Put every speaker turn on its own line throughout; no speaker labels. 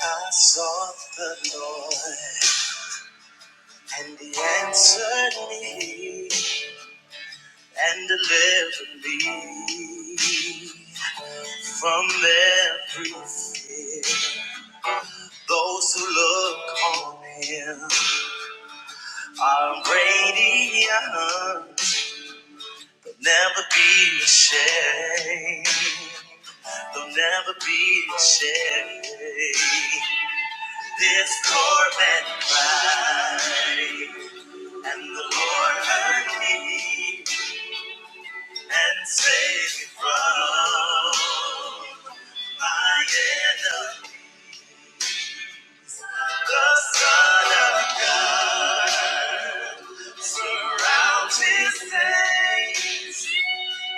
I sought the Lord, and He answered me and delivered me from every fear. Those who look on Him are radiant, will never be ashamed. They'll never be ashamed. This Corvette ride. And the Lord heard me and saved me from my enemy. The Son of Man surrounds his saints.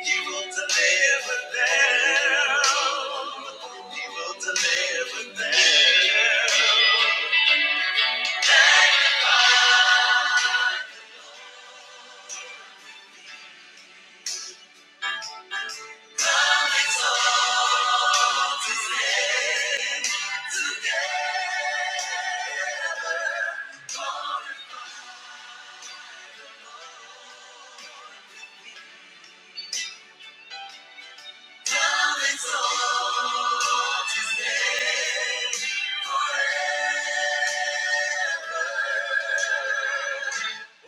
He will deliver them. He will deliver them. Today,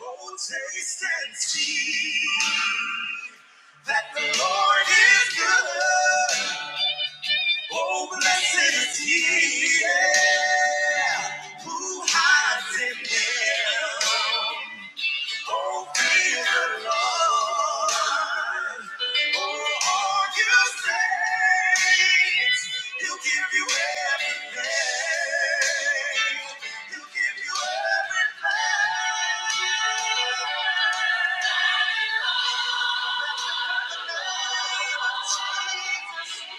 oh, taste and see that the Lord is good. Oh, blessed is he yeah, who hides in him. Oh, fear the Lord. Oh, all you saints, he'll give you everything. He'll give you everything.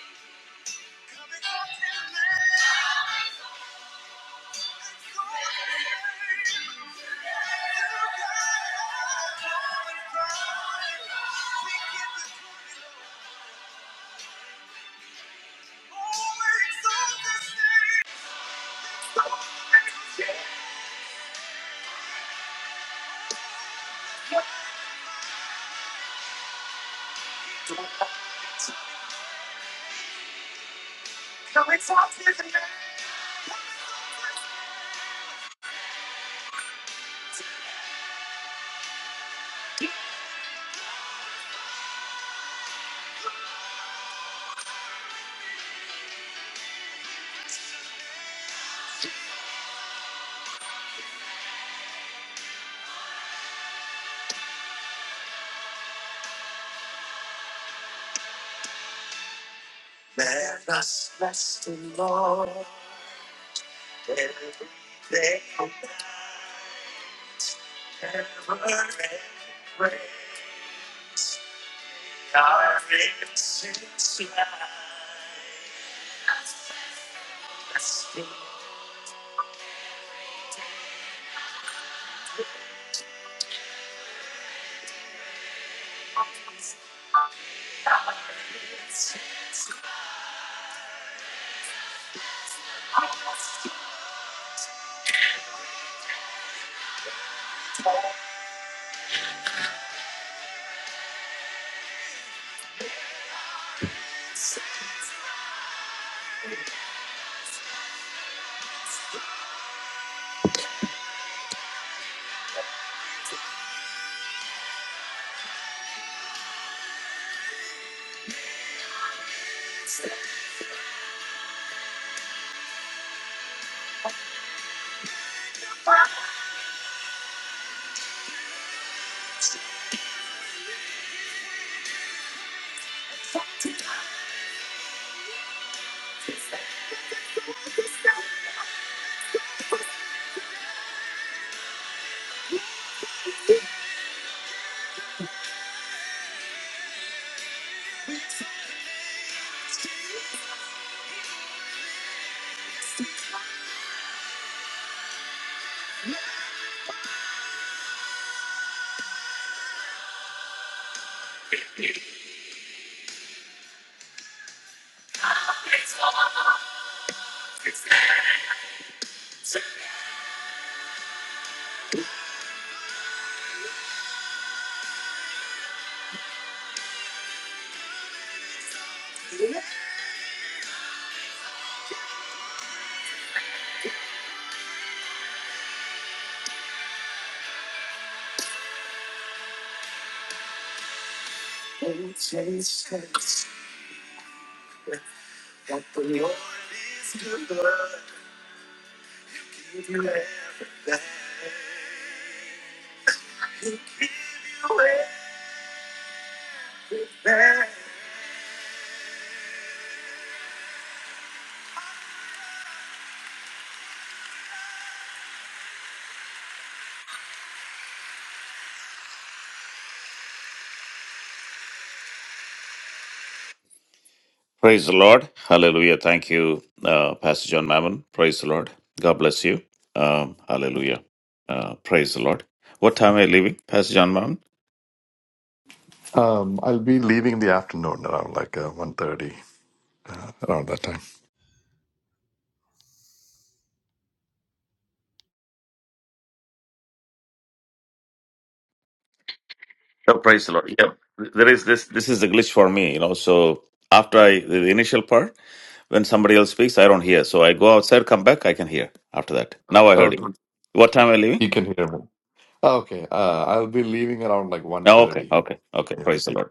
Bless the Lord, pray our bless the and taste, taste that the Lord's good. Bless Praise the Lord. Hallelujah. Thank you, uh, Pastor John Mammon. Praise the Lord. God bless you. Um, hallelujah. Uh, praise the Lord. What time are you leaving, Pastor John Mammon?
Um, I'll be leaving in the afternoon around like uh, 1.30, uh, around that time.
Oh, praise the Lord. Yep. There is this. This is the glitch for me, you know. So after I the the initial part, when somebody else speaks, I don't hear. So I go outside, come back, I can hear after that. Now I heard
Okay,
you. What time are you leaving?
you can hear me. Okay, uh, I'll be leaving around like one
Oh, okay,
thirty.
okay, okay.
Yeah,
Praise the Lord.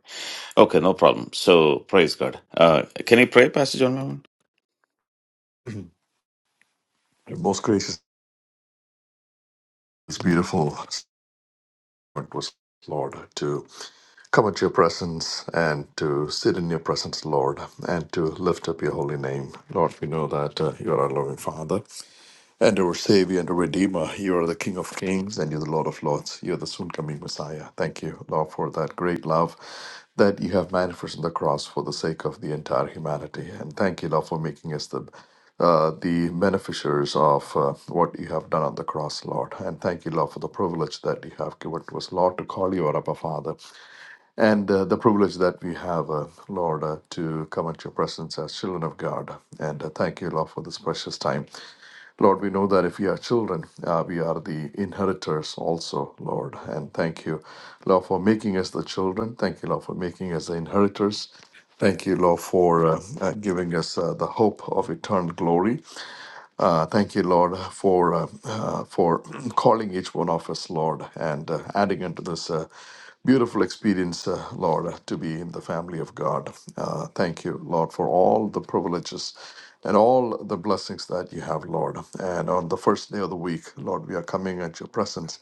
Okay, no problem. So praise God. Uh, can you pray, Pastor John Mammon?
yeah. Most gracious, it's beautiful. It was Lord to come at your presence and to sit in your presence, Lord, and to lift up your holy name. Lord, we know that uh, you are our loving Father. and our Savior and our Redeemer. You are the King of Kings and you're the Lord of Lords. You're the soon coming Messiah. Thank you, Lord, for that great love that you have manifested on the cross for the sake of the entire humanity. And thank you, Lord, for making us the uh, the beneficiaries of uh, what you have done on the cross, Lord. And thank you, Lord, for the privilege that you have given to us, Lord, to call you our Abba Father and uh, the privilege that we have, uh, Lord, uh, to come at your presence as children of God. And uh, thank you, Lord, for this precious time. Lord, we know that if we are children, uh, we are the inheritors also, Lord. And thank you, Lord, for making us the children. Thank you, Lord, for making us the inheritors. Thank you, Lord, for uh, uh, giving us uh, the hope of eternal glory. Uh, thank you, Lord, for uh, uh, for calling each one of us, Lord, and uh, adding into this uh, beautiful experience, uh, Lord, uh, to be in the family of God. Uh, thank you, Lord, for all the privileges and all the blessings that you have, Lord. And on the first day of the week, Lord, we are coming at your presence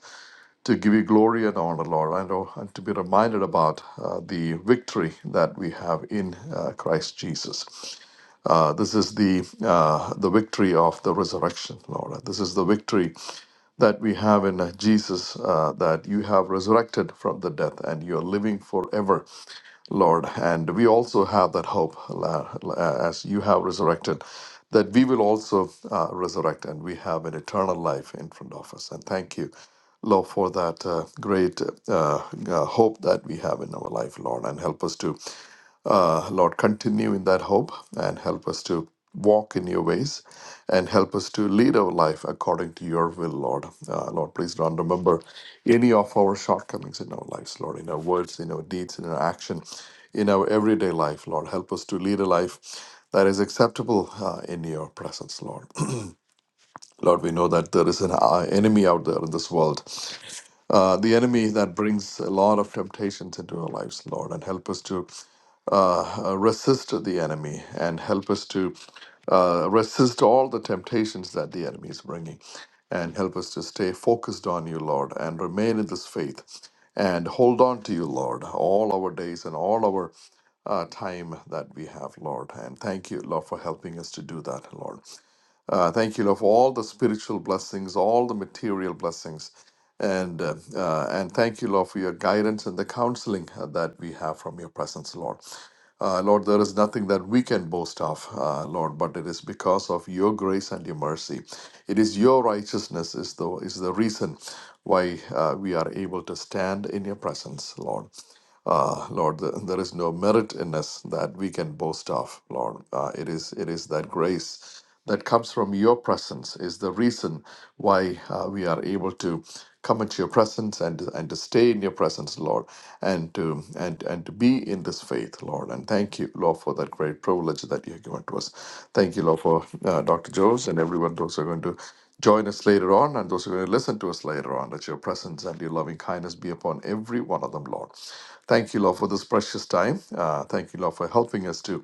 to give you glory and honor, Lord, and, oh, and to be reminded about uh, the victory that we have in uh, Christ Jesus. Uh, this is the uh, the victory of the resurrection, Lord. This is the victory that we have in uh, Jesus, uh, that you have resurrected from the death and you are living forever, Lord. And we also have that hope, la- la- as you have resurrected, that we will also uh, resurrect and we have an eternal life in front of us. And thank you. Lord, for that uh, great uh, uh, hope that we have in our life, Lord, and help us to uh, Lord, continue in that hope and help us to walk in your ways and help us to lead our life according to your will, Lord. Uh, Lord, please don't remember any of our shortcomings in our lives, Lord, in our words, in our deeds, in our action, in our everyday life, Lord. Help us to lead a life that is acceptable uh, in your presence, Lord. Lord, we know that there is an uh, enemy out there in this world. Uh, the enemy that brings a lot of temptations into our lives, Lord, and help us to uh, uh, resist the enemy and help us to uh, resist all the temptations that the enemy is bringing and help us to stay focused on you, Lord, and remain in this faith and hold on to you, Lord, all our days and all our uh, time that we have, Lord. And thank you, Lord, for helping us to do that, Lord. Uh, thank you, Lord, for all the spiritual blessings, all the material blessings, and uh, uh, and thank you, Lord, for your guidance and the counseling uh, that we have from your presence, Lord. Uh, Lord, there is nothing that we can boast of, uh, Lord, but it is because of your grace and your mercy. It is your righteousness is the is the reason why uh, we are able to stand in your presence, Lord. Uh, Lord, th- there is no merit in us that we can boast of, Lord. Uh, it is it is that grace that comes from your presence is the reason why uh, we are able to come into your presence and and to stay in your presence, Lord, and to and and to be in this faith, Lord. And thank you, Lord, for that great privilege that you have given to us. Thank you, Lord, for uh, Dr. Jones and everyone those who are going to join us later on and those who are going to listen to us later on. That your presence and your loving kindness be upon every one of them, Lord. Thank you, Lord, for this precious time. Uh, thank you, Lord, for helping us to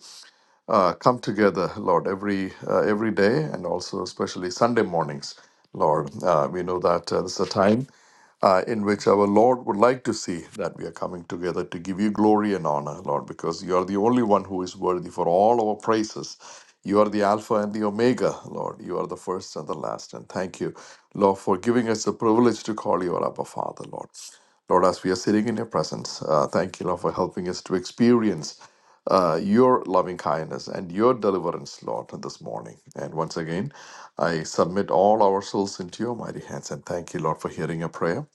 uh, come together, Lord, every uh, every day, and also especially Sunday mornings, Lord. Uh, we know that uh, this is a time uh, in which our Lord would like to see that we are coming together to give you glory and honor, Lord, because you are the only one who is worthy for all our praises. You are the Alpha and the Omega, Lord. You are the first and the last. And thank you, Lord, for giving us the privilege to call you our Abba Father, Lord. Lord, as we are sitting in your presence, uh, thank you, Lord, for helping us to experience uh, your loving kindness and your deliverance, Lord, this morning. And once again, I submit all our souls into your mighty hands and thank you, Lord, for hearing a prayer.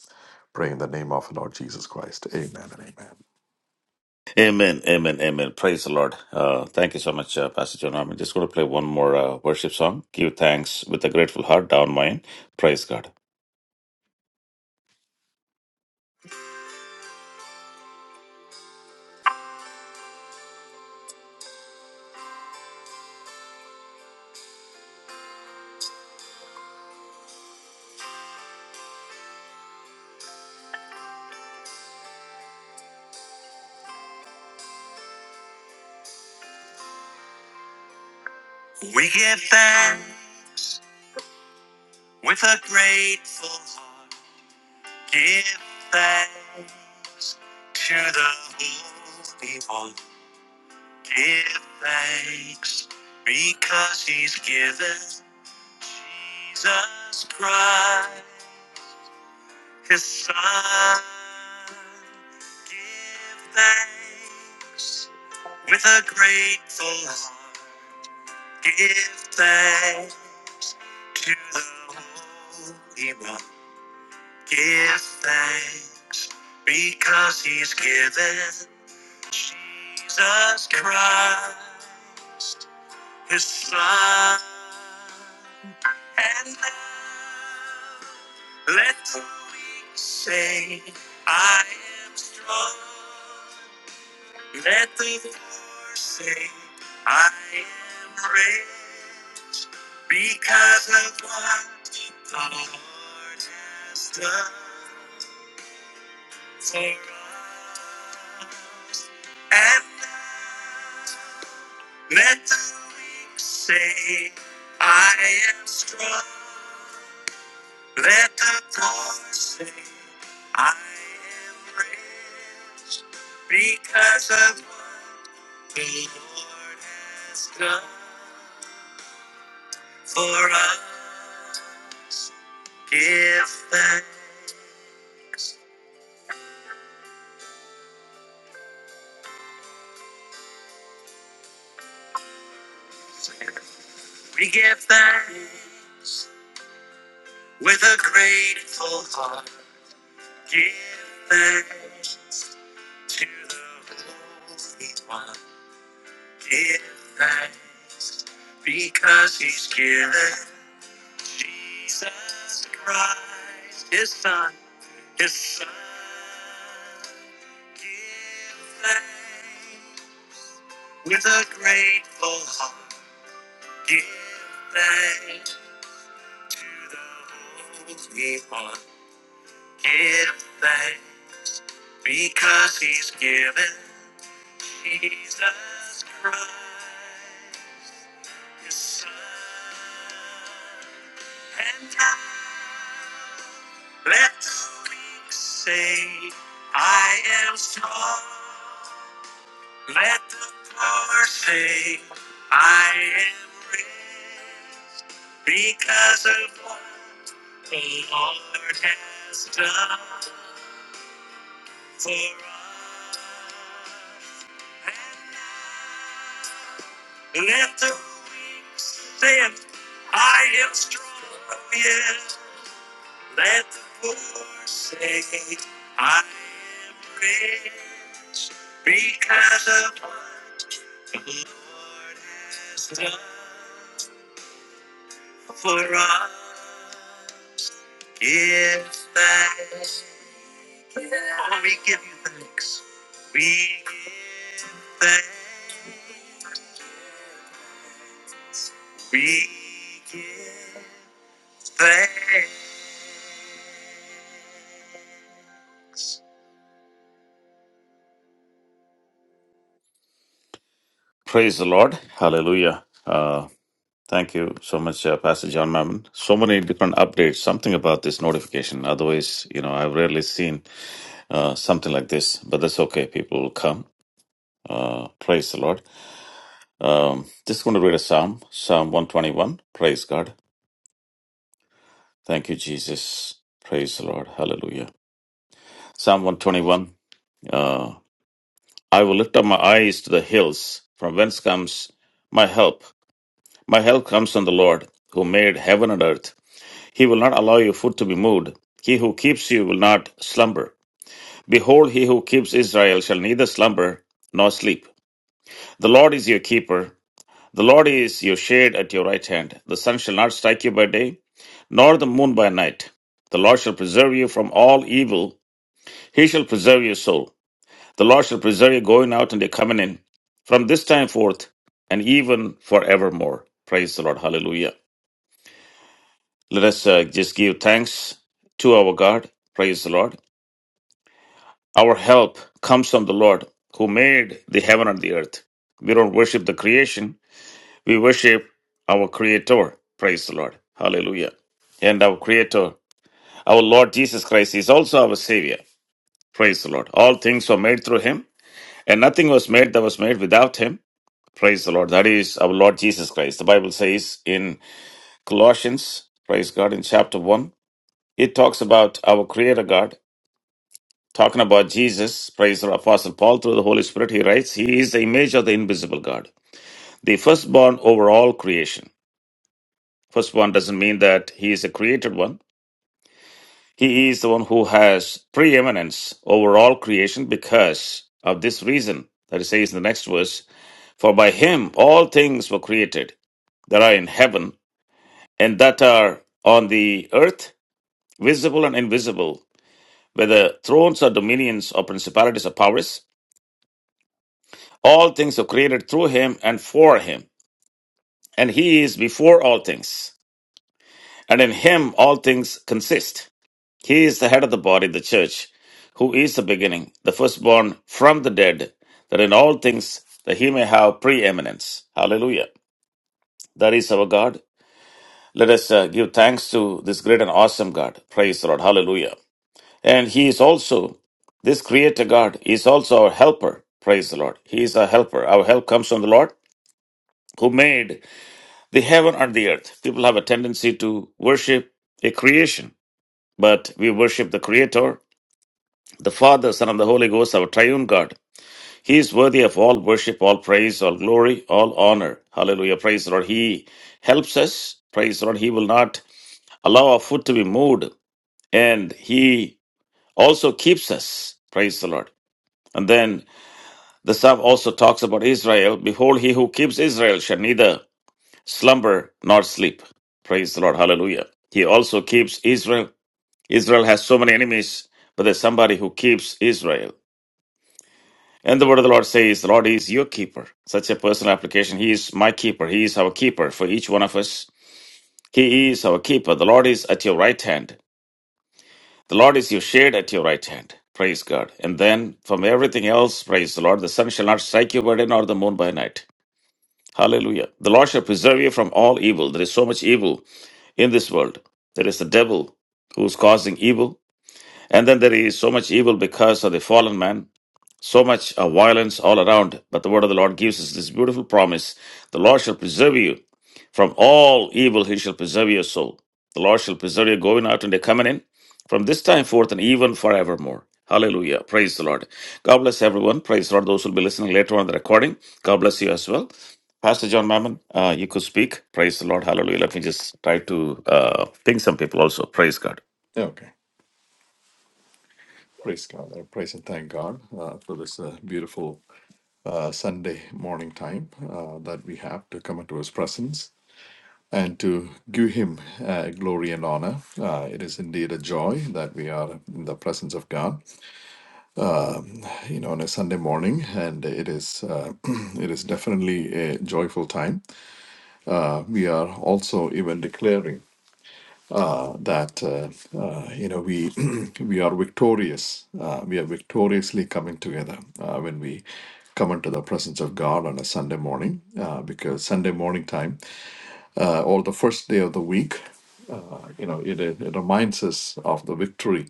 Pray in the name of the Lord Jesus Christ. Amen and amen.
Amen, amen, amen. Praise the Lord. Uh, thank you so much, uh, Pastor John. I'm just going to play one more uh, worship song. Give thanks with a grateful heart, down mine. Praise God. We give thanks with a grateful heart. Give thanks to the Holy One. Give thanks because He's. Praise the Lord. Hallelujah. Uh, Thank you so much, uh, Pastor John Mammon. So many different updates. Something about this notification. Otherwise, you know, I've rarely seen uh, something like this. But that's okay. People will come. Uh, praise the Lord. Um, just going to read a psalm, Psalm one twenty one. Praise God. Thank you, Jesus. Praise the Lord. Hallelujah. Psalm one twenty one. Uh, I will lift up my eyes to the hills. From whence comes my help? My help comes from the Lord, who made heaven and earth. He will not allow your foot to be moved. He who keeps you will not slumber. Behold, he who keeps Israel shall neither slumber nor sleep. The Lord is your keeper. The Lord is your shade at your right hand. The sun shall not strike you by day, nor the moon by night. The Lord shall preserve you from all evil. He shall preserve your soul. The Lord shall preserve your going out and your coming in from this time forth and even forevermore. Praise the Lord. Hallelujah. Let us uh, just give thanks to our God. Praise the Lord. Our help comes from the Lord who made the heaven and the earth. We don't worship the creation, we worship our Creator. Praise the Lord. Hallelujah. And our Creator, our Lord Jesus Christ, is also our Savior. Praise the Lord. All things were made through Him, and nothing was made that was made without Him. Praise the Lord. That is our Lord Jesus Christ. The Bible says in Colossians, praise God, in chapter 1, it talks about our Creator God Talking about Jesus, praise the Apostle Paul through the Holy Spirit, he writes, He is the image of the invisible God, the firstborn over all creation. Firstborn doesn't mean that he is a created one. He is the one who has preeminence over all creation because of this reason that he says in the next verse, For by him all things were created that are in heaven and that are on the earth, visible and invisible, whether thrones or dominions or principalities or powers. All things are created through him and for him, and he is before all things, and in him all things consist. He is the head of the body, the church, who is the beginning, the firstborn from the dead, that in all things that he may have preeminence. Hallelujah. That is our God. Let us uh, give thanks to this great and awesome God. Praise the Lord. Hallelujah. And he is also this creator God is also our helper. Praise the Lord. He is our helper. Our help comes from the Lord who made the heaven and the earth. People have a tendency to worship a creation, but we worship the Creator, the Father, Son, and the Holy Ghost, our triune God. He is worthy of all worship, all praise, all glory, all honor. Hallelujah. Praise the Lord. He helps us. Praise the Lord. He will not allow our foot to be moved, and He also keeps us. Praise the Lord. And then the psalm also talks about Israel. Behold, he who keeps Israel shall neither slumber nor sleep. Praise the Lord. Hallelujah. He also keeps Israel. Israel has so many enemies, but there's somebody who keeps Israel. And the word of the Lord says, The Lord is your keeper. Such a personal application. He is my keeper. He is our keeper for each one of us. He is our keeper. The Lord is at your right hand. The Lord is your shade at your right hand. Praise God. And then from everything else, praise the Lord. The sun shall not strike you by day nor the moon by night. Hallelujah. The Lord shall preserve you from all evil. There is so much evil in this world. There is the devil who's causing evil, and then there is so much evil because of the fallen man so much uh, violence all around, but the word of the Lord gives us this beautiful promise The Lord shall preserve you from all evil, he shall preserve your soul. The Lord shall preserve you going out and coming in from this time forth and even forevermore. Hallelujah. Praise the Lord. God bless everyone. Praise the Lord. Those who will be listening later on the recording, God bless you as well. Pastor John Mammon, uh, you could speak. Praise the Lord. Hallelujah. Let me just try to uh, ping some people also. Praise God.
Okay. Praise God. I praise and thank God uh, for this uh, beautiful uh, Sunday morning time uh, that we have to come into His presence and to give Him uh, glory and honor. Uh, it is indeed a joy that we are in the presence of God you know on a sunday morning and it is uh, it is definitely a joyful time uh, we are also even declaring uh, that uh, uh, you know we we are victorious uh, we are victoriously coming together uh, when we come into the presence of god on a sunday morning uh, because sunday morning time uh, or the first day of the week uh, you know it, it reminds us of the victory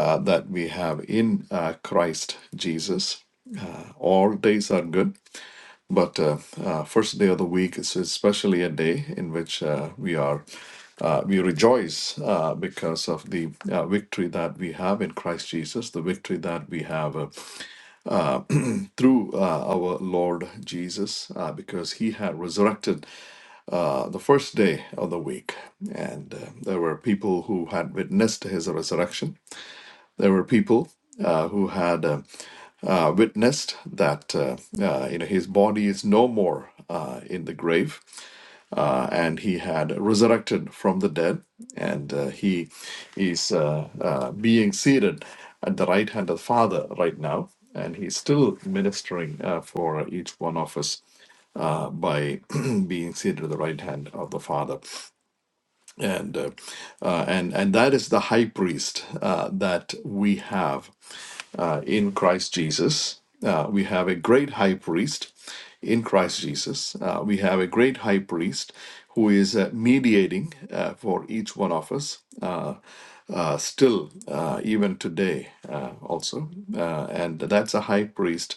uh, that we have in uh, christ jesus all days are good But uh, uh, first day of the week is especially a day in which uh, we are uh, we rejoice uh, because of the uh, victory that we have in Christ Jesus, the victory that we have uh, through uh, our Lord Jesus, uh, because He had resurrected uh, the first day of the week, and uh, there were people who had witnessed His resurrection. There were people uh, who had. Uh, uh, witnessed that uh, uh, you know his body is no more uh, in the grave uh, and he had resurrected from the dead, and uh, he is uh, uh, being seated at the right hand of the Father right now, and he's still ministering uh, for each one of us uh, by being seated at the right hand of the Father and uh, uh, and and that is the high priest uh, that we have uh, in Christ Jesus. Uh, we have a great high priest in Christ Jesus. Uh, we have a great high priest who is uh, mediating uh, for each one of us. Uh, uh, still, uh, even today, uh, also, uh, and that's a high priest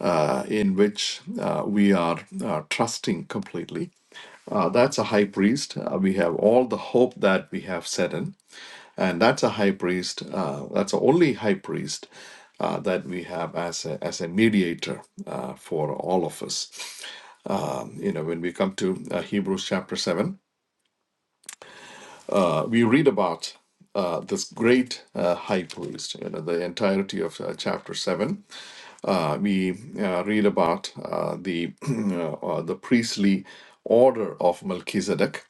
uh, in which uh, we are uh, trusting completely uh, that's a high priest. Uh, we have all the hope that we have set in, and that's a high priest. Uh, that's the only high priest uh, that we have as a, as a mediator uh, for all of us. Um, you know, when we come to uh, Hebrews chapter seven, uh, we read about uh, this great uh, high priest. You know, the entirety of uh, chapter seven, uh, we uh, read about uh, the uh, the priestly order of Melchizedek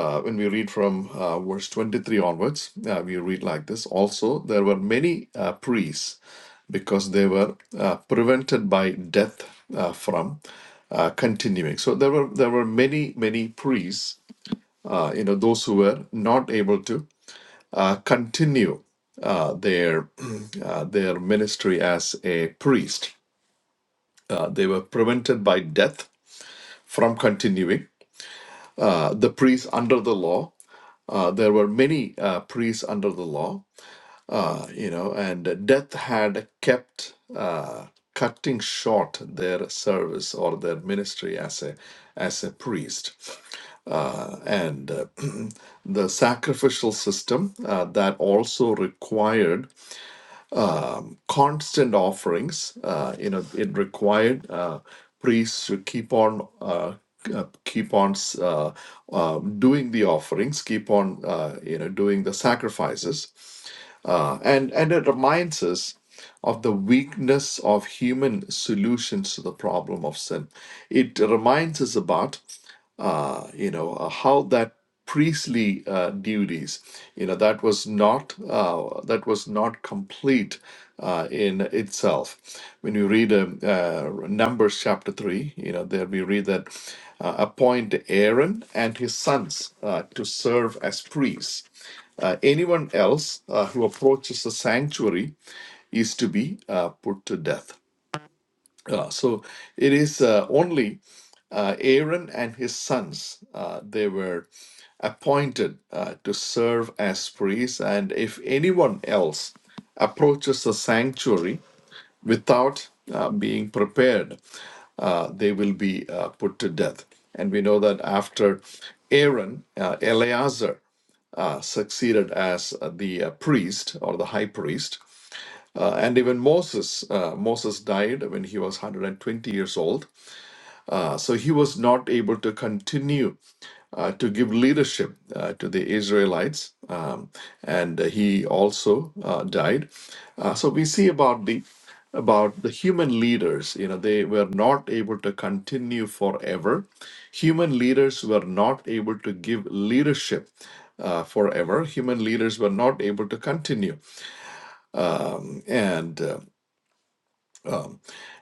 uh, when we read from uh, verse 23 onwards, uh, we read like this Also, there were many uh, priests because they were uh, prevented by death uh, from uh, continuing. So there were there were many many priests, uh, you know, those who were not able to uh, continue uh, their uh, their ministry as a priest. Uh, they were prevented by death from continuing. Uh, the priests under the law Uh, there were many uh, priests under the law, uh, you know, and death had kept uh, cutting short their service or their ministry as a as a priest, Uh, and uh, the sacrificial system uh, that also required um, constant offerings. Uh, you know, it required uh, priests to keep on. Uh, uh, keep on uh, uh, um, doing the offerings, keep on uh, you know doing the sacrifices, Uh, and, and it reminds us of the weakness of human solutions to the problem of sin. It reminds us about uh, you know, uh, how that priestly uh, duties, you know, that was not uh, that was not complete uh, in itself. When you read um, uh, Numbers chapter three, you know, there we read that uh, appoint Aaron and his sons uh, to serve as priests. Uh, anyone else uh, who approaches the sanctuary is to be uh, put to death. Uh, so it is uh, only uh, Aaron and his sons. Uh, they were appointed uh, to serve as priests, and if anyone else approaches the sanctuary without uh, being prepared, uh, they will be uh, put to death. And we know that after Aaron, uh, Eleazar uh, succeeded as uh, the uh, priest or the high priest, uh, and even Moses, uh, Moses died when he was 120 years old. Uh, so he was not able to continue uh, to give leadership uh, to the Israelites, um, and he also uh, died. Uh, so we see about the about the human leaders. You know, they were not able to continue forever. Human leaders were not able to give leadership uh, forever. Human leaders were not able to continue, and. uh,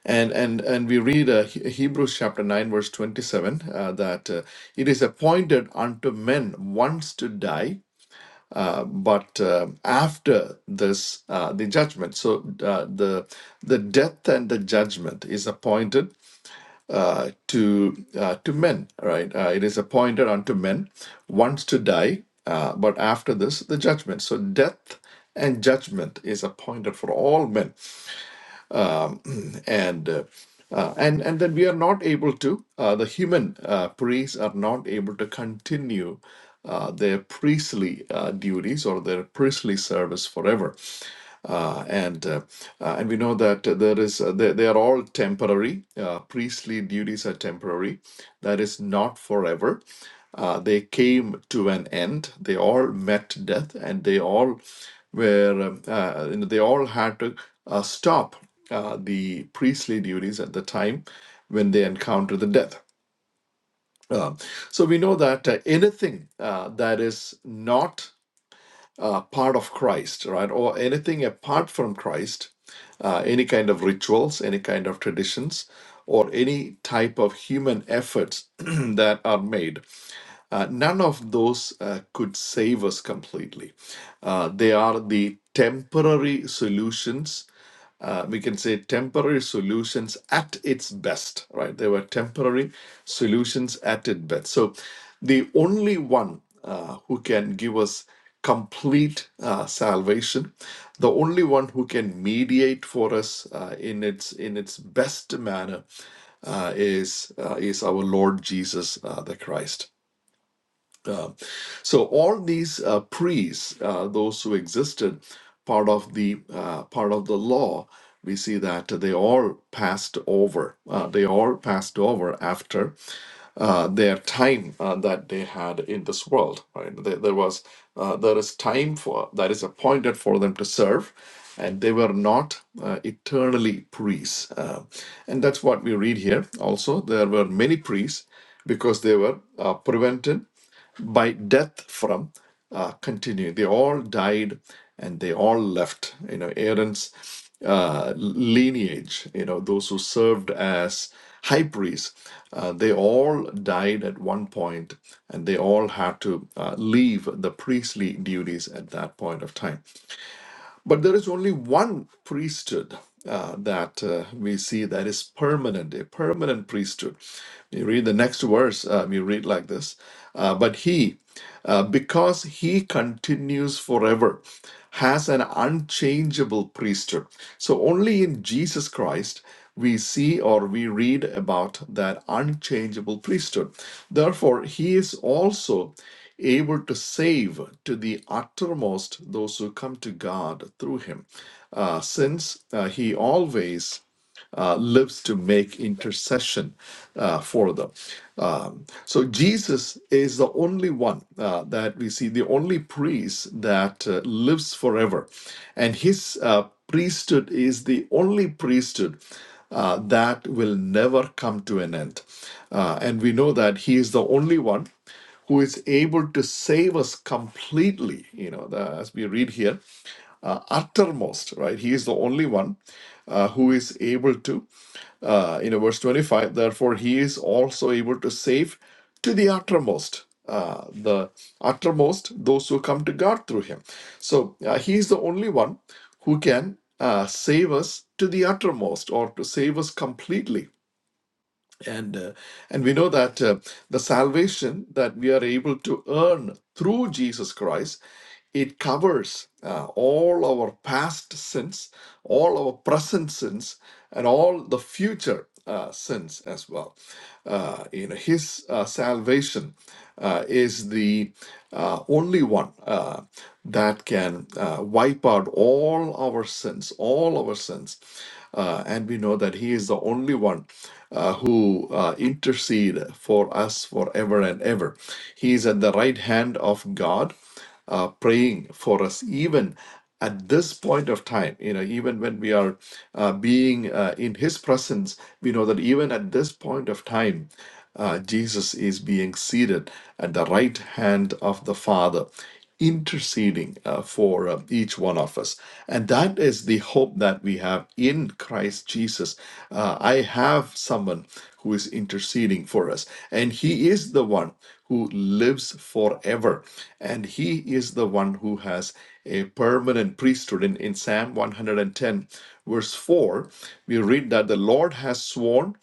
And and and we read uh, He- Hebrews chapter nine verse twenty seven uh, that uh, it is appointed unto men once to die, but uh, after this uh, the judgment. So uh, the the death and the judgment is appointed uh, to uh, to men. Right? Uh, it is appointed unto men once to die, uh, but after this the judgment. So death and judgment is appointed for all men and uh, uh, and and then we are not able to uh, the human uh, priests are not able to continue uh, their priestly uh, duties or their priestly service forever uh, and uh, uh, and we know that there is uh, they, they are all temporary. Uh, priestly duties are temporary. That is not forever. Uh, they came to an end. They all met death, and they all were um, uh, you know, they all had to uh, stop uh, the priestly duties at the time when they encountered the death. Uh, so we know that uh, anything uh, that is not uh, part of Christ, right? Or anything apart from Christ, uh, any kind of rituals, any kind of traditions, or any type of human efforts that are made, uh, none of those uh, could save us completely. Uh, they are the temporary solutions uh, we can say temporary solutions at its best, right? They were temporary solutions at its best. So the only one uh, who can give us complete uh, salvation, the only one who can mediate for us uh, in its in its best manner uh, is uh, is our Lord Jesus uh, the Christ. So all these uh, priests, uh, those who existed, part of the uh, part of the law, we see that they all passed over. Uh, they all passed over after uh, their time uh, that they had in this world. Right? There, there was uh, there is time for that is appointed for them to serve. And they were not uh, eternally priests. Uh, and that's what we read here. Also, there were many priests because they were uh, prevented by death from uh, continue. They all died and they all left. You know, Aaron's uh, lineage, you know, those who served as high priests, uh, they all died at one point and they all had to uh, leave the priestly duties at that point of time. But there is only one priesthood uh, that uh, we see that is permanent, a permanent priesthood. You read the next verse, um, you read like this. Uh, but he, uh, because he continues forever, has an unchangeable priesthood. So only in Jesus Christ we see or we read about that unchangeable priesthood. Therefore, he is also able to save to the uttermost those who come to God through him, uh, since uh, he always uh, lives to make intercession uh, for them. Um, so Jesus is the only one uh, that we see, the only priest that uh, lives forever. And his uh, priesthood is the only priesthood uh, that will never come to an end. Uh, and we know that he is the only one who is able to save us completely you know the, as we read here uh, uttermost, right? He is the only one uh, who is able to, uh, you know, verse 25, therefore he is also able to save to the uttermost, uh, the uttermost, those who come to God through him. So uh, he is the only one who can uh, save us to the uttermost or to save us completely and uh, and we know that uh, the salvation that we are able to earn through Jesus Christ it covers uh, all our past sins, all our present sins, and all the future uh, sins as well. Uh, you know, His uh, salvation uh, is the uh, only one uh, that can uh, wipe out all our sins, all our sins. Uh, and we know that He is the only one uh, who uh, intercede for us forever and ever. He is at the right hand of God, uh, praying for us, even at this point of time. You know, even when we are uh, being uh, in His presence, we know that even at this point of time, uh, Jesus is being seated at the right hand of the Father interceding uh, for uh, each one of us. And that is the hope that we have in Christ Jesus. Uh, I have someone who is interceding for us, and He is the one who lives forever, and He is the one who has a permanent priesthood. In, in Psalm 110, verse 4, we read that the Lord has sworn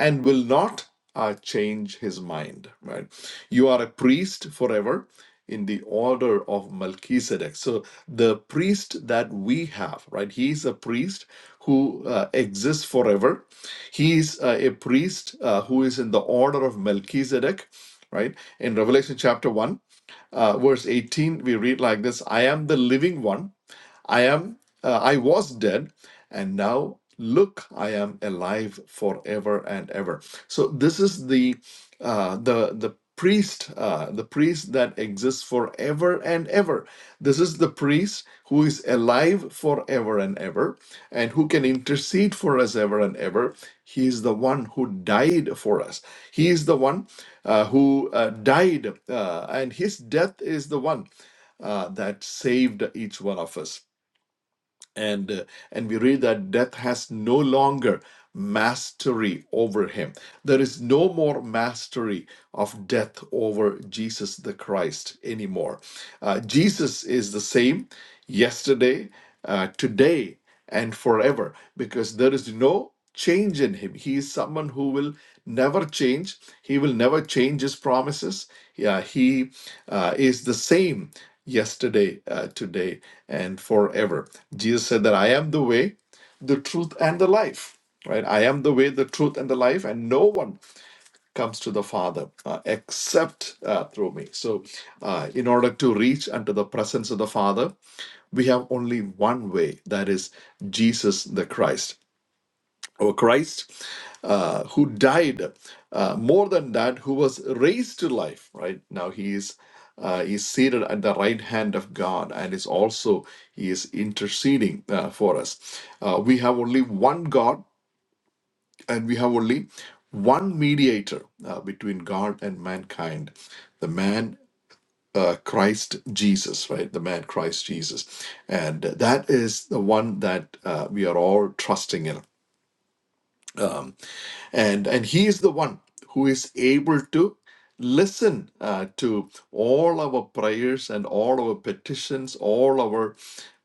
and will not uh, change his mind, right? You are a priest forever in the order of Melchizedek. So the priest that we have, right? He is a priest who uh, exists forever. He is uh, a priest uh, who is in the order of Melchizedek, right? In Revelation chapter 1, uh, verse 18, we read like this I am the living one I am, uh, I was dead, and now look, I am alive forever and ever. So this is the uh, the the priest, uh, the priest that exists forever and ever. This is the priest who is alive forever and ever, and who can intercede for us ever and ever. He is the one who died for us. He is the one uh, who uh, died, uh, and his death is the one uh, that saved each one of us and uh, and we read that death has no longer mastery over him there is no more mastery of death over jesus the christ anymore Uh, jesus is the same yesterday uh, today and forever because there is no change in him. He is someone who will never change. He will never change his promises. Yeah, he uh, is the same yesterday, uh, today, and forever. Jesus said that I am the way, the truth, and the life. Right? I am the way, the truth, and the life, and no one comes to the Father uh, except uh, through me. So, uh, in order to reach unto the presence of the Father, we have only one way that is jesus the christ or christ uh, who died uh, more than that who was raised to life right now he is uh, is seated at the right hand of god and is also he is interceding uh, for us uh, we have only one god and we have only one mediator uh, between god and mankind the man uh, Christ Jesus, right? The man Christ Jesus. And that is the one that uh, we are all trusting in. Um, and and he is the one who is able to listen uh, to all our prayers and all our petitions all our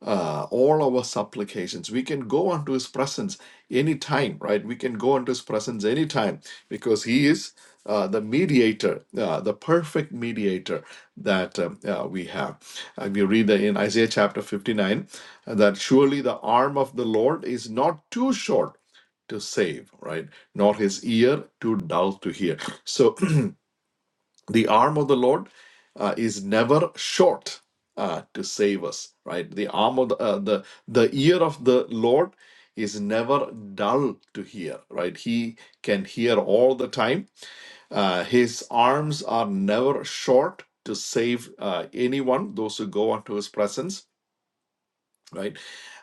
uh, all our supplications we can go unto his presence anytime right we can go unto his presence anytime because he is uh, the mediator, uh, the perfect mediator that um, uh, we have. And we read that in Isaiah chapter 59 uh, that surely the arm of the Lord is not too short to save, right? Nor his ear too dull to hear. So the arm of the Lord uh, is never short uh, to save us, right? The arm of the, uh, the the ear of the Lord is never dull to hear, right? He can hear all the time. Uh, his arms are never short to save uh, anyone, those who go unto his presence right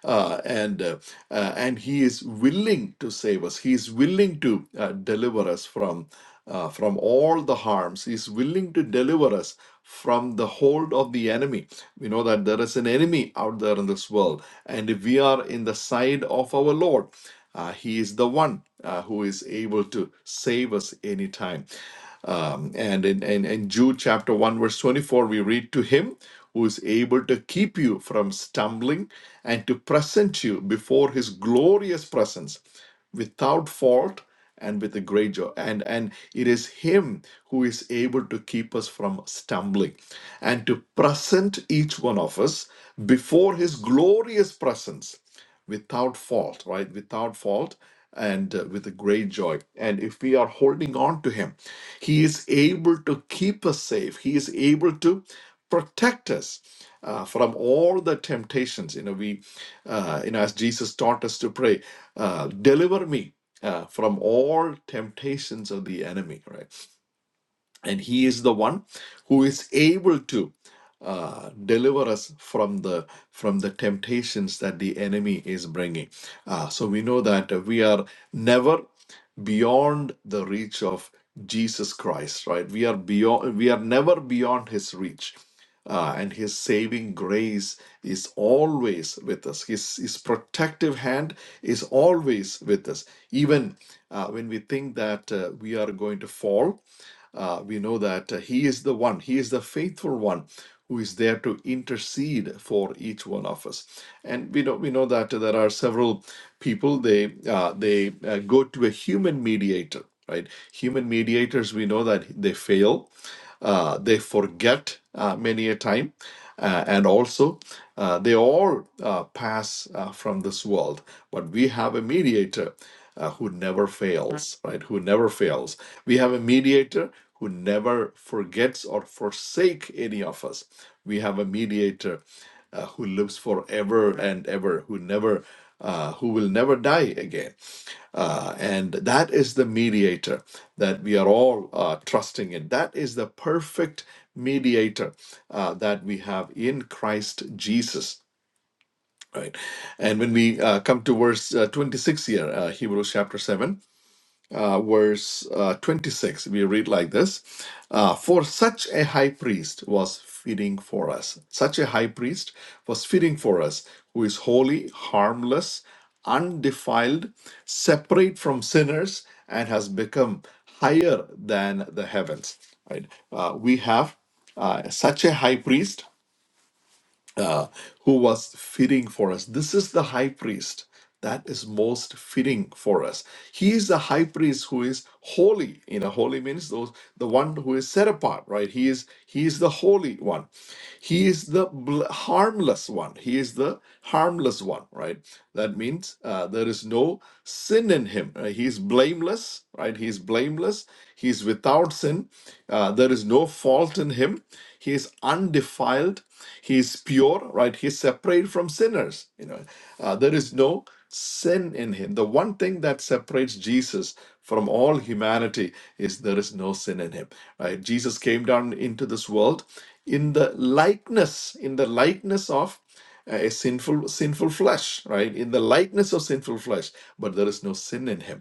uh, and uh, uh, and he is willing to save us he is willing to uh, deliver us from uh, from all the harms he is willing to deliver us from the hold of the enemy we know that there is an enemy out there in this world and if we are in the side of our lord uh, he is the one uh, who is able to save us anytime um, and in, in, in Jude chapter 1, verse 24, we read to him who is able to keep you from stumbling and to present you before his glorious presence without fault and with a great joy and and it is him who is able to keep us from stumbling and to present each one of us before his glorious presence without fault, right? Without fault and uh, with a great joy. And if we are holding on to Him, He is able to keep us safe, He is able to protect us. uh, from all the temptations, you know, we, uh, you know, as Jesus taught us to pray, uh, deliver me uh, from all temptations of the enemy, right? and he is the one who is able to uh, deliver us from the from the temptations that the enemy is bringing uh, so we know that we are never beyond the reach of jesus christ right we are beyond we are never beyond his reach uh, and his saving grace is always with us. His, his protective hand is always with us. Even uh, when we think that uh, we are going to fall, uh, we know that uh, He is the one, He is the faithful one who is there to intercede for each one of us. And we know we know that there are several people they uh, they uh, go to a human mediator, right? Human mediators we know that they fail. Uh, they forget uh, many a time, uh, and also uh, they all uh, pass uh, from this world. But we have a mediator uh, who never fails, right? Who never fails. We have a mediator who never forgets or forsake any of us. We have a mediator uh, who lives forever and ever, who never, uh, who will never die again. Uh, and that is the mediator that we are all uh, trusting in. That is the perfect mediator uh, that we have in Christ Jesus. Right. And when we uh, come to verse uh, 26 here, uh, Hebrews chapter 7, uh, verse uh, 26, we read like this uh, For such a high priest was fitting for us. Such a high priest was fitting for us, who is holy, harmless, undefiled, separate from sinners, and has become higher than the heavens. Right? Uh, we have uh, such a high priest uh, who was fitting for us. This is the high priest that is most fitting for us. He is the high priest who is holy. You know, holy means those the one who is set apart, right? He is he is the holy one. He is the harmless one. He is the harmless one, right? That means uh, there is no sin in him. Uh, he is blameless, right? He is blameless. He is without sin. Uh, there is no fault in him. He is undefiled. He is he's pure right he's separate from sinners you know Uh, there is no sin in him the one thing that separates jesus from all humanity is there is no sin in him right jesus came down into this world in the likeness in the likeness of uh, a sinful sinful flesh right in the likeness of sinful flesh but there is no sin in him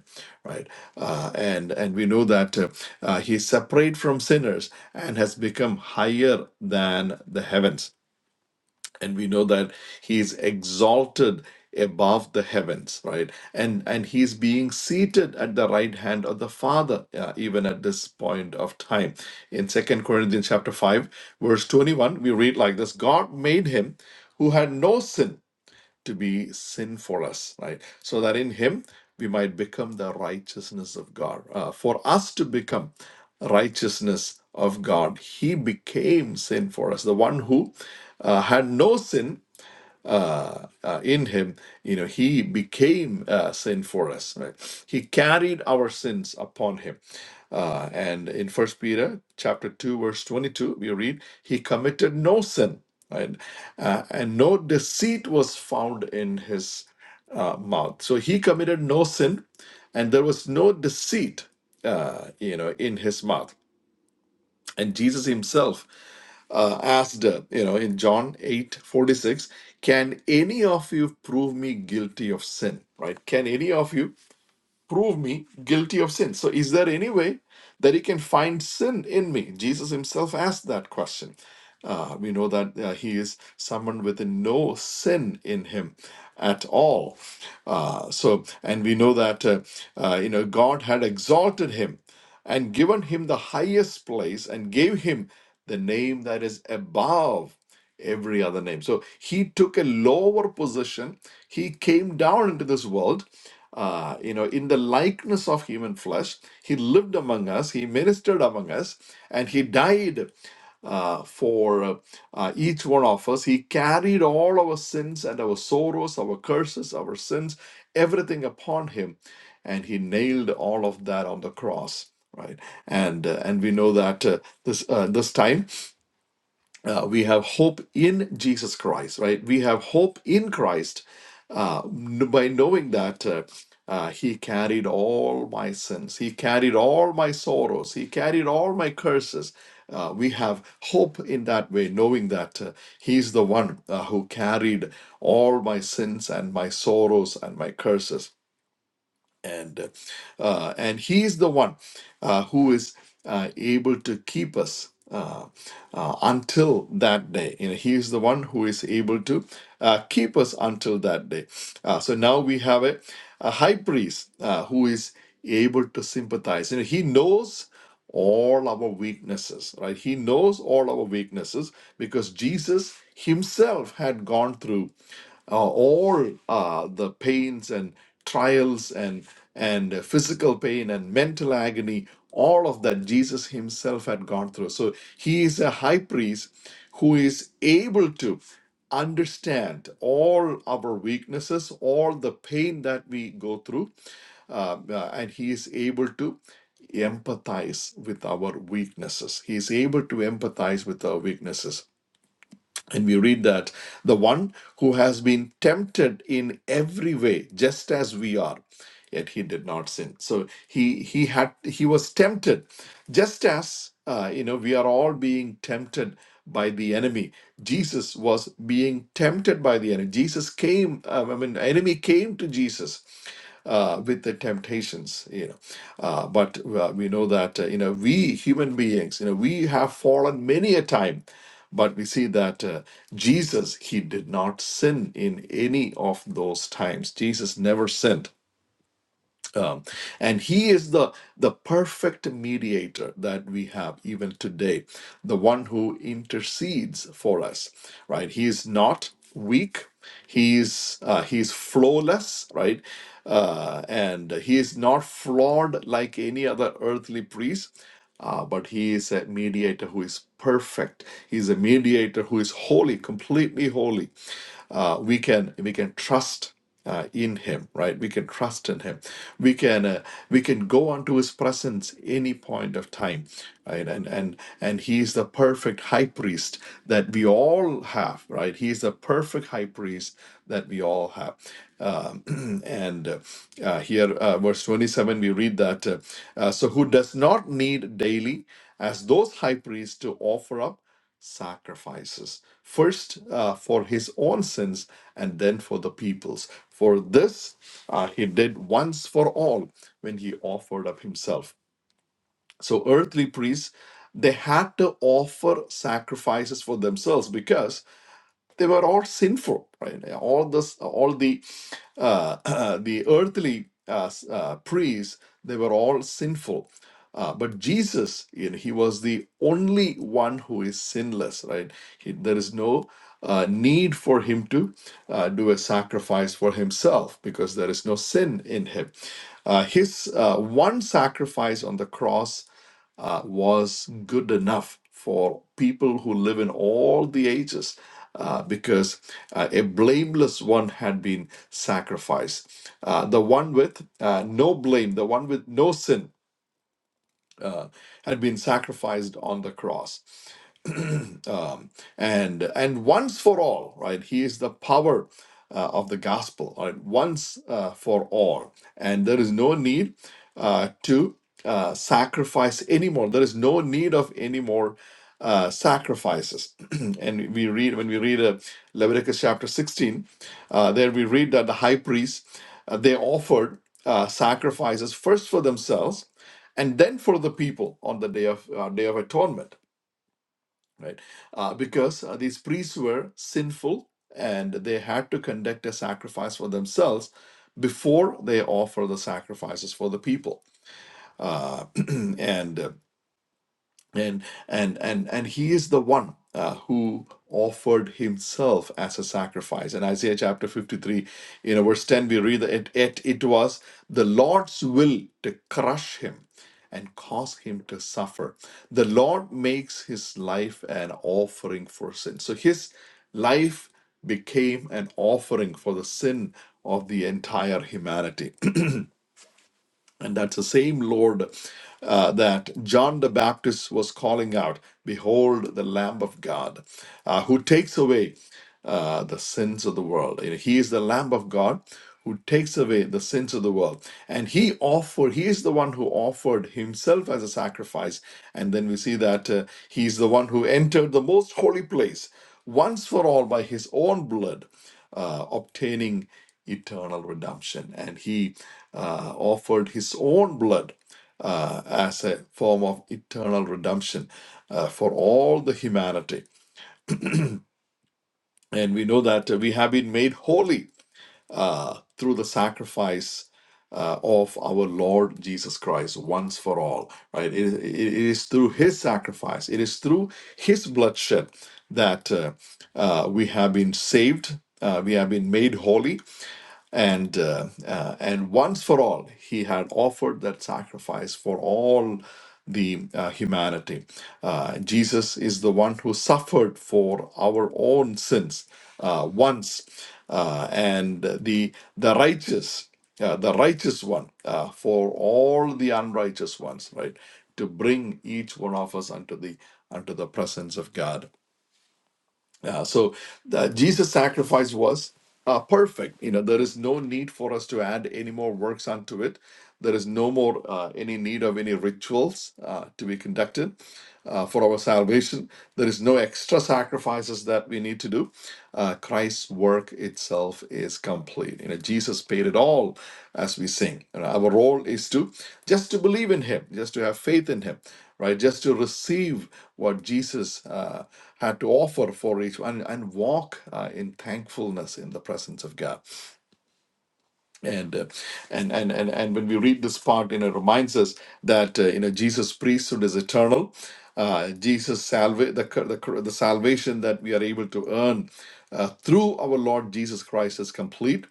right uh, and and we know that uh, uh, he is separate from sinners and has become higher than the heavens and we know that he's exalted above the heavens right and and he's being seated at the right hand of the father uh, even at this point of time in second corinthians chapter 5 verse 21 we read like this god made him who had no sin to be sin for us, right? So that in him we might become the righteousness of God. Uh, for us to become righteousness of God, he became sin for us. The one who uh, had no sin uh, uh, in him, you know, he became uh, sin for us. Right? He carried our sins upon him. Uh, and in First Peter chapter two, verse twenty-two, we read, "He committed no sin, right? Uh, and no deceit was found in his uh, mouth." So he committed no sin, and there was no deceit, uh, you know, in his mouth. And Jesus Himself uh, asked, uh, you know, in John 8 46, can any of you prove me guilty of sin? Right? Can any of you prove me guilty of sin. So, is there any way that he can find sin in me? Jesus himself asked that question. Uh, we know that uh, he is someone with no sin in him at all. Uh, so, and we know that uh, uh, you know God had exalted him and given him the highest place and gave him the name that is above every other name. So he took a lower position. He came down into this world, uh, you know, in the likeness of human flesh. He lived among us, he ministered among us, and he died uh, for uh, each one of us. He carried all our sins and our sorrows, our curses, our sins, everything upon him, and he nailed all of that on the cross. Right, and uh, and we know that uh, this uh, this time uh, we have hope in Jesus Christ, right? We have hope in Christ uh, n- by knowing that uh, uh, He carried all my sins, He carried all my sorrows, He carried all my curses. Uh, we have hope in that way, knowing that uh, He's the one uh, who carried all my sins and my sorrows and my curses and uh, uh, and he is the one uh, who is uh, able to keep us uh, uh, until that day you know he is the one who is able to uh, keep us until that day uh, so now we have a, a high priest uh, who is able to sympathize you know he knows all our weaknesses right he knows all our weaknesses because jesus himself had gone through uh, all uh, the pains and trials and and physical pain and mental agony all of that jesus himself had gone through so he is a high priest who is able to understand all our weaknesses all the pain that we go through uh, uh, and he is able to empathize with our weaknesses he is able to empathize with our weaknesses and we read that the one who has been tempted in every way, just as we are, yet he did not sin. So he he had he was tempted, just as uh, you know we are all being tempted by the enemy. Jesus was being tempted by the enemy. Jesus came. um, I mean, enemy came to Jesus uh, with the temptations, you know. Uh, but uh, we know that, uh, you know, we human beings, you know, we have fallen many a time. But we see that uh, Jesus, he did not sin in any of those times. Jesus never sinned um, and he is the the perfect mediator that we have even today, the one who intercedes for us, right? He is not weak. He's uh, he's flawless, right? Uh, and he is not flawed like any other earthly priest, uh, but he is a mediator who is perfect. He's a mediator who is holy, completely holy uh, we can we can trust uh, in him right we can trust in him we can uh, we can go onto his presence any point of time right and and and he is the perfect high priest that we all have right he is the perfect high priest that we all have um, and uh, uh, here uh, verse 27 we read that uh, uh, so who does not need daily as those high priests to offer up sacrifices, first uh, for his own sins and then for the people's. For this uh, he did once for all when he offered up himself. So, earthly priests, they had to offer sacrifices for themselves because they were all sinful, right? All this, all the uh, uh, the earthly uh, s- uh, priests, they were all sinful. Uh, but Jesus, you know, he was the only one who is sinless, right? He, there is no uh, need for him to uh, do a sacrifice for himself because there is no sin in him. Uh, his uh, one sacrifice on the cross uh, was good enough for people who live in all the ages uh, because uh, a blameless one had been sacrificed. Uh, the one with uh, no blame, the one with no sin, uh, had been sacrificed on the cross um, and and once for all, right? He is the power uh, of the gospel, right? Once uh, for all, and there is no need uh, to uh, sacrifice anymore. There is no need of any more uh, sacrifices. and we read when we read uh, Leviticus chapter sixteen, uh, there we read that the high priests uh, they offered uh, sacrifices first for themselves and then for the people on the day of uh, day of atonement right? Uh, because uh, these priests were sinful and they had to conduct a sacrifice for themselves before they offer the sacrifices for the people. Uh, and uh, and and and and he is the one uh, who offered himself as a sacrifice in isaiah chapter 53 you know verse 10 we read that it, it, it was the lord's will to crush him and cause him to suffer the lord makes his life an offering for sin so his life became an offering for the sin of the entire humanity and that's the same Lord uh, that John the Baptist was calling out Behold, the Lamb of God uh, who takes away uh, the sins of the world. You know, he is the Lamb of God who takes away the sins of the world. And he offered, he is the one who offered himself as a sacrifice. And then we see that uh, he is the one who entered the most holy place once for all by his own blood uh, obtaining eternal redemption. And he uh, offered his own blood uh, as a form of eternal redemption uh, for all the humanity. And we know that we have been made holy uh, through the sacrifice. Uh, of our Lord Jesus Christ once for all, right? it it- it is through His sacrifice, it is through His bloodshed that uh, uh, we have been saved, uh, we have been made holy, and uh, uh, and once for all he had offered that sacrifice for all the uh, humanity uh, jesus is the one who suffered for our own sins uh, once uh, and the the righteous uh, the righteous one uh, for all the unrighteous ones right to bring each one of us unto the unto the presence of god uh, so the, Jesus' sacrifice was uh, perfect. You know, there is no need for us to add any more works unto it. There is no more uh, any need of any rituals uh, to be conducted uh, for our salvation. There is no extra sacrifices that we need to do. Uh, Christ's work itself is complete. You know, Jesus paid it all, as we sing. You know, our role is to just to believe in Him, just to have faith in Him right? Just to receive what Jesus uh, had to offer for each one and and walk uh, in thankfulness in the presence of God. And, uh, and and and and when we read this part, you know, it reminds us that uh, you know Jesus' priesthood is eternal. Uh, Jesus' salva- the, the the salvation that we are able to earn uh, through our Lord Jesus Christ is complete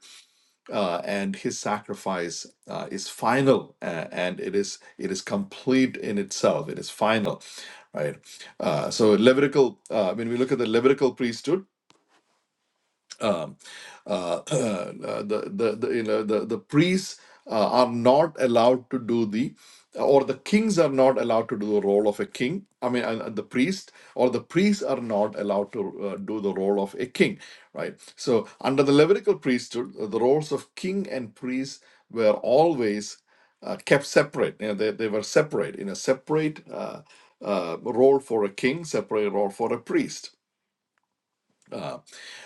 uh, and his sacrifice uh, is final uh, and it is it is complete in itself it is final right uh, so levitical uh, when we look at the levitical priesthood um, uh, the, the, the, you know, the, the priests uh, are not allowed to do the, or the kings are not allowed to do the role of a king. I mean, uh, the priest, or the priests are not allowed to uh, do the role of a king, right? So, under the Levitical priesthood, uh, the roles of king and priest were always uh, kept separate. You know, they, they were separate in a separate uh, uh, role for a king, separate role for a priest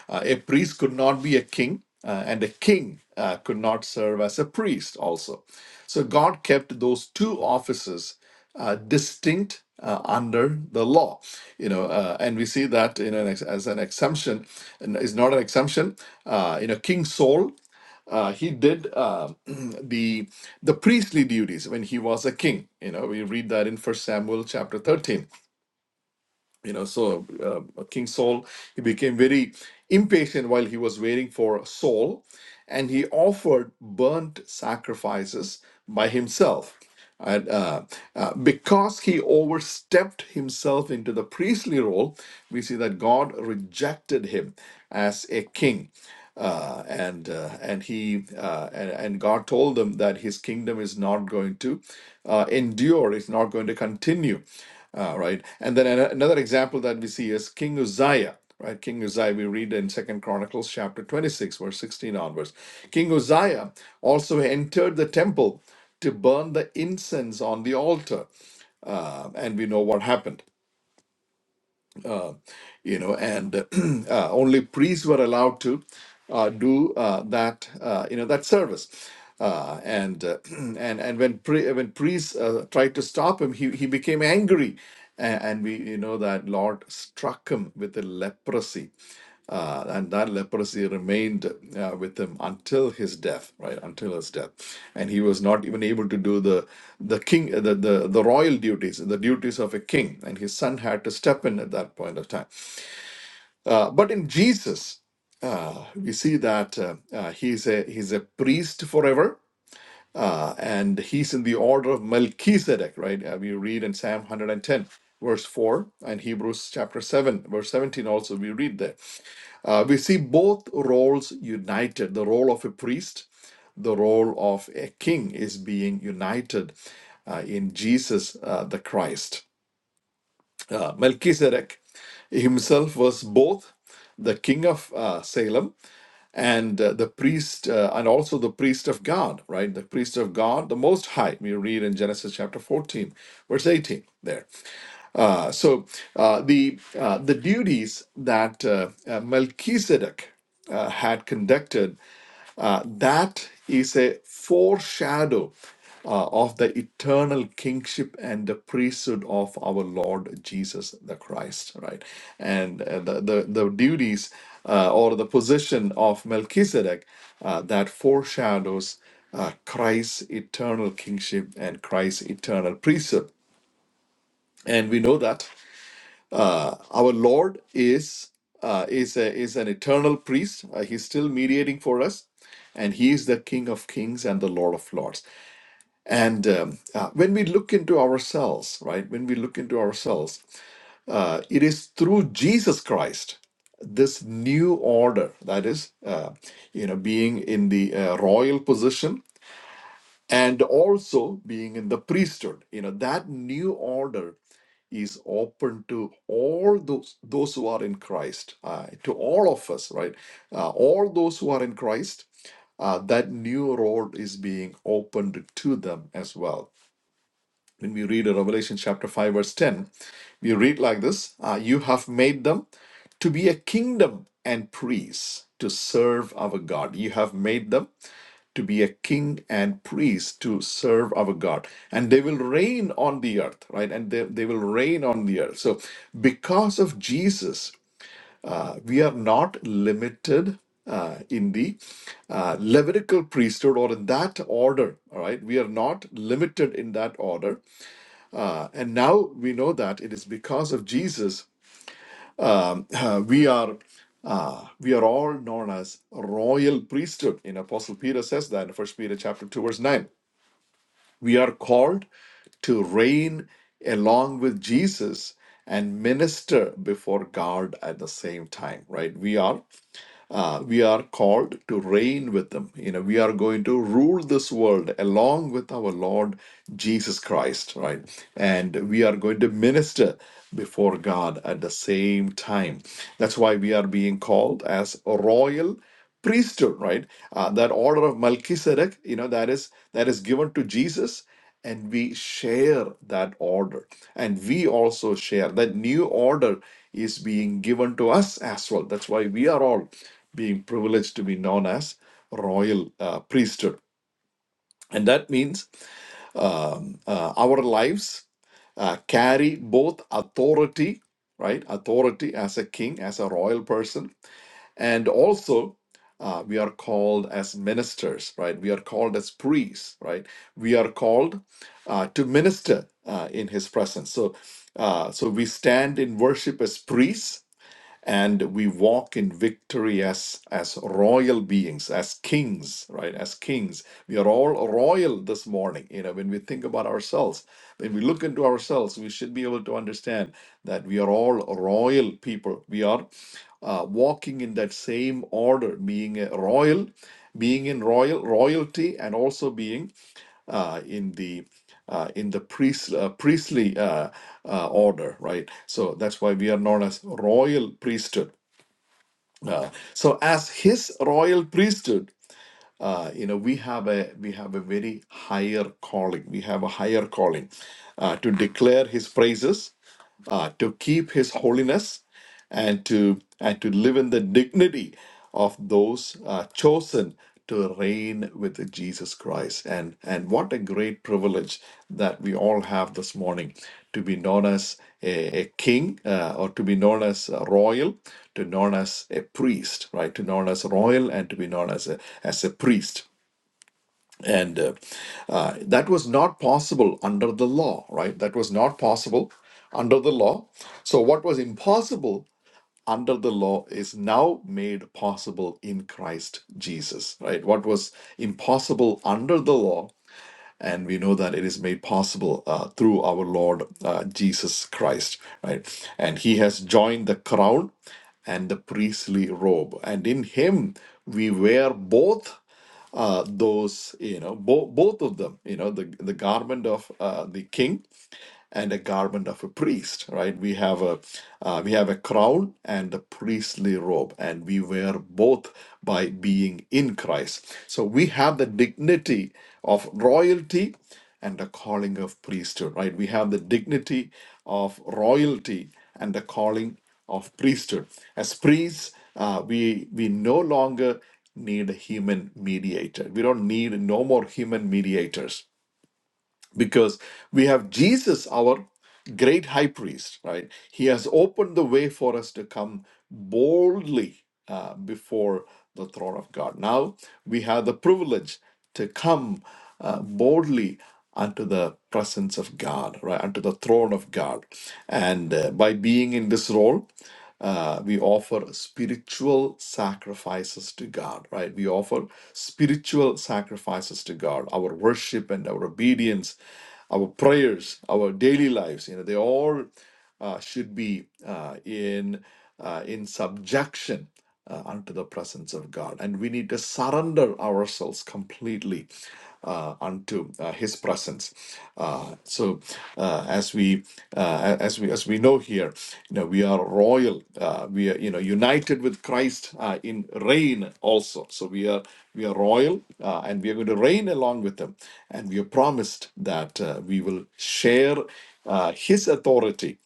uh, a priest could not be a king, uh, and a king uh, could not serve as a priest, also. So God kept those two offices uh, distinct uh, under the law, you know, uh, and we see that in an as an exemption, and it's not an exemption. Uh, you know, King Saul, uh, he did uh, the the priestly duties when he was a king. You know, we read that in First Samuel chapter thirteen you know so uh, king saul he became very impatient while he was waiting for saul and he offered burnt sacrifices by himself and uh, uh, because he overstepped himself into the priestly role we see that god rejected him as a king uh, and uh, and he uh, and, and God told them that his kingdom is not going to uh, endure, it's not going to continue. Uh, right. And then ano- another example that we see is King Uzziah, right? King Uzziah, we read in Second Chronicles chapter 26, verse 16 onwards. King Uzziah also entered the temple to burn the incense on the altar. Uh, and we know what happened you know, and uh, only priests were allowed to uh, do uh, that, uh, you know, that service. Uh, and, uh, and and when pri- when priests uh, tried to stop him, he, he became angry, and, and we you know that Lord struck him with a leprosy, uh, and that leprosy remained uh, with him until his death, right? Until his death, and he was not even able to do the the king the the, the royal duties, the duties of a king, and his son had to step in at that point of time. Uh, but in Jesus, uh, we see that uh, uh, he's a he's a priest forever, uh, and he's in the order of Melchizedek, right? Uh, we read in Psalm 110, verse 4, and Hebrews chapter 7, verse 17. Also, we read there. Uh, we see both roles united: the role of a priest, the role of a king, is being united uh, in Jesus uh, the Christ. Uh, Melchizedek himself was both the king of uh, Salem and uh, the priest uh, and also the priest of god right the priest of god the most high we read in genesis chapter 14 verse 18 there uh, so uh, the uh, the duties that uh, uh, melchizedek uh, had conducted uh, that is a foreshadow uh, of the eternal kingship and the priesthood of our Lord Jesus the Christ, right? And uh, the, the, the duties uh, or the position of Melchizedek uh, that foreshadows uh, Christ's eternal kingship and Christ's eternal priesthood. And we know that. Uh, our Lord is uh, is a, is an eternal priest. Uh, he's still mediating for us, and he is the King of Kings and the Lord of Lords. And um, uh, when we look into ourselves, right? When we look into ourselves, uh, it is through Jesus Christ this new order that is uh, you know being in the uh, royal position and also being in the priesthood you know that new order is open to all those those who are in Christ, uh, to all of us, right? Uh, all those who are in Christ, uh, that new road is being opened to them as well. When we read in Revelation chapter five verse ten, we read like this: uh, "You have made them to be a kingdom and priests to serve our God. You have made them." to be a king and priest to serve our God. And they will reign on the earth, right? And they, they will reign on the earth. So, because of Jesus, uh, we are not limited uh, in the uh, Levitical priesthood or in that order, all right? We are not limited in that order. Uh, and now we know that it is because of Jesus uh, we are uh, we are all known as royal priesthood. In Apostle Peter says that in First Peter chapter two verse nine. We are called to reign along with Jesus and minister before God at the same time, right? We are uh, we are called to reign with them. You know, we are going to rule this world along with our Lord Jesus Christ, right? And we are going to minister before God at the same time. That's why we are being called as a royal priesthood right uh, that order of melchizedek you know that is that is given to jesus and we share that order and we also share that new order is being given to us as well that's why we are all being privileged to be known as royal uh, priesthood and that means um, uh, our lives uh, carry both authority right authority as a king as a royal person and also, uh, we are called as ministers, right? We are called as priests, right? We are called uh, to minister uh, in His presence. So, uh, so we stand in worship as priests and we walk in victory as as royal beings as kings right as kings we are all royal this morning you know when we think about ourselves when we look into ourselves we should be able to understand that we are all royal people we are uh, walking in that same order being a royal being in royal royalty and also being uh, in the uh, in the priest, uh, priestly uh, uh, order, right? So that's why we are known as royal priesthood. Uh, so as his royal priesthood, uh, you know, we have a we have a very higher calling. We have a higher calling uh, to declare his praises uh, to keep his holiness and to and to live in the dignity of those uh, chosen to reign with Jesus Christ and and what a great privilege that we all have this morning to be known as a, a king uh, or to be known as a royal to known as a priest right to known as royal and to be known as a as a priest and uh, uh, that was not possible under the law right that was not possible under the law so what was impossible under the law is now made possible in christ jesus right what was impossible under the law and we know that it is made possible uh, through our lord uh, jesus christ right and he has joined the crown and the priestly robe and in him we wear both uh, those, you know, bo- both of them, you know, the, the garment of uh, the king and a garment of a priest, right? We have a uh, we have a crown and a priestly robe, and we wear both by being in Christ. So we have the dignity of royalty and the calling of priesthood, right? We have the dignity of royalty and the calling of priesthood. As priests, uh, we we no longer need a human mediator. We don't need no more human mediators because we have Jesus, our great high priest, right? He has opened the way for us to come boldly uh, before the throne of God. Now we have the privilege to come uh, boldly unto the presence of God, right? Unto the throne of God. And uh, by being in this role, uh, we offer spiritual sacrifices to God, right? We offer spiritual sacrifices to God, our worship and our obedience, our prayers, our daily lives. You know, they all uh, should be uh, in uh, in subjection uh, unto the presence of God. And we need to surrender ourselves completely uh, unto uh, His presence. Uh, so, uh, as we uh, as we as we know here, you know, we are royal. Uh, we are you know united with Christ uh, in reign also. So we are we are royal, uh, and we are going to reign along with Him. And we are promised that uh, we will share uh, His authority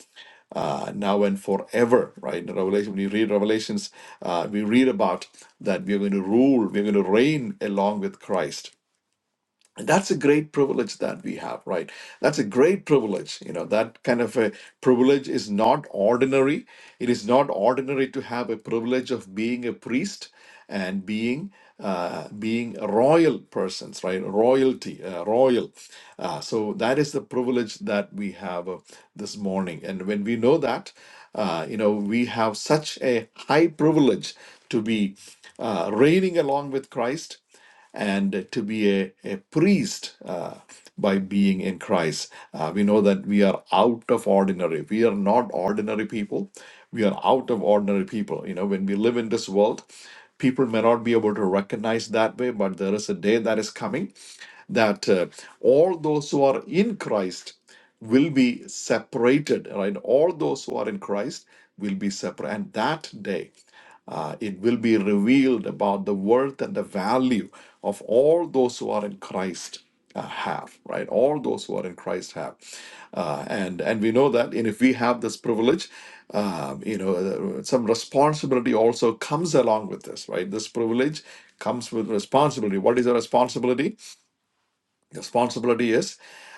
uh, now and forever, right? In Revelation, when you read Revelations, uh, we read about that we are going to rule, we are going to reign along with Christ. And that's a great privilege that we have, right? That's a great privilege. You know, that kind of a privilege is not ordinary. It is not ordinary to have a privilege of being a priest and being uh, being royal persons, right? Royalty, uh, royal. Uh, so that is the privilege that we have uh, this morning. And when we know that, uh, you know, we have such a high privilege to be uh, reigning along with Christ and to be a, a priest uh, by being in Christ. Uh, we know that we are out of ordinary. We are not ordinary people. We are out of ordinary people. You know, when we live in this world, people may not be able to recognize that way, but there is a day that is coming that uh, all those who are in Christ will be separated, right? All those who are in Christ will be separate. And that day, uh, it will be revealed about the worth and the value of all those who are in Christ uh, have, right? All those who are in Christ have, uh, and and we know that, and if we have this privilege, um, you know, uh, some responsibility also comes along with this, right? This privilege comes with responsibility. What is the responsibility? responsibility is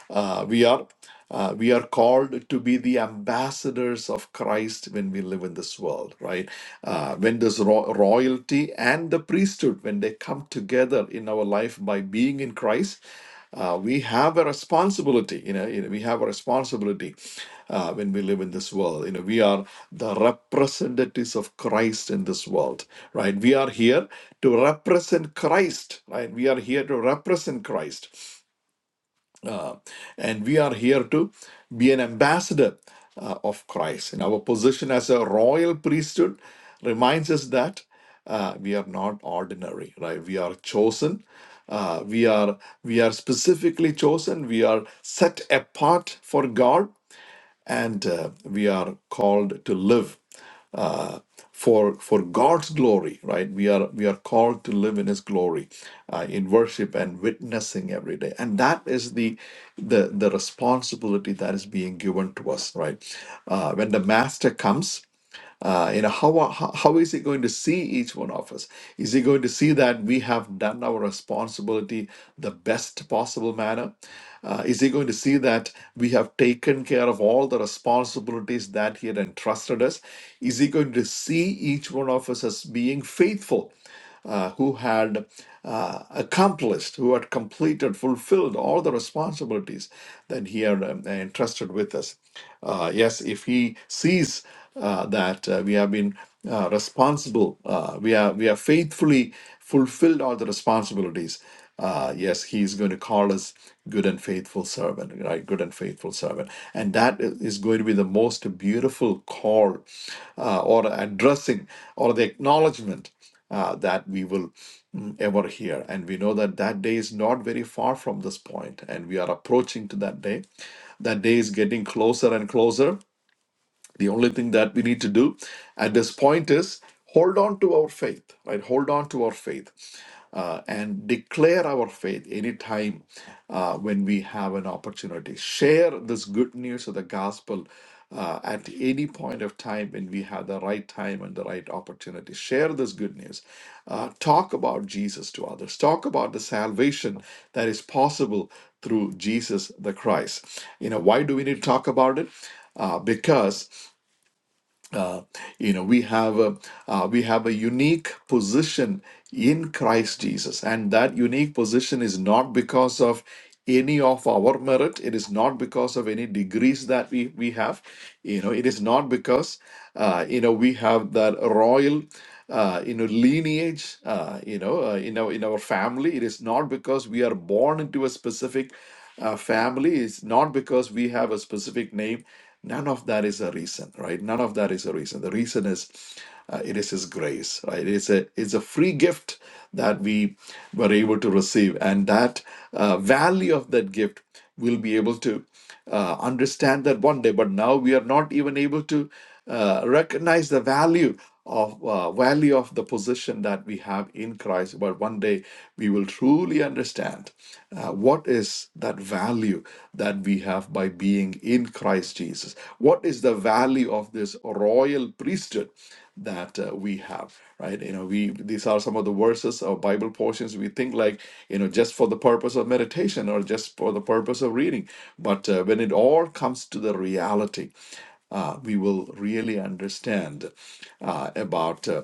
uh, we are uh, we are called to be the ambassadors of Christ when we live in this world, right? Uh, when this ro- royalty and the priesthood, when they come together in our life by being in Christ, uh, we have a responsibility. You know, you know, we have a responsibility uh, when we live in this world. You know, we are the representatives of Christ in this world, right? We are here to represent Christ, right? We are here to represent Christ. Uh, and we are here to be an ambassador uh, of Christ. And our position as a royal priesthood reminds us that uh, we are not ordinary, right? We are chosen. Uh, we are we are specifically chosen. We are set apart for God and uh, we are called to live uh, for for God's glory, right? We are we are called to live in His glory, uh, in worship and witnessing every day, and that is the the the responsibility that is being given to us, right? Uh, when the Master comes. Uh, you know, how, are- how how is he going to see each one of us? Is he going to see that we have done our responsibility the best possible manner? Uh, is he going to see that we have taken care of all the responsibilities that he had entrusted us? Is he going to see each one of us as being faithful? uh, who had uh, accomplished, who had completed, fulfilled all the responsibilities that he had um, entrusted with us. Uh, yes, if he sees uh, that uh, we have been uh, responsible, uh, we are we are faithfully fulfilled all the responsibilities. Uh, yes, he is going to call us good and faithful servant, right? Good and faithful servant, and that i- is going to be the most beautiful call, uh, or addressing, or the acknowledgement uh, that we will mm, ever hear. And we know that that day is not very far from this point, and we are approaching to that day. That day is getting closer and closer the only thing that we need to do at this point is hold on to our faith right hold on to our faith uh, and declare our faith anytime uh, when we have an opportunity share this good news of the gospel uh, at any point of time when we have the right time and the right opportunity share this good news uh, talk about jesus to others talk about the salvation that is possible through jesus the christ you know why do we need to talk about it uh, because you know, we have a uh, we have a unique position in Christ Jesus, and that unique position is not because of any of our merit. It is not because of any degrees that we we have. You know, it is not because uh, you know we have that royal uh, you know lineage uh, you know uh, in our in our family it is not because we are born into a specific uh, family it's not because we have a specific name None of that is a reason, right? None of that is a reason. The reason is uh, it is His grace, right? It's a it's a free gift that we were able to receive, and that uh, value of that gift we'll be able to uh, understand that one day. But now we are not even able to uh, recognize the value of uh, value of the position that we have in Christ. But one day we will truly understand uh, what is that value that we have by being in Christ Jesus. What is the value of this royal priesthood that uh, we have? Right? You know, we these are some of the verses or Bible portions we think like you know just for the purpose of meditation or just for the purpose of reading. But uh, when it all comes to the reality uh, we will really understand uh, about uh,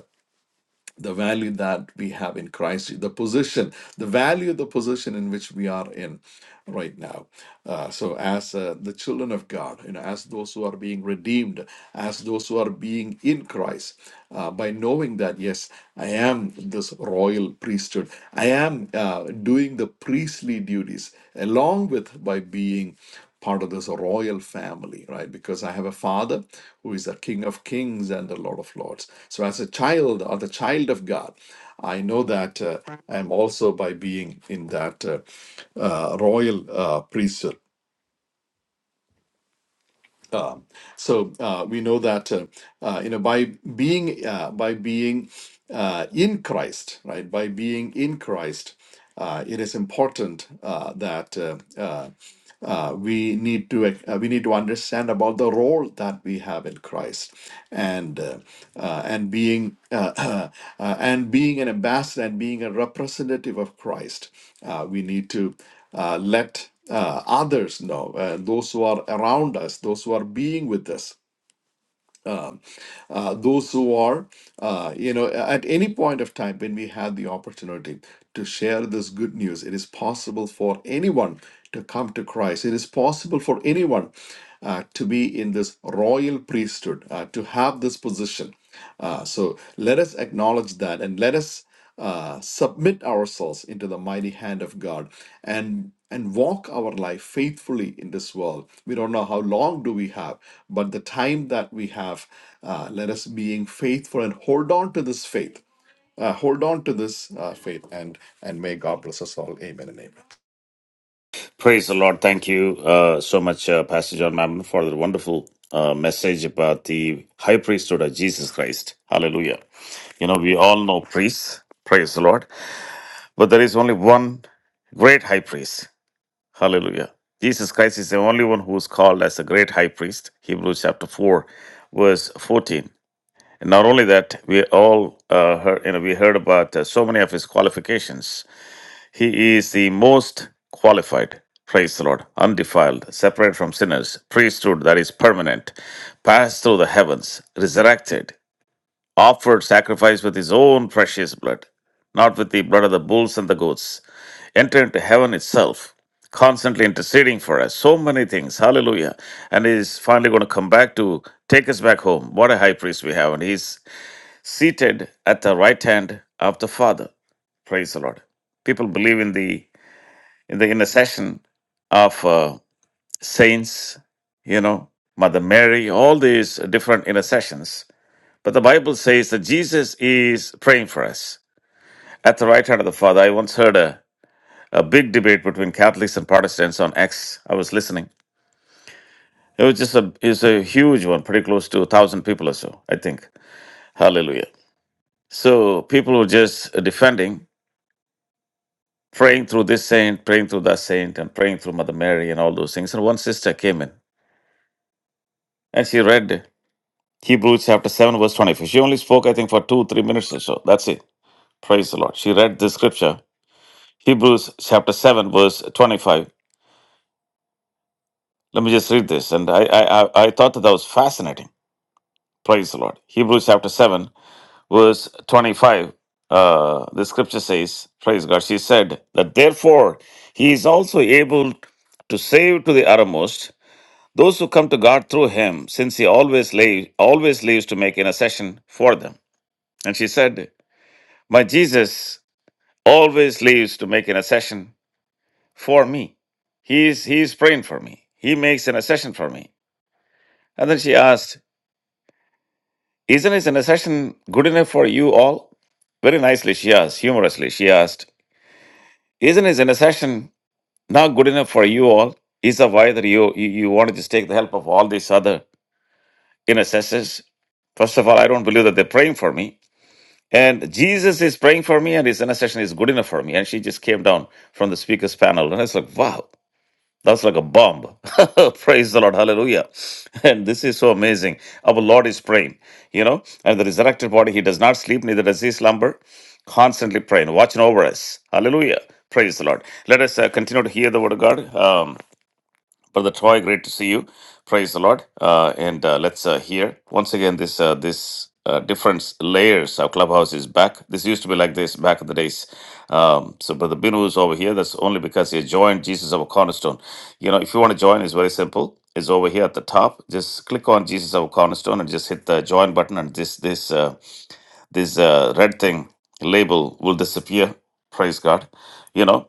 the value that we have in Christ, the position, the value of the position in which we are in right now. Uh, so, as uh, the children of God, you know, as those who are being redeemed, as those who are being in Christ, uh, by knowing that, yes, I am this royal priesthood, I am uh, doing the priestly duties along with by being part of this royal family, right? Because I have a father who is a king of kings and the Lord of lords. So, as a child or the child of God, I know that uh, I am also by being in that uh, uh, royal uh, priesthood. So uh, we know that uh, uh, you know by being uh, by being uh, in Christ, right? By being in Christ, uh, it is important uh, that. Uh, uh, uh, we need to uh, we need to understand about the role that we have in Christ and uh, uh, and being uh, uh, and being an ambassador and being a representative of Christ uh, we need to uh, let uh, others know uh, those who are around us those who are being with us uh, those who are, uh, you know, at any point of time when we have the opportunity to share this good news, it is possible for anyone to come to Christ. It is possible for anyone uh, to be in this royal priesthood, uh, to have this position. Uh, so let us acknowledge that and let us uh, submit ourselves into the mighty hand of God and and walk our life faithfully in this world. We don't know how long do we have, but the time that we have, uh, let us being faithful and hold on to this faith. Uh, hold on to this uh, faith, and and may God bless us all. Amen and amen.
Praise the Lord. Thank you uh, so much, uh, Pastor John Mammon, for the wonderful uh, message about the high priesthood of Jesus Christ. Hallelujah. You know, we all know priests. Praise the Lord. But there is only one great high priest. Hallelujah. Jesus Christ is the only one who is called as a great high priest. Hebrews chapter 4, verse 14. And not only that, we all uh, heard, you know, we heard about uh, so many of his qualifications he is the most qualified, praise the Lord, undefiled, separate from sinners, priesthood that is permanent, passed through the heavens, resurrected, offered sacrifice with his own precious blood, not with the blood of the bulls and the goats, entered into heaven itself, constantly interceding for us. So many things. Hallelujah. And he's finally going to come back to take us back home. What a high priest we have. And he's seated at the right hand of the Father. Praise the Lord. People believe in the in the intercession of uh, saints, you know, Mother Mary, all these different intercessions. But the Bible says that Jesus is praying for us at the right hand of the Father. I once heard a, a big debate between Catholics and Protestants on X. I was listening. It was just a it's a huge one, pretty close to a thousand people or so, I think. Hallelujah. So people were just defending, praying through this saint, praying through that saint, and praying through Mother Mary and all those things. And one sister came in and she read Hebrews chapter 7, verse 25. She only spoke, I think, for two, three minutes or so. That's it. Praise the Lord. She read the scripture. Hebrews chapter 7, verse 25. Let me just read this. And I, I, I I thought that, that was fascinating. Praise the Lord. Hebrews chapter 7, verse 25. Uh, the scripture says, Praise God. She said that therefore he is also able to save to the uttermost those who come to God through him, since he always, lay, always lives to make intercession for them. And she said, My Jesus always leaves to make an accession for me. He's he's praying for me. He makes an accession for me. And then she asked, Isn't his intercession good enough for you all? Very nicely she asked, humorously, she asked, Isn't his intercession not good enough for you all? Is that why that you, you you wanted to just take the help of all these other intercessors? First of all, I don't believe that they're praying for me. And Jesus is praying for me, and his intercession is good enough for me. And she just came down from the speaker's panel. And I was like, wow. That's like a bomb. Praise the Lord. Hallelujah. And this is so amazing. Our Lord is praying, you know, and the resurrected body, he does not sleep, neither does he slumber. Constantly praying, watching over us. Hallelujah. Praise the Lord. Let us uh, continue to hear the word of God. Um, Brother Troy, great to see you. Praise the Lord. Uh, and uh, let's uh, hear once again this uh, this uh, different layers of clubhouse is back. This used to be like this back in the days. Um, so Brother Binu is over here. That's only because he joined Jesus of a Cornerstone. You know, if you want to join, it's very simple. It's over here at the top. Just click on Jesus of a Cornerstone and just hit the join button, and this this uh, this uh, red thing label will disappear. Praise God. You know.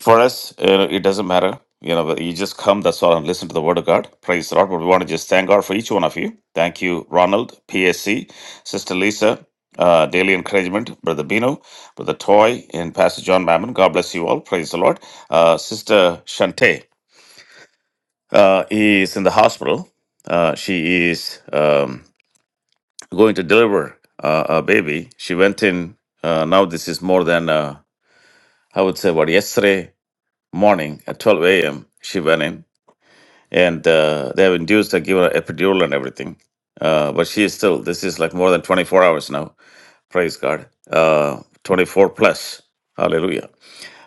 For us, uh, it doesn't matter. You know, you just come, that's all, and listen to the word of God. Praise the Lord. But we want to just thank God for each one of you. Thank you, Ronald, PSC, Sister Lisa, uh, Daily Encouragement, Brother Bino, Brother Toy, and Pastor John Mammon. God bless you all. Praise the Lord. Uh, Sister Shante uh, is in the hospital. Uh, she is um, going to deliver uh, a baby. She went in, uh, now this is more than, uh, I would say, what, yesterday morning at 12 a.m. She went in and uh, they have induced her, given her epidural and everything. Uh, but she is still, this is like more than 24 hours now. Praise God. Uh, 24 plus. Hallelujah.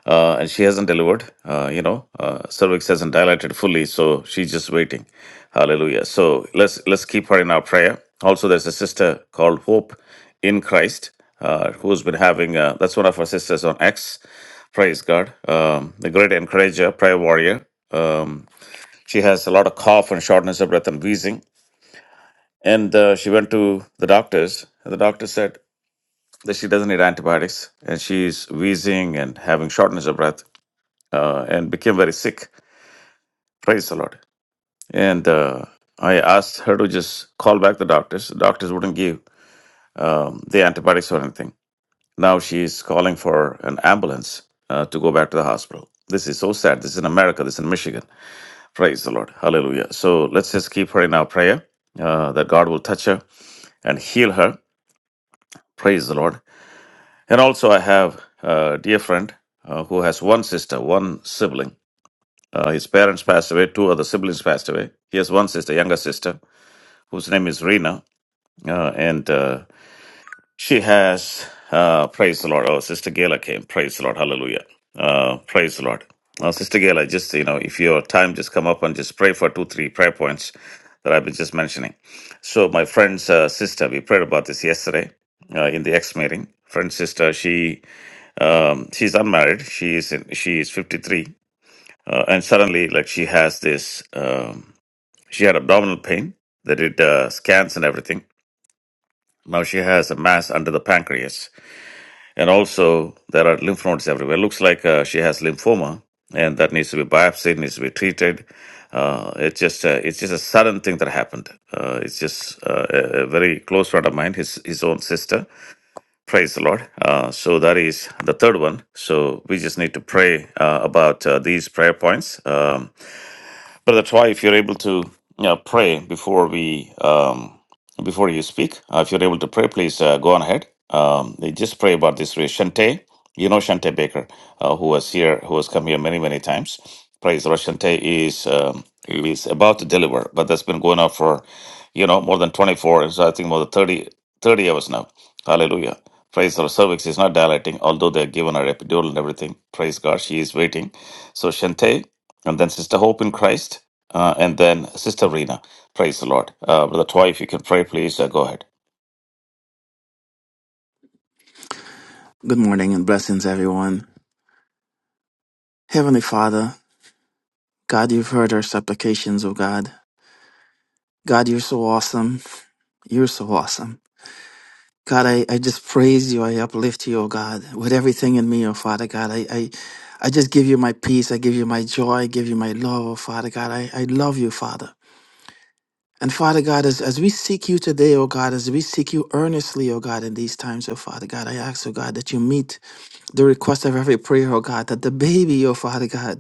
Uh, and she hasn't delivered, uh, you know, uh, cervix hasn't dilated fully, so she's just waiting. Hallelujah. So let's let's keep her in our prayer. Also, there's a sister called Hope in Christ uh, who's been having, uh, that's one of our sisters on X. Praise God. Um, the great encourager, prayer warrior. Um, she has a lot of cough and shortness of breath and wheezing. And uh, she went to the doctors, and the doctor said that she doesn't need antibiotics, and she's wheezing and having shortness of breath, uh, and became very sick. Praise the Lord. And uh, I asked her to just call back the doctors. The doctors wouldn't give um, the antibiotics or anything. Now she's calling for an ambulance uh, to go back to the hospital. This is so sad. This is in America. This is in Michigan. Praise the Lord. Hallelujah. So let's just keep her in our prayer uh, that God will touch her and heal her. Praise the Lord. And also, I have a dear friend uh, who has one sister, one sibling. Uh, his parents passed away, two other siblings passed away. He has one sister, younger sister, whose name is Rena. Uh, and uh, She has, uh, praise the Lord. Oh, Sister Gayla came. Praise the Lord. Hallelujah. Uh, praise the Lord. Uh, Sister Gayla, just, you know, if your time, just come up and just pray for two, three prayer points that I've been just mentioning. So, my friend's uh, sister, we prayed about this yesterday uh, in the ex meeting. Friend's sister, she um, she's unmarried. She is in, she is fifty three, uh, and suddenly, like she has this, um, she had abdominal pain. They did uh, scans and everything. Now she has a mass under the pancreas and also there are lymph nodes everywhere. Looks like uh, she has lymphoma, and that needs to be biopsied, needs to be treated. Uh, it's just a, it's just a sudden thing that happened. Uh, it's just uh, a, a very close friend of mine, his his own sister. Praise the Lord. Uh, so that is the third one. So we just need to pray uh, about uh, these prayer points. Um, but that's why, if you're able to you know, pray before we um, before you speak, uh, if you're able to pray, please uh, go on ahead. Um, they just pray about this race. Shante, you know Shante Baker, uh, who was here, who has come here many many times. Praise the Lord. Shante is um, is about to deliver, but that's been going on for you know more than 24, so I think more than 30, 30 hours now. Hallelujah. Praise the Lord. cervix is not dilating, although they're given her epidural and everything. Praise God, she is waiting. So Shante, and then Sister Hope in Christ, uh, and then Sister Rena. Praise the Lord. Uh, Brother Toy, if you can pray, please uh, go ahead.
Good morning and blessings, everyone. Heavenly Father, God, you've heard our supplications, oh God. God, you're so awesome. You're so awesome. God, I, I just praise you. I uplift you, oh God, with everything in me, oh Father God. I, I, I just give you my peace. I give you my joy. I give you my love, oh Father God. I, I love you, Father. And Father God, as, as we seek you today, oh God, as we seek you earnestly, oh God, in these times, oh Father God, I ask, oh God, that you meet the request of every prayer, oh God, that the baby, oh Father God,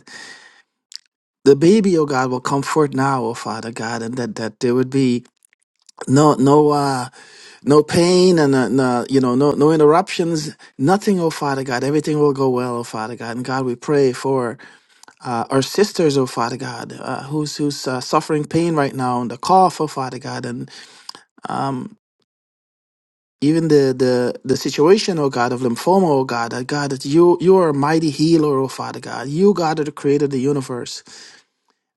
the baby, oh God, will come forth now, oh Father God, and that, that there would be no no uh no pain and uh, no, you know no no interruptions, nothing, oh Father God, everything will go well, oh Father God, and God, we pray for uh, our sisters, oh Father God, uh, who's who's uh, suffering pain right now and the cough, oh Father God, and um. Even the, the, the situation, oh God, of lymphoma, oh God, that God, that you you are a mighty healer, oh Father God. You, God, are the creator of the universe.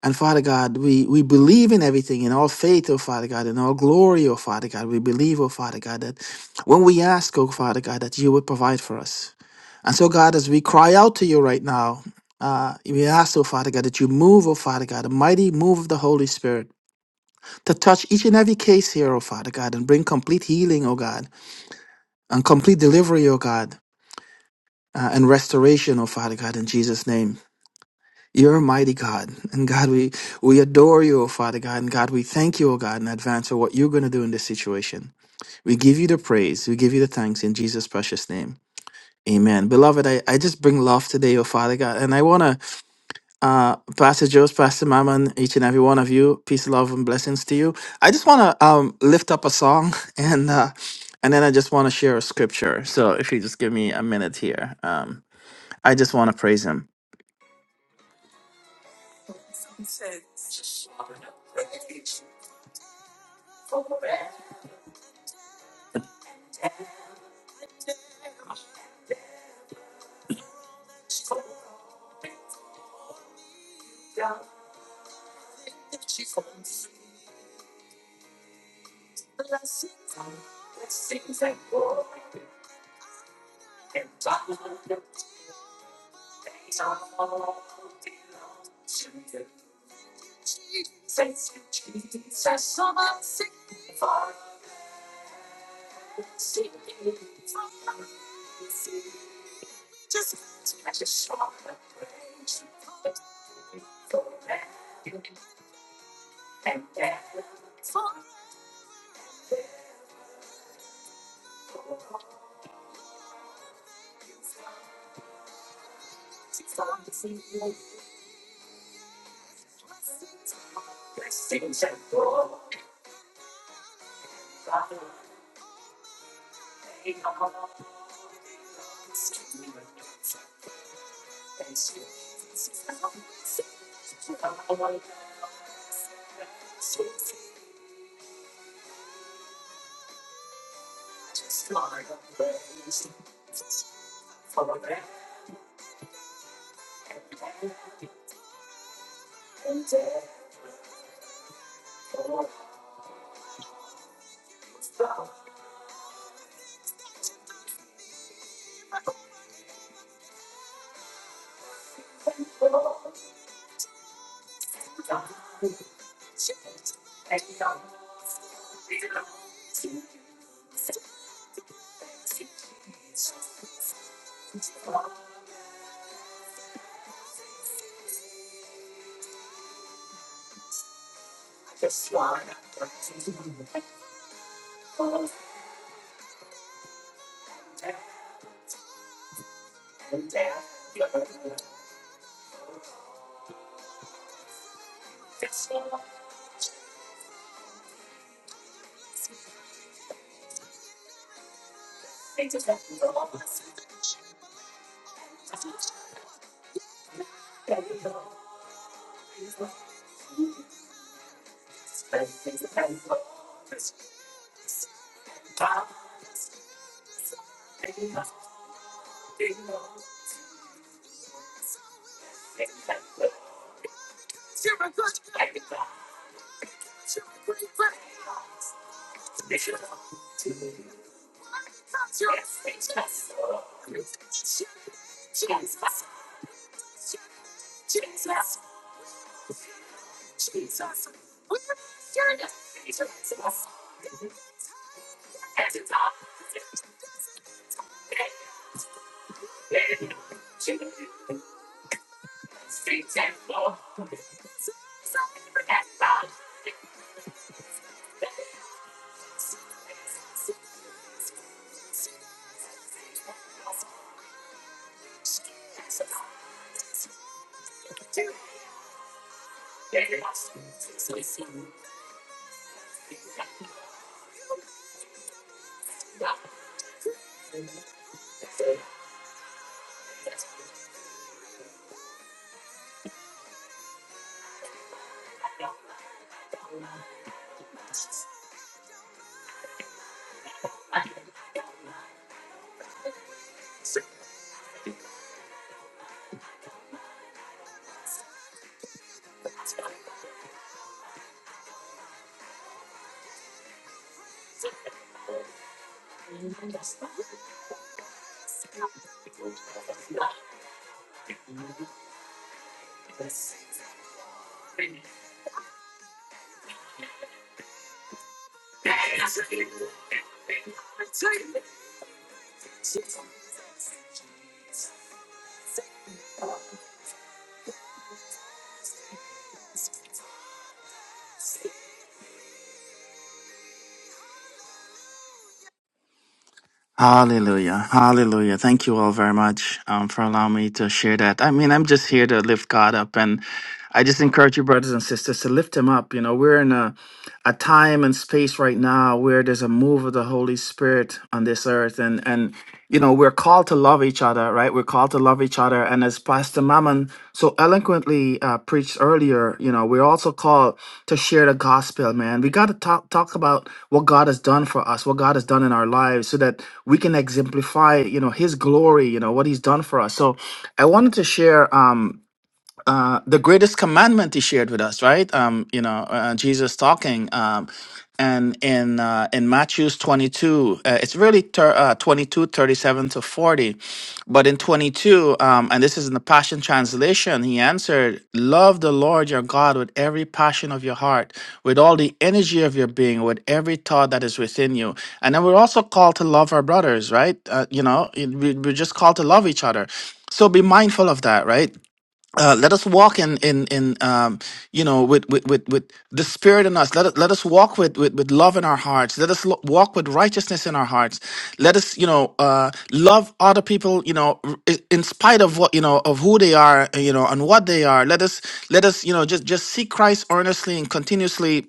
And Father God, we, we believe in everything, in all faith, oh Father God, in all glory, oh Father God. We believe, oh Father God, that when we ask, oh Father God, that you would provide for us. And so, God, as we cry out to you right now, uh, we ask, oh Father God, that you move, oh Father God, a mighty move of the Holy Spirit to touch each and every case here, oh Father God, and bring complete healing, oh God, and complete delivery, oh God, uh, and restoration, oh Father God, in Jesus' name. You're a mighty God. And God, we, we adore you, O Father God. And God, we thank you, O God, in advance for what you're going to do in this situation. We give you the praise. We give you the thanks in Jesus' precious name. Amen. Beloved, I, I just bring love today, O Father God. And I want to, uh, Pastor Joe's, Pastor Mammon, each and every one of you, peace, love, and blessings to you. I just want to um, lift up a song and, uh, and then I just want to share a scripture. So if you just give me a minute here, um, I just want to praise him. Hallelujah. Hallelujah. Thank you all very much um, for allowing me to share that. I mean, I'm just here to lift God up and I just encourage you, brothers and sisters, to lift him up. You know, we're in a, a time and space right now where there's a move of the Holy Spirit on this earth and and you know, we're called to love each other, right? other, right? We're called to love each other. And as Pastor Mammon so eloquently uh, preached earlier, you know, we're also called to share the gospel, man. We got to talk, talk about what God has done for us, what God has done in our lives, so that we can exemplify, you know, His glory, you know, what He's done for us. So I wanted to share. Um, uh, the greatest commandment he shared with us, right? Um, you know, uh, Jesus talking, um, and in uh, in Matthew's twenty two, uh, it's really ter- uh, 22, thirty-seven to forty, but in twenty two, um, and this is in the Passion Translation, he answered, "Love the Lord your God with every passion of your heart, with all the energy of your being, with every thought that is within you." And then we're also called to love our brothers, right? Uh, you know, it- we- we're just called to love each other. So be mindful of that, right? uh, let us walk in in in um, you know with, with with with the spirit in us. Let us, let us walk with, with with love in our hearts. Let us lo- walk with righteousness in our hearts. Let us you know uh, love other people you know r- i- in spite of what you know of who they are you know and what they are. Let us let us you know just just seek Christ earnestly and continuously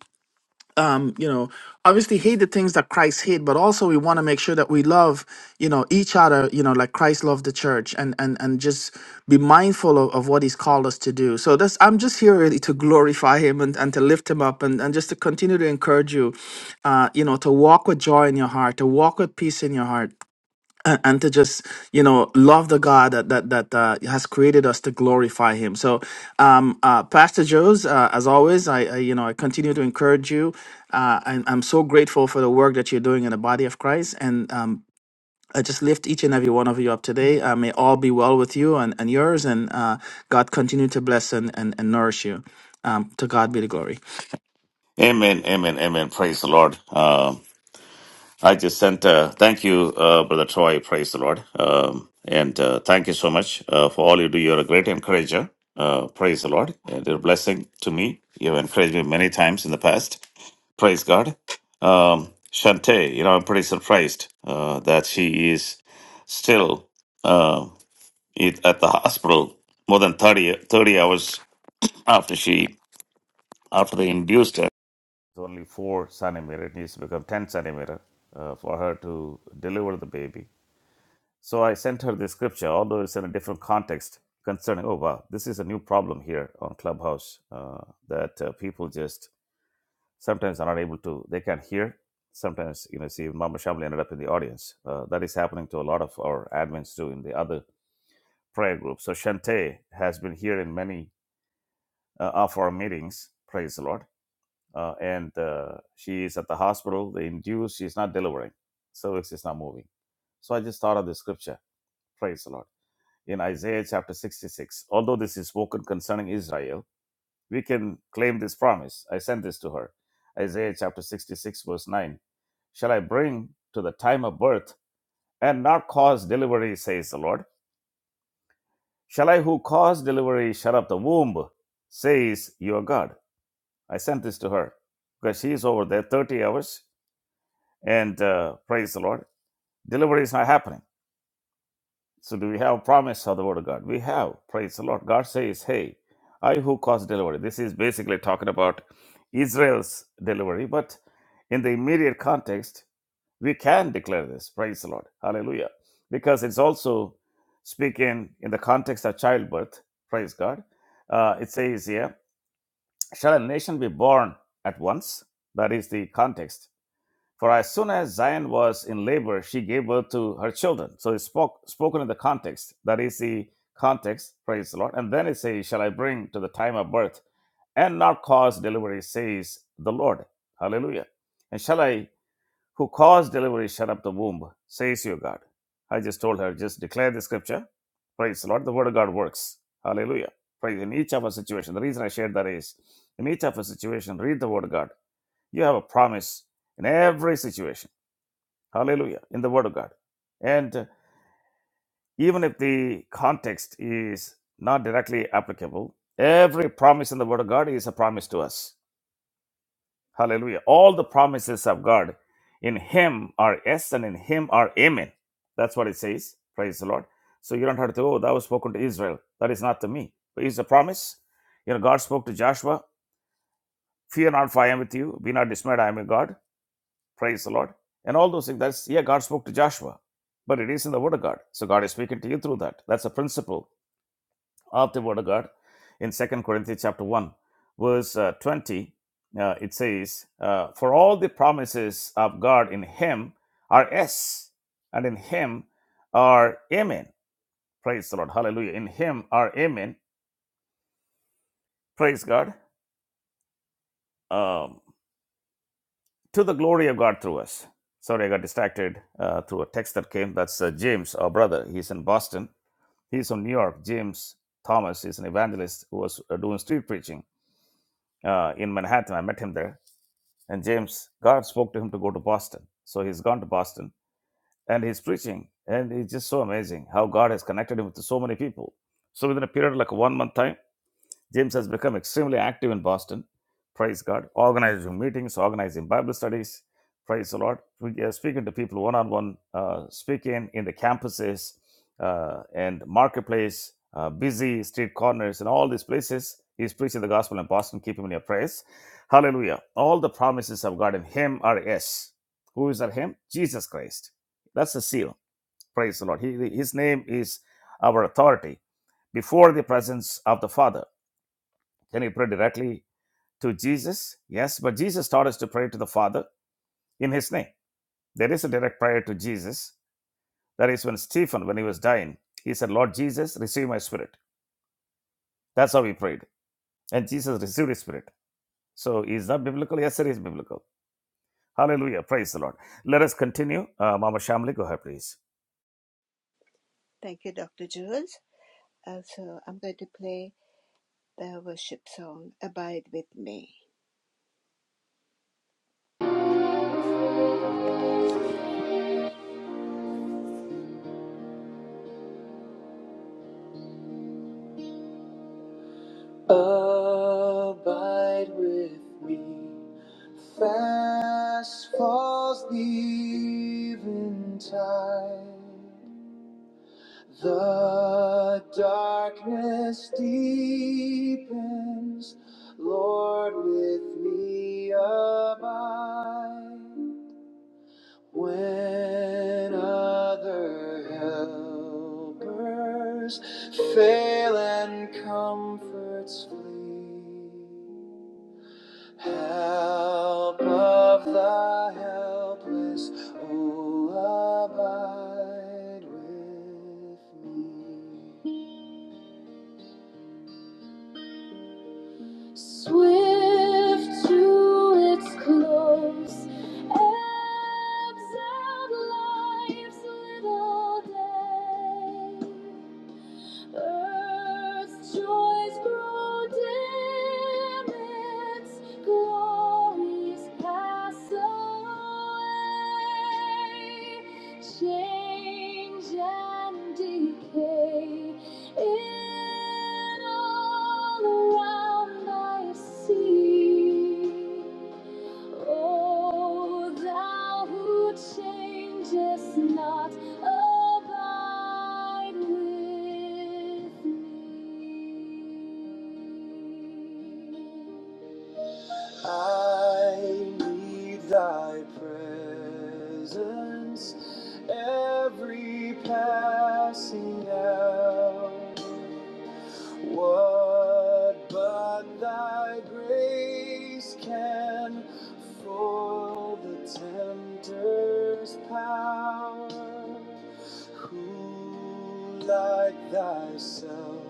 um, you know, obviously hate the things that Christ hate, but also we want to make sure that we love, you know, each other, you know, like Christ loved the church and and and just be mindful of, of what he's called us to do. So that's I'm just here really to glorify him and, and to lift him up and, and just to continue to encourage you, uh, you know, to walk with joy in your heart, to walk with peace in your heart and to just you know love the God that that that uh, has created us to glorify Him. So, um, uh, Pastor Joe's, uh, as always, I, I you know I continue to encourage you. Uh, and I'm so grateful for the work that you're doing in the body of Christ, and um, I just lift each and every one of you up today. Uh, may all be well with you and, and yours, and uh, God continue to bless and, and, and nourish you. Um, to God be the glory.
Amen, amen, amen. Praise the Lord. Um, I just sent, uh, thank you, uh, Brother Troy. Praise the Lord. Um, and uh, thank you so much uh, for all you do. You're a great encourager. Uh, praise the Lord. And you're a blessing to me. You've encouraged me many times in the past. Praise God. Um, Shante, you know, I'm pretty surprised uh, that she is still uh, it- at the hospital more than 30, 30 hours after she after they induced her. It's only four centimeter. It needs to become ten centimeter uh, for her to deliver the baby. So I sent her the scripture, although it's in a different context concerning. Oh wow, this is a new problem here on Clubhouse uh, that uh, people just sometimes are not able to. They can't hear. Sometimes you know, see, Mama Shamli ended up in the audience. Uh, that is happening to a lot of our admins too in the other prayer group. So Shante has been here in many uh, of our meetings. Praise the Lord. Uh, and uh, she is at the hospital. They induce. She's not delivering. Cervix is not moving. So I just thought of the scripture. Praise the Lord. In Isaiah chapter 66, although this is spoken concerning Israel, we can claim this promise. I sent this to her. Isaiah chapter 66, verse 9. Shall I bring to the time of birth and not cause delivery, says the Lord? Shall I who cause delivery shut up the womb, says your God? I sent this to her because she's over there 30 hours, and uh, praise the Lord, delivery is not happening. So, do we have promise of the Word of God? We have, praise the Lord. God says, Hey, I who caused delivery. This is basically talking about Israel's delivery, but in the immediate context, we can declare this, praise the Lord. Hallelujah. Because it's also speaking in the context of childbirth, praise God. Uh, it says here, Shall a nation be born at once? That is the context For as soon as Zion was in labor, she gave birth to her children. So it's spoke, spoken in the context. That is the context, praise the Lord. And then it says, Shall I bring to the time of birth and not cause delivery, says the Lord. Hallelujah. And shall I, who caused delivery, shut up the womb, says your God. I just told her, just declare the scripture. Praise the Lord. The word of God works. Hallelujah. Praise in each of our situation. The reason I shared that is in each of our situation, read the word of God. You have a promise in every situation Hallelujah. In the Word of God. And even if the context is not directly applicable, every promise in the Word of God is a promise to us. Hallelujah. All the promises of God in Him are yes and in Him are amen. That's what it says. Praise the Lord. So you don't have to, oh, that was spoken to Israel. That is not to me. But it's a promise. You know, God spoke to Joshua, fear not, for I am with you. Be not dismayed, I am your God. Praise the Lord. And all those things. That's yeah, God spoke to Joshua, but it is in the Word of God. So God is speaking to you through that. That's the principle of the Word of God. In Second Corinthians chapter 1, verse uh, 20, uh, it says, uh, For all the promises of God in him are yes, and in him are amen. Praise the Lord. Hallelujah. In him are amen. Praise God. Um, to the glory of God through us. Sorry, I got distracted uh, through a text that came. That's uh, James, our brother. He's in Boston. He's from New York. James Thomas is an evangelist who was uh, doing street preaching uh, in Manhattan. I met him there. And James, God spoke to him to go to Boston. So he's gone to Boston and he's preaching. And it's just so amazing how God has connected him with so many people. So within a period of like one month time, James has become extremely active in Boston. Praise God. Organizing meetings, organizing Bible studies. Praise the Lord. We are speaking to people one on one, speaking in the campuses uh, and marketplace, uh, busy street corners, and all these places. He's preaching the gospel in Boston. Keep him in your prayers. Hallelujah. All the promises of God in him are yes. Who is that him? Jesus Christ. That's the seal. Praise the Lord. He, his name is our authority before the presence of the Father. Can you pray directly to Jesus? Yes, but Jesus taught us to pray to the Father in His name. There is a direct prayer to Jesus. That is when Stephen, when he was dying, he said, Lord Jesus, receive my spirit. That's how he prayed. And Jesus received his spirit. So is that biblical? Yes, it is biblical. Hallelujah. Praise the Lord. Let us continue. Uh, Mama Shamli, go ahead, please.
Abide with me. Fast falls the eventide. The darkness deepens. Lord, with me abide. When other helpers fail and comforts flee, help of the helpless, oh, abide with me. Swift to its close, ebbs out life's little day. Earth's joys grow dim, its glories pass away. Change and decay in all around I see. O thou who changest not, abide with me. I need thy presence every passing hour. What but thy grace can foil the tempter's power? Who like thyself,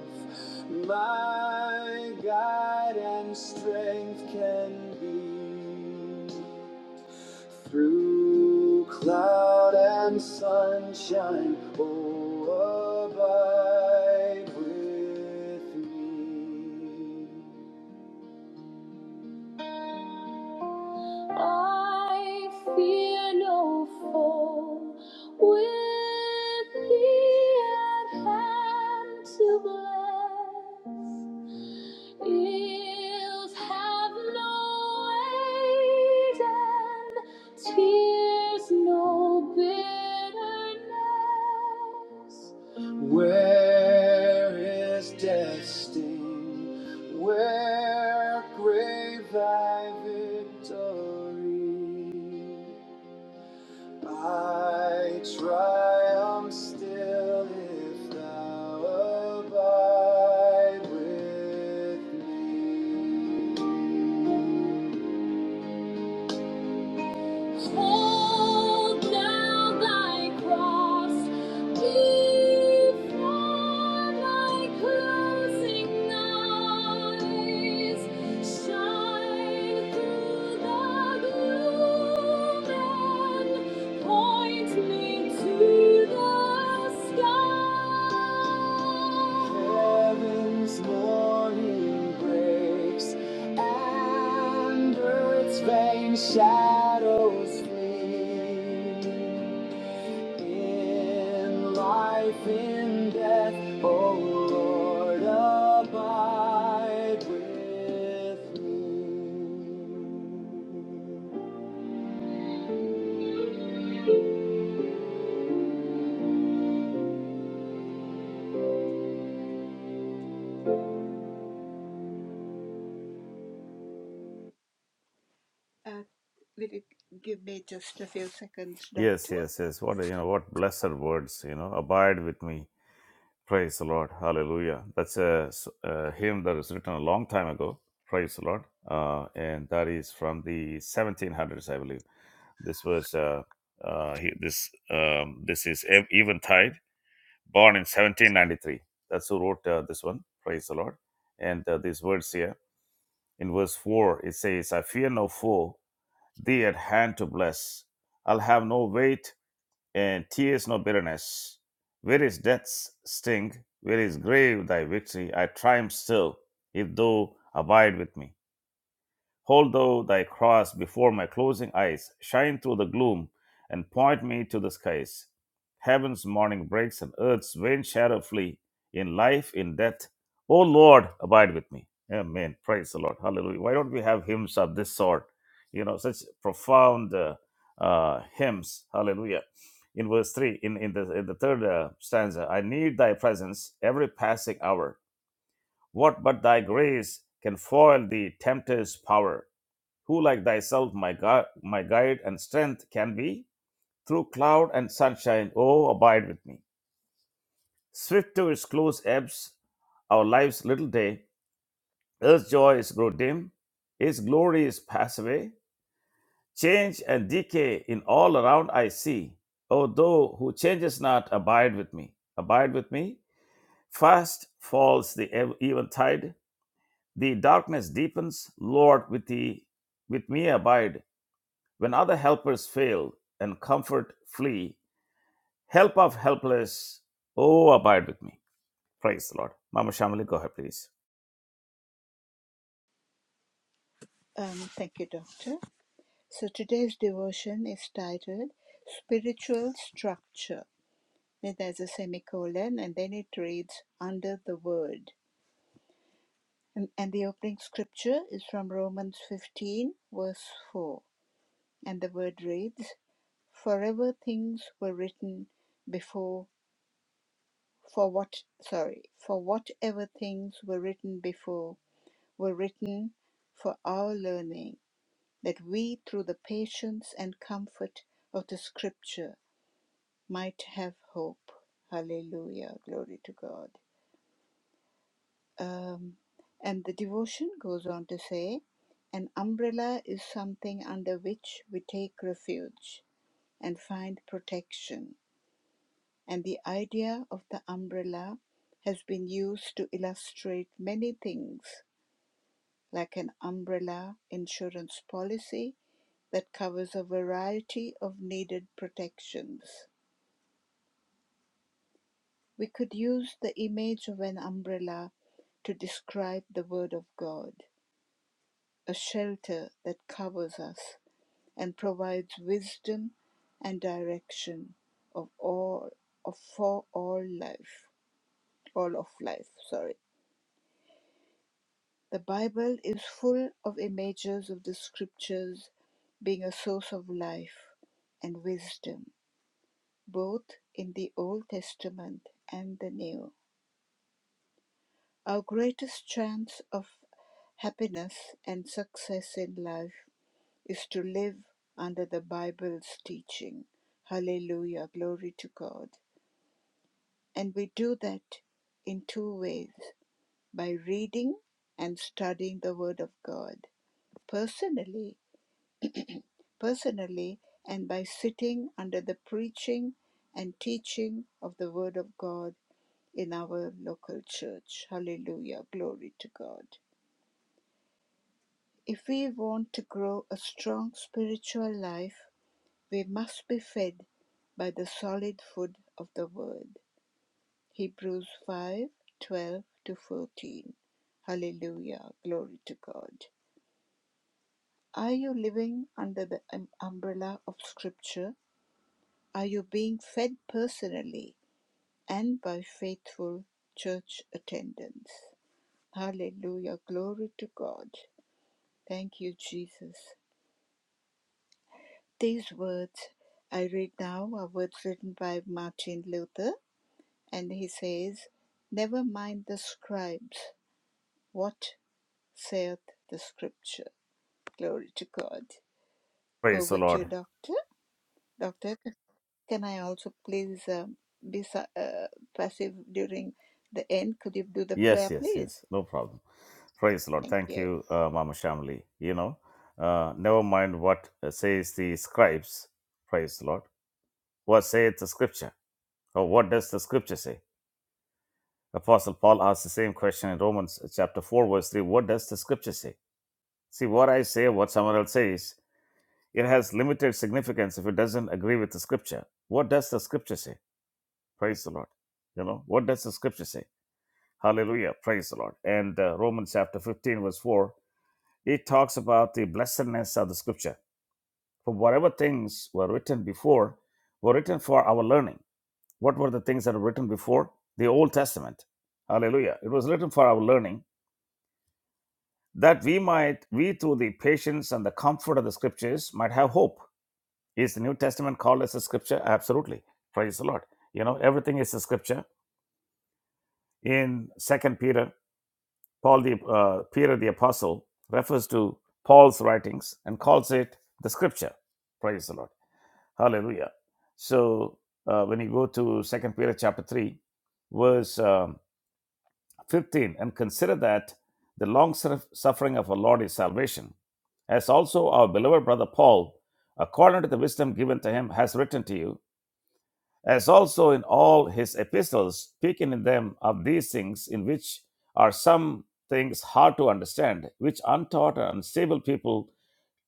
my guide and strength can be? Through cloud and sunshine, oh, abide with me. I fear no foe with thee at hand to bless. Ills have no aid and tears no bitterness. Where is death's sting? Where grave thy victory, I triumph still if thou abide with me. Hold down thy cross before my closing eyes. Shine through the gloom and point me to the sky. Heaven's morning breaks. Under its vain shadows flee. In life, in death, O Lord, abide with me.
Yes, yes, yes. What, you know, what blessed words, you know, abide with me Praise the Lord. Hallelujah. That's a, s- a hymn that was written a long time ago. Praise the Lord. Uh, and that is from the 1700s, I believe. This was uh, uh, he, this um, this is Ev- Eventide, born in 1793. That's who wrote uh, this one. Praise the Lord. And uh, these words here in verse four, it says, "I fear no foe; thee at hand to bless. I'll have no weight and tears no bitterness. Where is death's sting? Where is grave thy victory? I triumph still, if thou abide with me. Hold thou thy cross before my closing eyes, shine through the gloom, and point me to the skies. Heaven's morning breaks and earth's vain shadow flee. In life, in death, O Lord, abide with me. Amen. Praise the Lord. Hallelujah. Why don't we have hymns of this sort? You know, such profound uh, uh, hymns. Hallelujah. In verse 3, in, in, the, in the third uh, stanza, I need thy presence every passing hour. What but thy grace can foil the tempter's power? who like thyself, my God, my guide and strength can be, through cloud and sunshine, oh, abide with me. Swift to its close ebbs, our life's little day, earth's joys grow dim, its glories pass away, change and decay in all around I see. O thou who changes not, abide with me, abide with me. Fast falls the ev- eventide, the darkness deepens, Lord, with thee, with me abide When other helpers fail and comfort flee, help of helpless, oh, abide with me. Praise the Lord. Mama Shamali, go ahead, please. Praise the Lord. Yes, yes, yes. No problem. Praise the Lord. Thank you, uh, Mama Shamali. You know, uh, never mind what uh, says the scribes. Praise the Lord. What saith the scripture? Or what does the scripture say? Apostle Paul asked the same question in Romans uh, chapter 4, verse 3. What does the scripture say? See, what I say, what someone else says, It has limited significance if it doesn't agree with the scripture. What does the scripture say? Praise the Lord. You know, what does the scripture say? Hallelujah. Praise the Lord. And uh, Romans chapter 15, verse 4, it talks about the blessedness of the scripture. For whatever things were written before were written for our learning. What were the things that were written before? The Old Testament. Hallelujah. It was written for our learning that we might, we through the patience and the comfort of the scriptures, might have hope. Is the New Testament called as a scripture? Absolutely. Praise the Lord. You know, everything is a scripture. In Second Peter, Paul the uh, Peter the apostle refers to Paul's writings and calls it the scripture. Praise the Lord. Hallelujah. So uh, when you go to Second Peter chapter three, verse um, fifteen, and consider that the long suffering of our Lord is salvation, as also our beloved brother Paul, according to the wisdom given to him, has written to you as also in all his epistles, speaking in them of these things in which are some things hard to understand, which untaught and unstable people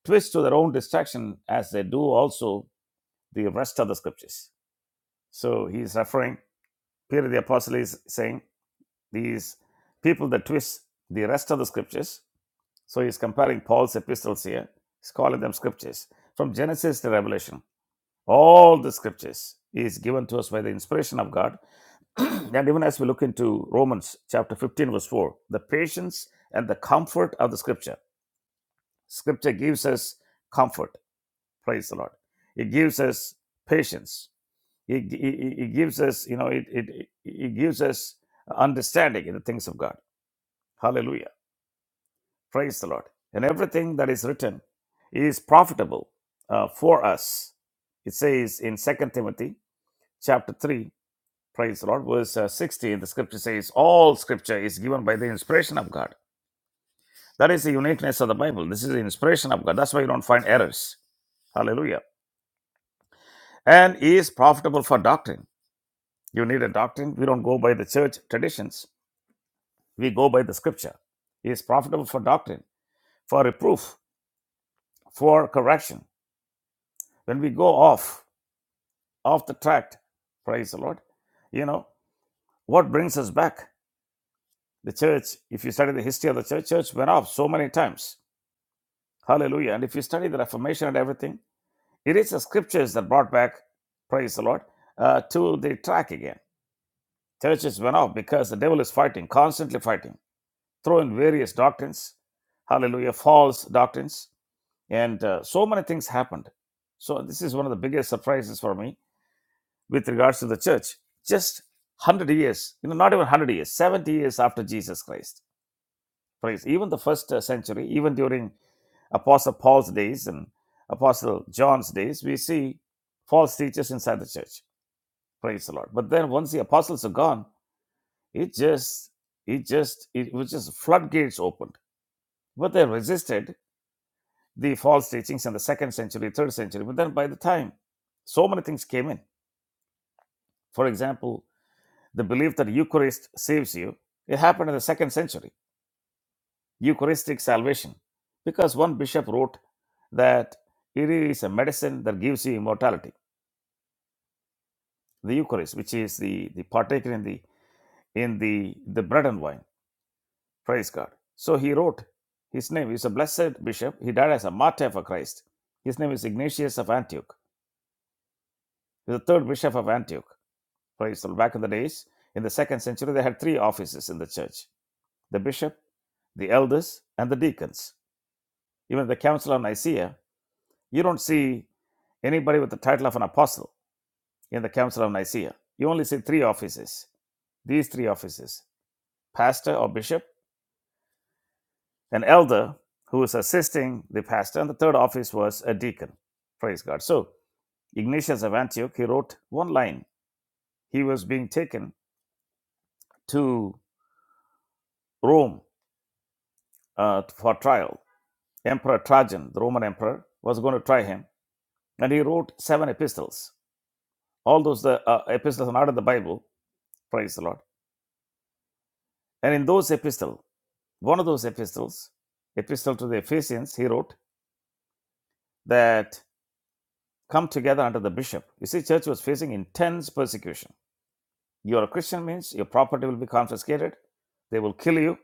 twist to their own destruction, as they do also the rest of the scriptures. So he's referring, Peter the Apostle is saying, these people that twist the rest of the scriptures. So he's comparing Paul's epistles here, he's calling them scriptures. From Genesis to Revelation, all the scriptures is given to us by the inspiration of God and even as we look into Romans chapter 15, verse 4, the patience and the comfort of the scripture. Scripture gives us comfort. Praise the Lord. It gives us patience. It, it, it- gives us, you know, it, it, it gives us understanding in the things of God. Hallelujah. Praise the Lord. And everything that is written is profitable uh, for us. It says in Second Timothy chapter 3 Praise the Lord. Verse uh, 16, the scripture says, All scripture is given by the inspiration of God. That is the uniqueness of the Bible. This is the inspiration of God. That's why you don't find errors. Hallelujah. And is profitable for doctrine. You need a doctrine. We don't go by the church traditions, we go by the scripture. It is profitable for doctrine, for reproof, for correction. When we go off, off the track, praise the Lord, you know, what brings us back? The church, if you study the history of the church, church went off so many times Hallelujah. And if you study the Reformation and everything, it is the scriptures that brought back, praise the Lord, uh, to the track again. Churches went off because the devil is fighting, constantly fighting, throwing various doctrines, hallelujah, false doctrines, and uh, so many things happened. So, this is one of the biggest surprises for me with regards to the church. Just 100 years, you know, not even 100 years, 70 years after Jesus Christ Praise. Even the first uh, century, even during Apostle Paul's days and Apostle John's days, we see false teachers inside the church. Praise the Lord. But then once the apostles are gone, it just it just it was just floodgates opened. But they resisted the false teachings in the second century, third century. But then by the time so many things came in. For example, the belief that Eucharist saves you, it happened in the second century Eucharistic salvation, because one bishop wrote that it is a medicine that gives you immortality. The Eucharist, which is the, the partaker in the in the, the bread and wine. Praise God. So he wrote his name. is a blessed bishop. He died as a martyr for Christ. His name is Ignatius of Antioch. He's the third bishop of Antioch. Praise the Lord. Back in the days, in the second century, they had three offices in the church: the bishop, the elders, and the deacons. Even the Council of Nicaea, you don't see Anybody with the title of an apostle in the Council of Nicaea, you only see three offices. These three offices pastor or bishop, an elder who is assisting the pastor, and the third office was a deacon. Praise God. So, Ignatius of Antioch, he wrote one line. He was being taken to Rome uh, for trial. Emperor Trajan, the Roman emperor, was going to try him, and he wrote seven epistles. All those uh, uh, epistles are not in the Bible. Praise the Lord. And in those epistles, One of those epistles, Epistle to the Ephesians, he wrote that come together under the bishop. You see, church was facing intense persecution. You are a Christian means your property will be confiscated, they will kill you,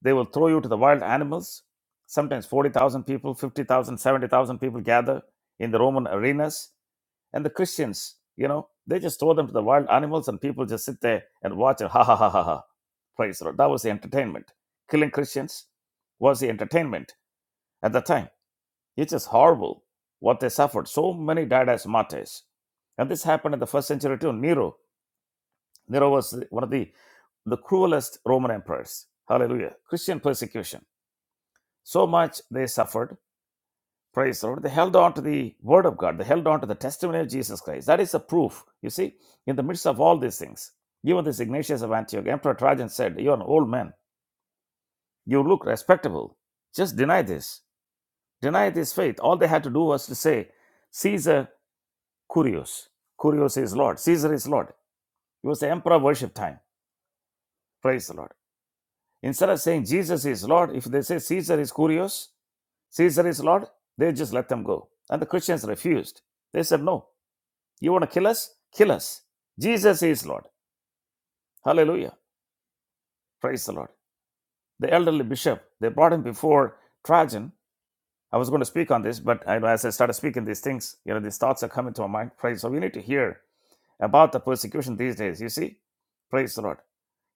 they will throw you to the wild animals. Sometimes 40,000 people, 50,000, 70,000 people gather in the Roman arenas. And the Christians, you know, they just throw them to the wild animals and people just sit there and watch and ha ha ha ha ha. Praise the Lord. That was the entertainment. Killing Christians was the entertainment at the time. It's just horrible what they suffered. So many died as martyrs. And this happened in the first century too. Nero. Nero was one of the, the cruelest Roman emperors. Hallelujah. Christian persecution. So much they suffered. Praise the Lord. They held on to the word of God. They held on to the testimony of Jesus Christ. That is the proof. You see, in the midst of all these things, even this Ignatius of Antioch, Emperor Trajan said, You're an old man. You look respectable. Just deny this. Deny this faith. All they had to do was to say, Caesar Curios. Curios is Lord. Caesar is Lord. He was the emperor worship time. Praise the Lord. Instead of saying Jesus is Lord, if they say Caesar is Curios, Caesar is Lord, they just let them go. And the Christians refused. They said, No. You want to kill us? Kill us. Jesus is Lord. Hallelujah. Praise the Lord. The elderly bishop, they brought him before Trajan. I was going to speak on this, but I, as I started speaking these things, you know, these thoughts are coming to my mind. Praise. So we need to hear about the persecution these days. You see, praise the Lord.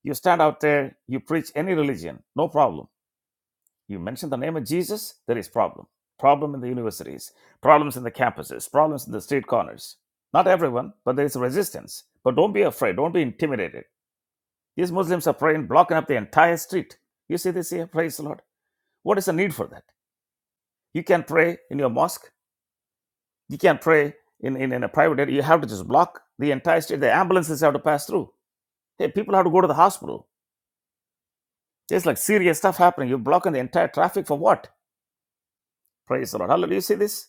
You stand out there, you preach any religion, no problem. You mention the name of Jesus, there is problem. Problem in the universities, problems in the campuses, problems in the street corners. Not everyone, but there is resistance. But don't be afraid, don't be intimidated. These Muslims are praying, blocking up the entire street. You see this here? Praise the Lord. What is the need for that? You can pray in your mosque, you can pray in, in, in a private area. You have to just block the entire street. The ambulances have to pass through. Hey, people have to go to the hospital. There's like serious stuff happening. You're blocking the entire traffic for what? Praise the Lord. Hallelujah. You see this?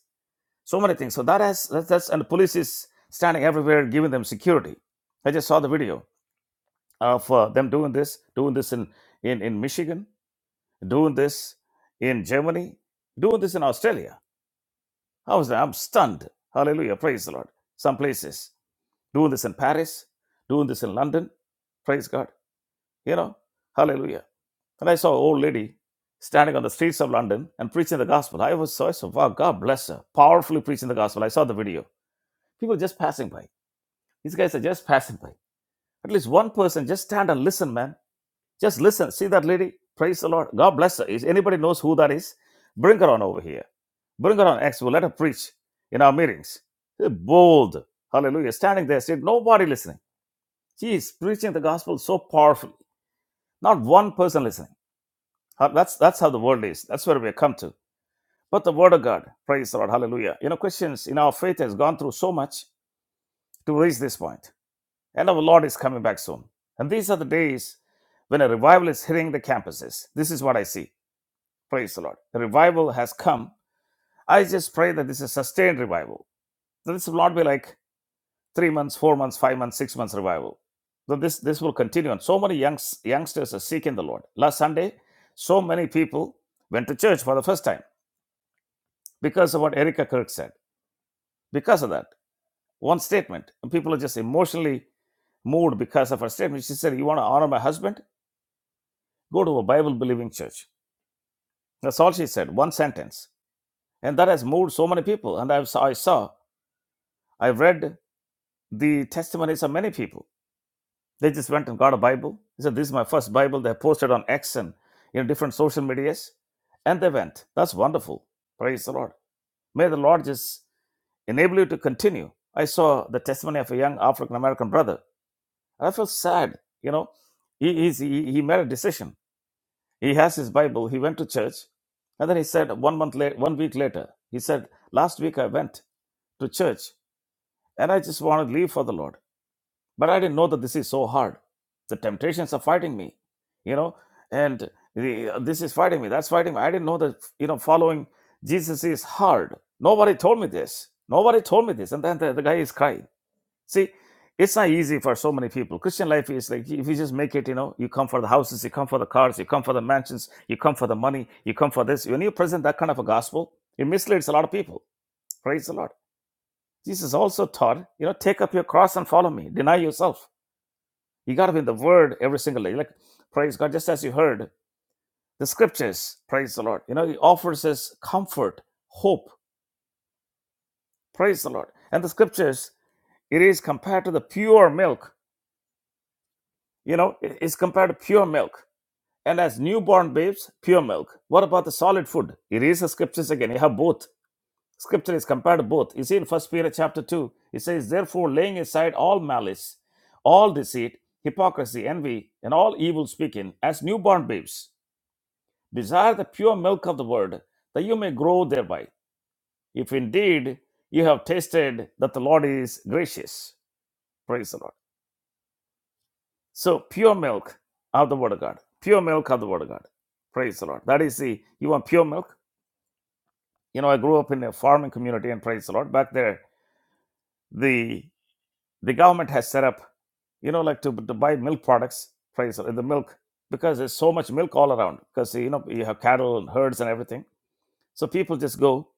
So many things. So that has that's, that's and the police is standing everywhere giving them security. I just saw the video of uh, them doing this, doing this in, in in Michigan, doing this in Germany, doing this in Australia. I was I'm stunned. Hallelujah. Praise the Lord. Some places doing this in Paris, doing this in London. Praise God. You know, hallelujah. And I saw an old lady standing on the streets of London and preaching the gospel. I was so, I said, wow, God bless her. Powerfully preaching the gospel. I saw the video. People just passing by. These guys are just passing by. At least one person, just stand and listen, man. Just listen. See that lady? Praise the Lord. God bless her. If anybody knows who that is, bring her on over here. Bring her on X. let her preach in our meetings. They're bold. Hallelujah. Standing there, see nobody listening. She's preaching the gospel so powerfully. Not one person listening. How- That's that's how the world is. That's where we have come to. But the word of God, praise the Lord, hallelujah. You know, Christians in our faith has gone through so much to reach this point. And our Lord is coming back soon. And these are the days when a revival is hitting the campuses. This is what I see. Praise the Lord. The revival has come. I just pray that this is sustained revival. That this will not be like three months, four months, five months, six months revival. That this this will continue. And so many youngs, youngsters are seeking the Lord. Last Sunday, so many people went to church for the first time because of what Erica Kirk said. Because of that one statement, and people are just emotionally moved because of her statement. She said, "You want to honor my husband? Go to a Bible-believing church." That's all she said. One sentence, and that has moved so many people. And I've, I saw, I've read the testimonies of many people. They just went and got a Bible. They said, "This is my first Bible." They posted on X and you know different social medias, and they went. That's wonderful. Praise the Lord. May the Lord just enable you to continue. I saw the testimony of a young African American brother I felt sad. You know, he, he's, he, he made a decision. He has his Bible. He went to church. And then he said, one month later, one week later, he said, last week I went to church and I just want to leave for the Lord. But I didn't know that this is so hard. The temptations are fighting me, you know, and the, this is fighting me. That's fighting me. I didn't know that, you know, following Jesus is hard. Nobody told me this. Nobody told me this. And then the, the guy is crying. See, it's not easy for so many people. Christian life is like if you just make it, you know, you come for the houses, you come for the cars, you come for the mansions, you come for the money, you come for this. When you present that kind of a gospel, it misleads a lot of people. Praise the Lord. Jesus also taught, you know, take up your cross and follow me. Deny yourself. You got to be in the word every single day. Like, praise God, just as you heard the scriptures, praise the Lord. You know, he offers us comfort, hope, praise the Lord. And the scriptures, it is compared to the pure milk, you know, it is compared to pure milk And as newborn babes, pure milk. What about the solid food? He reads the scriptures again. You have both. Scripture is compared to both. You see in First Peter chapter 2, it says, Therefore, laying aside all malice, all deceit, hypocrisy, envy, and all evil speaking, as newborn babes, desire the pure milk of the word, that you may grow thereby. If indeed you have tasted that the Lord is gracious. Praise the Lord. So, pure milk of the word of God. Pure milk of the word of God. Praise the Lord. That is the, you want pure milk? you know, I grew up in a farming community, and praise the Lord, back there, the the government has set up, you know, like to, to buy milk products, praise the Lord, the milk, because there's so much milk all around, because, you know, you have cattle and herds and everything. So people just go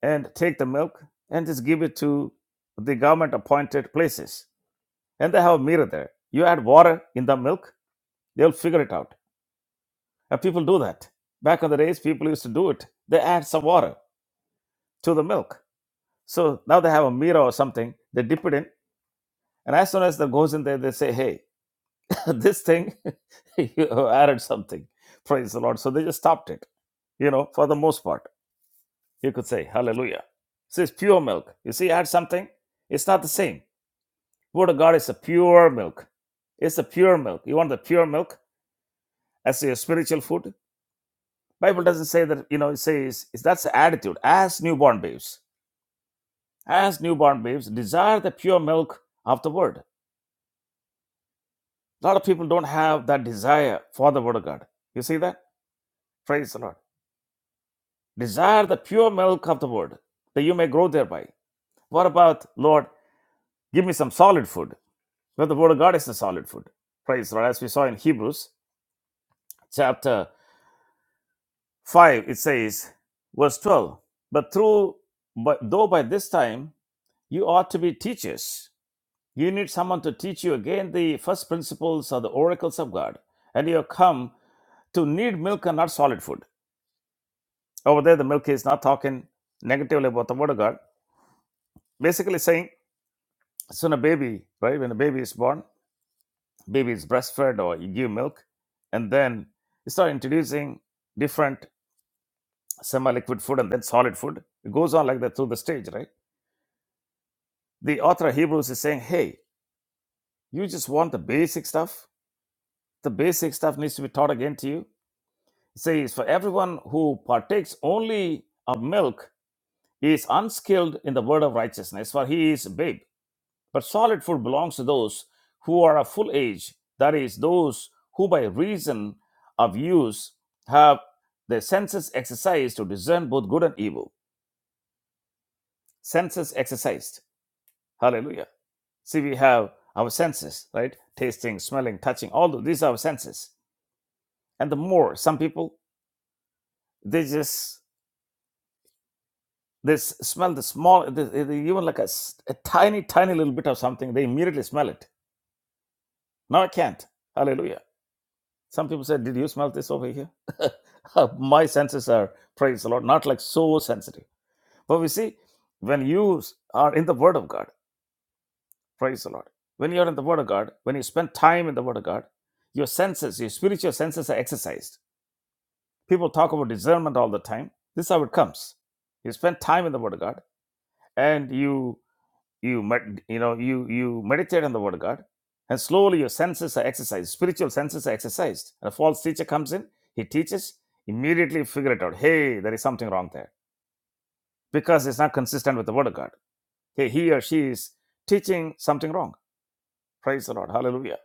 and take the milk and just give it to the government appointed places. And they have a mirror there. You add water in the milk, they'll figure it out. And people do that. Back in the days, people used to do it. They add some water to the milk. So now they have a mirror or something. They dip it in And as soon as that goes in there, they say, hey, this thing, you added something. Praise the Lord. So they just stopped it, you know, for the most part. You could say, hallelujah. So it's pure milk. You see, add something, it's not the same. Word of God is a pure milk. It's a pure milk. You want the pure milk as your spiritual food? Bible doesn't say that, you know, it says it's- that's the attitude. As newborn babes, as newborn babes, desire the pure milk of the word. A lot of people don't have that desire for the word of God. You see that? Praise the Lord. Desire the pure milk of the word that you may grow thereby. What about, Lord, give me some solid food? Well, the word of God is the solid food. Praise the Lord. As we saw in Hebrews chapter 5, it says, verse 12, but through, but though by this time you ought to be teachers, you need someone to teach you again the first principles or the oracles of God. And you have come to need milk and not solid food. Over there, the milk is not talking negatively about the word of God. Basically saying, So when a baby, right, when a baby is born, baby is breastfed or you give milk, and then you start introducing different semi-liquid food and then solid food. It goes on like that through the stage, right? The author of Hebrews is saying, hey, you just want the basic stuff. The basic stuff needs to be taught again to you. It says, for everyone who partakes only of milk is unskilled in the word of righteousness, for he is a babe. But solid food belongs to those who are of full age, that is, those who by reason of use have their senses exercised to discern both good and evil. Senses exercised. Hallelujah. See, we have our senses, right? Tasting, smelling, touching, all tho- these are our senses. And the more, some people, they just they smell the small, the, the- even like a a tiny, tiny little bit of something, they immediately smell it. No, I can't. Hallelujah Some people said, Did you smell this over here? My senses are, praise the Lord, not like so sensitive. But we see, when you are in the Word of God, praise the Lord, when you're in the Word of God, when you spend time in the Word of God, your senses, your spiritual senses are exercised. People talk about discernment all the time. This is how it comes. You spend time in the Word of God and you you med- you know you you meditate on the word of god and slowly your senses are exercised spiritual senses are exercised And a false teacher comes in he teaches immediately figure it out hey there is something wrong there because it's not consistent with the word of god hey he or she is teaching something wrong praise the lord hallelujah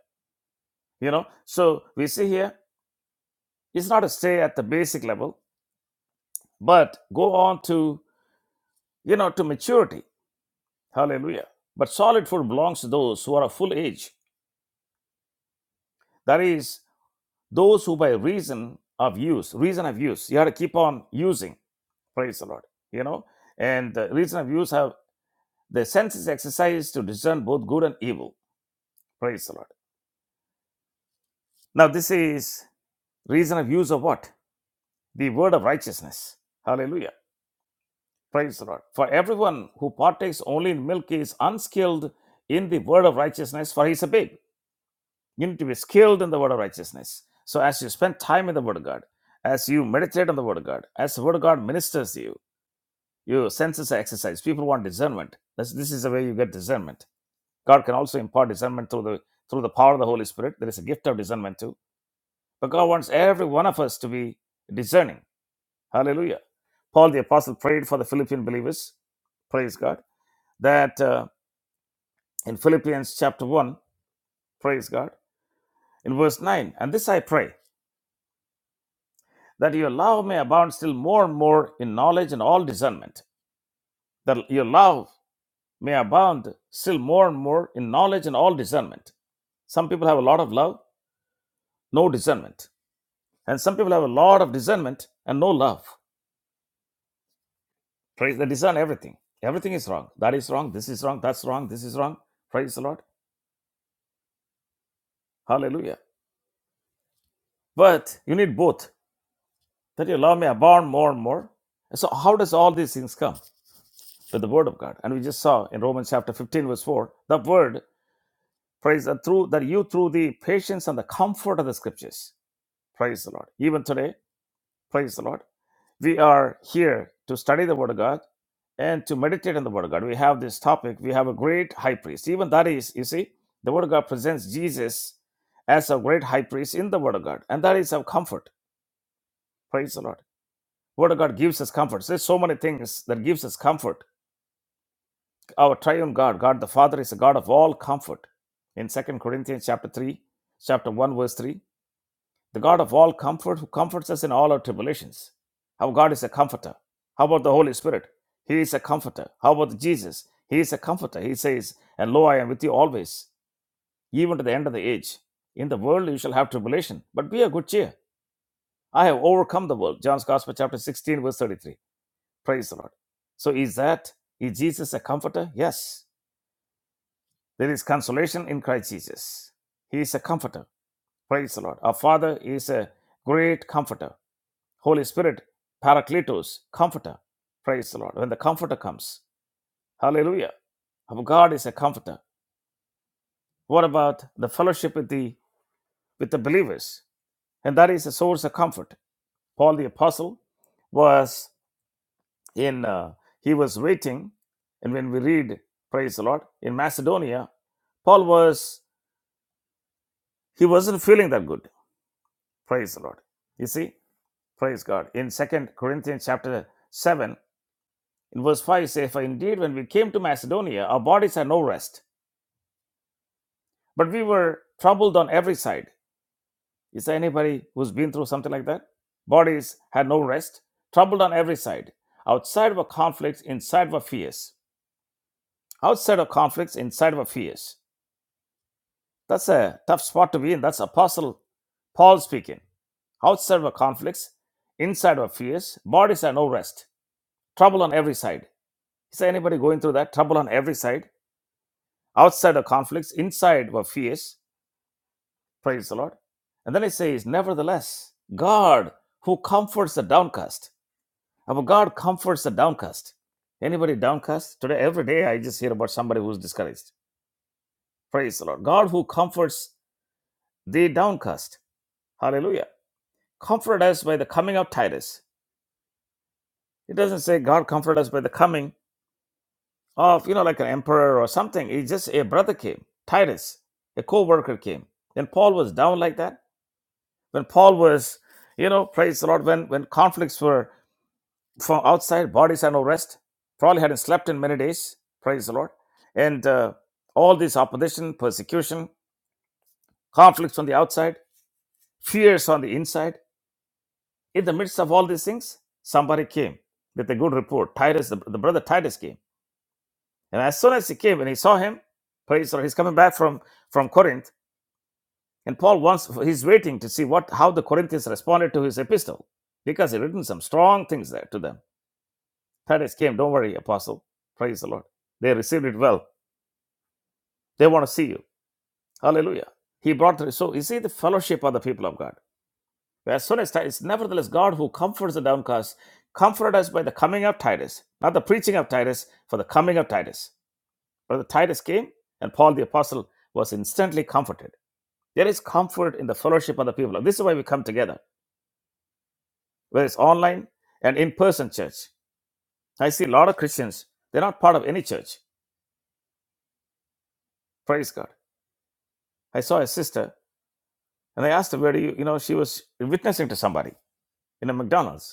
you know so we see here it's not to stay at the basic level but go on to you know to maturity hallelujah but solid food belongs to those who are of full age that is Those who by reason of use, reason of use, you have to keep on using, praise the Lord, you know, and the reason of use have the senses exercised to discern both good and evil, praise the Lord. Now, this is reason of use of what? The word of righteousness. Hallelujah. Praise the Lord. For everyone who partakes only in milk is unskilled in the word of righteousness, for he is a babe. You need to be skilled in the word of righteousness. So, as you spend time in the word of God, as you meditate on the word of God, as the word of God ministers to you, Your senses are exercised. People want discernment. This, this is the way you get discernment. God can also impart discernment through the through the power of the Holy Spirit. There is a gift of discernment too. But God wants every one of us to be discerning. Hallelujah. Paul the apostle prayed for the Philippian believers. Praise God. That uh, in Philippians chapter one. Praise God. In verse nine. And this I pray that your love may abound still more and more in knowledge and all discernment. That your love may abound still more and more in knowledge and all discernment Some people have a lot of love, no discernment. And some people have a lot of discernment and no love. Praise they discern everything. Everything is wrong. That is wrong. This is wrong. That's wrong. This is wrong. Praise the Lord. Hallelujah. But you need both. That your love may abound more and more. So how does all these things come? With the word of God. And we just saw in Romans chapter 15, verse 4, the word, praise that through that you through the patience and the comfort of the scriptures. Praise the Lord. Even today, praise the Lord We are here to study the Word of God and to meditate on the Word of God. We have this topic. We have a great high priest. Even that is, you see, the Word of God presents Jesus as a great high priest in the Word of God, and that is of comfort. Praise the Lord. Word of God gives us comfort. There's so many things that gives us comfort. Our triune God, God the Father, is a God of all comfort. In Second Corinthians chapter 3, chapter 1, verse 3, the God of all comfort, who comforts us in all our tribulations. How God is a comforter. How about the Holy Spirit? He is a comforter. How about Jesus? He is a comforter. He says, And lo, I am with you always, even to the end of the age. In the world you shall have tribulation, but be of good cheer. I have overcome the world. John's Gospel, chapter 16, verse 33. Praise the Lord. So is that, is Jesus a comforter? Yes. There is consolation in Christ Jesus. He is a comforter. Praise the Lord. Our Father is a great comforter. Holy Spirit, Paracletos, Comforter. Praise the Lord. When the Comforter comes, hallelujah. Our God is a comforter. What about the fellowship with the with the believers? And that is a source of comfort. Paul the apostle was in uh, he was waiting, and when we read, praise the Lord, in Macedonia, Paul was he wasn't feeling that good. Praise the Lord. You see, praise God. In Second Corinthians chapter seven, In verse 5 it says, For indeed, when we came to Macedonia, our bodies had no rest, but we were troubled on every side. Is there anybody who's been through something like that? Bodies had no rest, troubled on every side. Outside were conflicts, inside were fears. Outside of conflicts, inside were fears. That's a tough spot to be in. That's Apostle Paul speaking. Outside were conflicts, inside were fears. Bodies had no rest, trouble on every side. Is there anybody going through that? Trouble on every side outside of conflicts, inside were fears. Praise the Lord. And then it says, Nevertheless, God who comforts the downcast. Our God comforts the downcast. Anybody downcast? Today, every day, I just hear about somebody who's discouraged. Praise the Lord. God who comforts the downcast. Hallelujah. Comfort us by the coming of Titus. It doesn't say God comfort us by the coming of, you know, like an emperor or something. It's just a brother came, Titus, a co worker came. When Paul was down like that, when Paul was, you know, praise the Lord, when, when conflicts were from outside, bodies are no rest. Probably hadn't slept in many days. Praise the Lord. And uh, all this opposition, persecution, conflicts on the outside, fears on the inside. In the midst of all these things, somebody came with a good report. Titus, the, the brother Titus came. And as soon as he came and he saw him, praise the Lord, he's coming back from, from Corinth. And Paul wants, he's waiting to see what how the Corinthians responded to his epistle because he written some strong things there to them. Titus came, don't worry, apostle. Praise the Lord. They received it well They want to see you. Hallelujah. He brought the so you see the fellowship of the people of God. As soon as Titus, nevertheless, God who comforts the downcast, comforted us by the coming of Titus, not the preaching of Titus, for the coming of Titus. Brother Titus came, and Paul the apostle was instantly comforted. There is comfort in the fellowship of the people. This is why we come together, whether it's online and in-person church. I see a lot of Christians; they're not part of any church. Praise God. I saw a sister, and I asked her, "Where do you?" You know, she was witnessing to somebody in a McDonald's.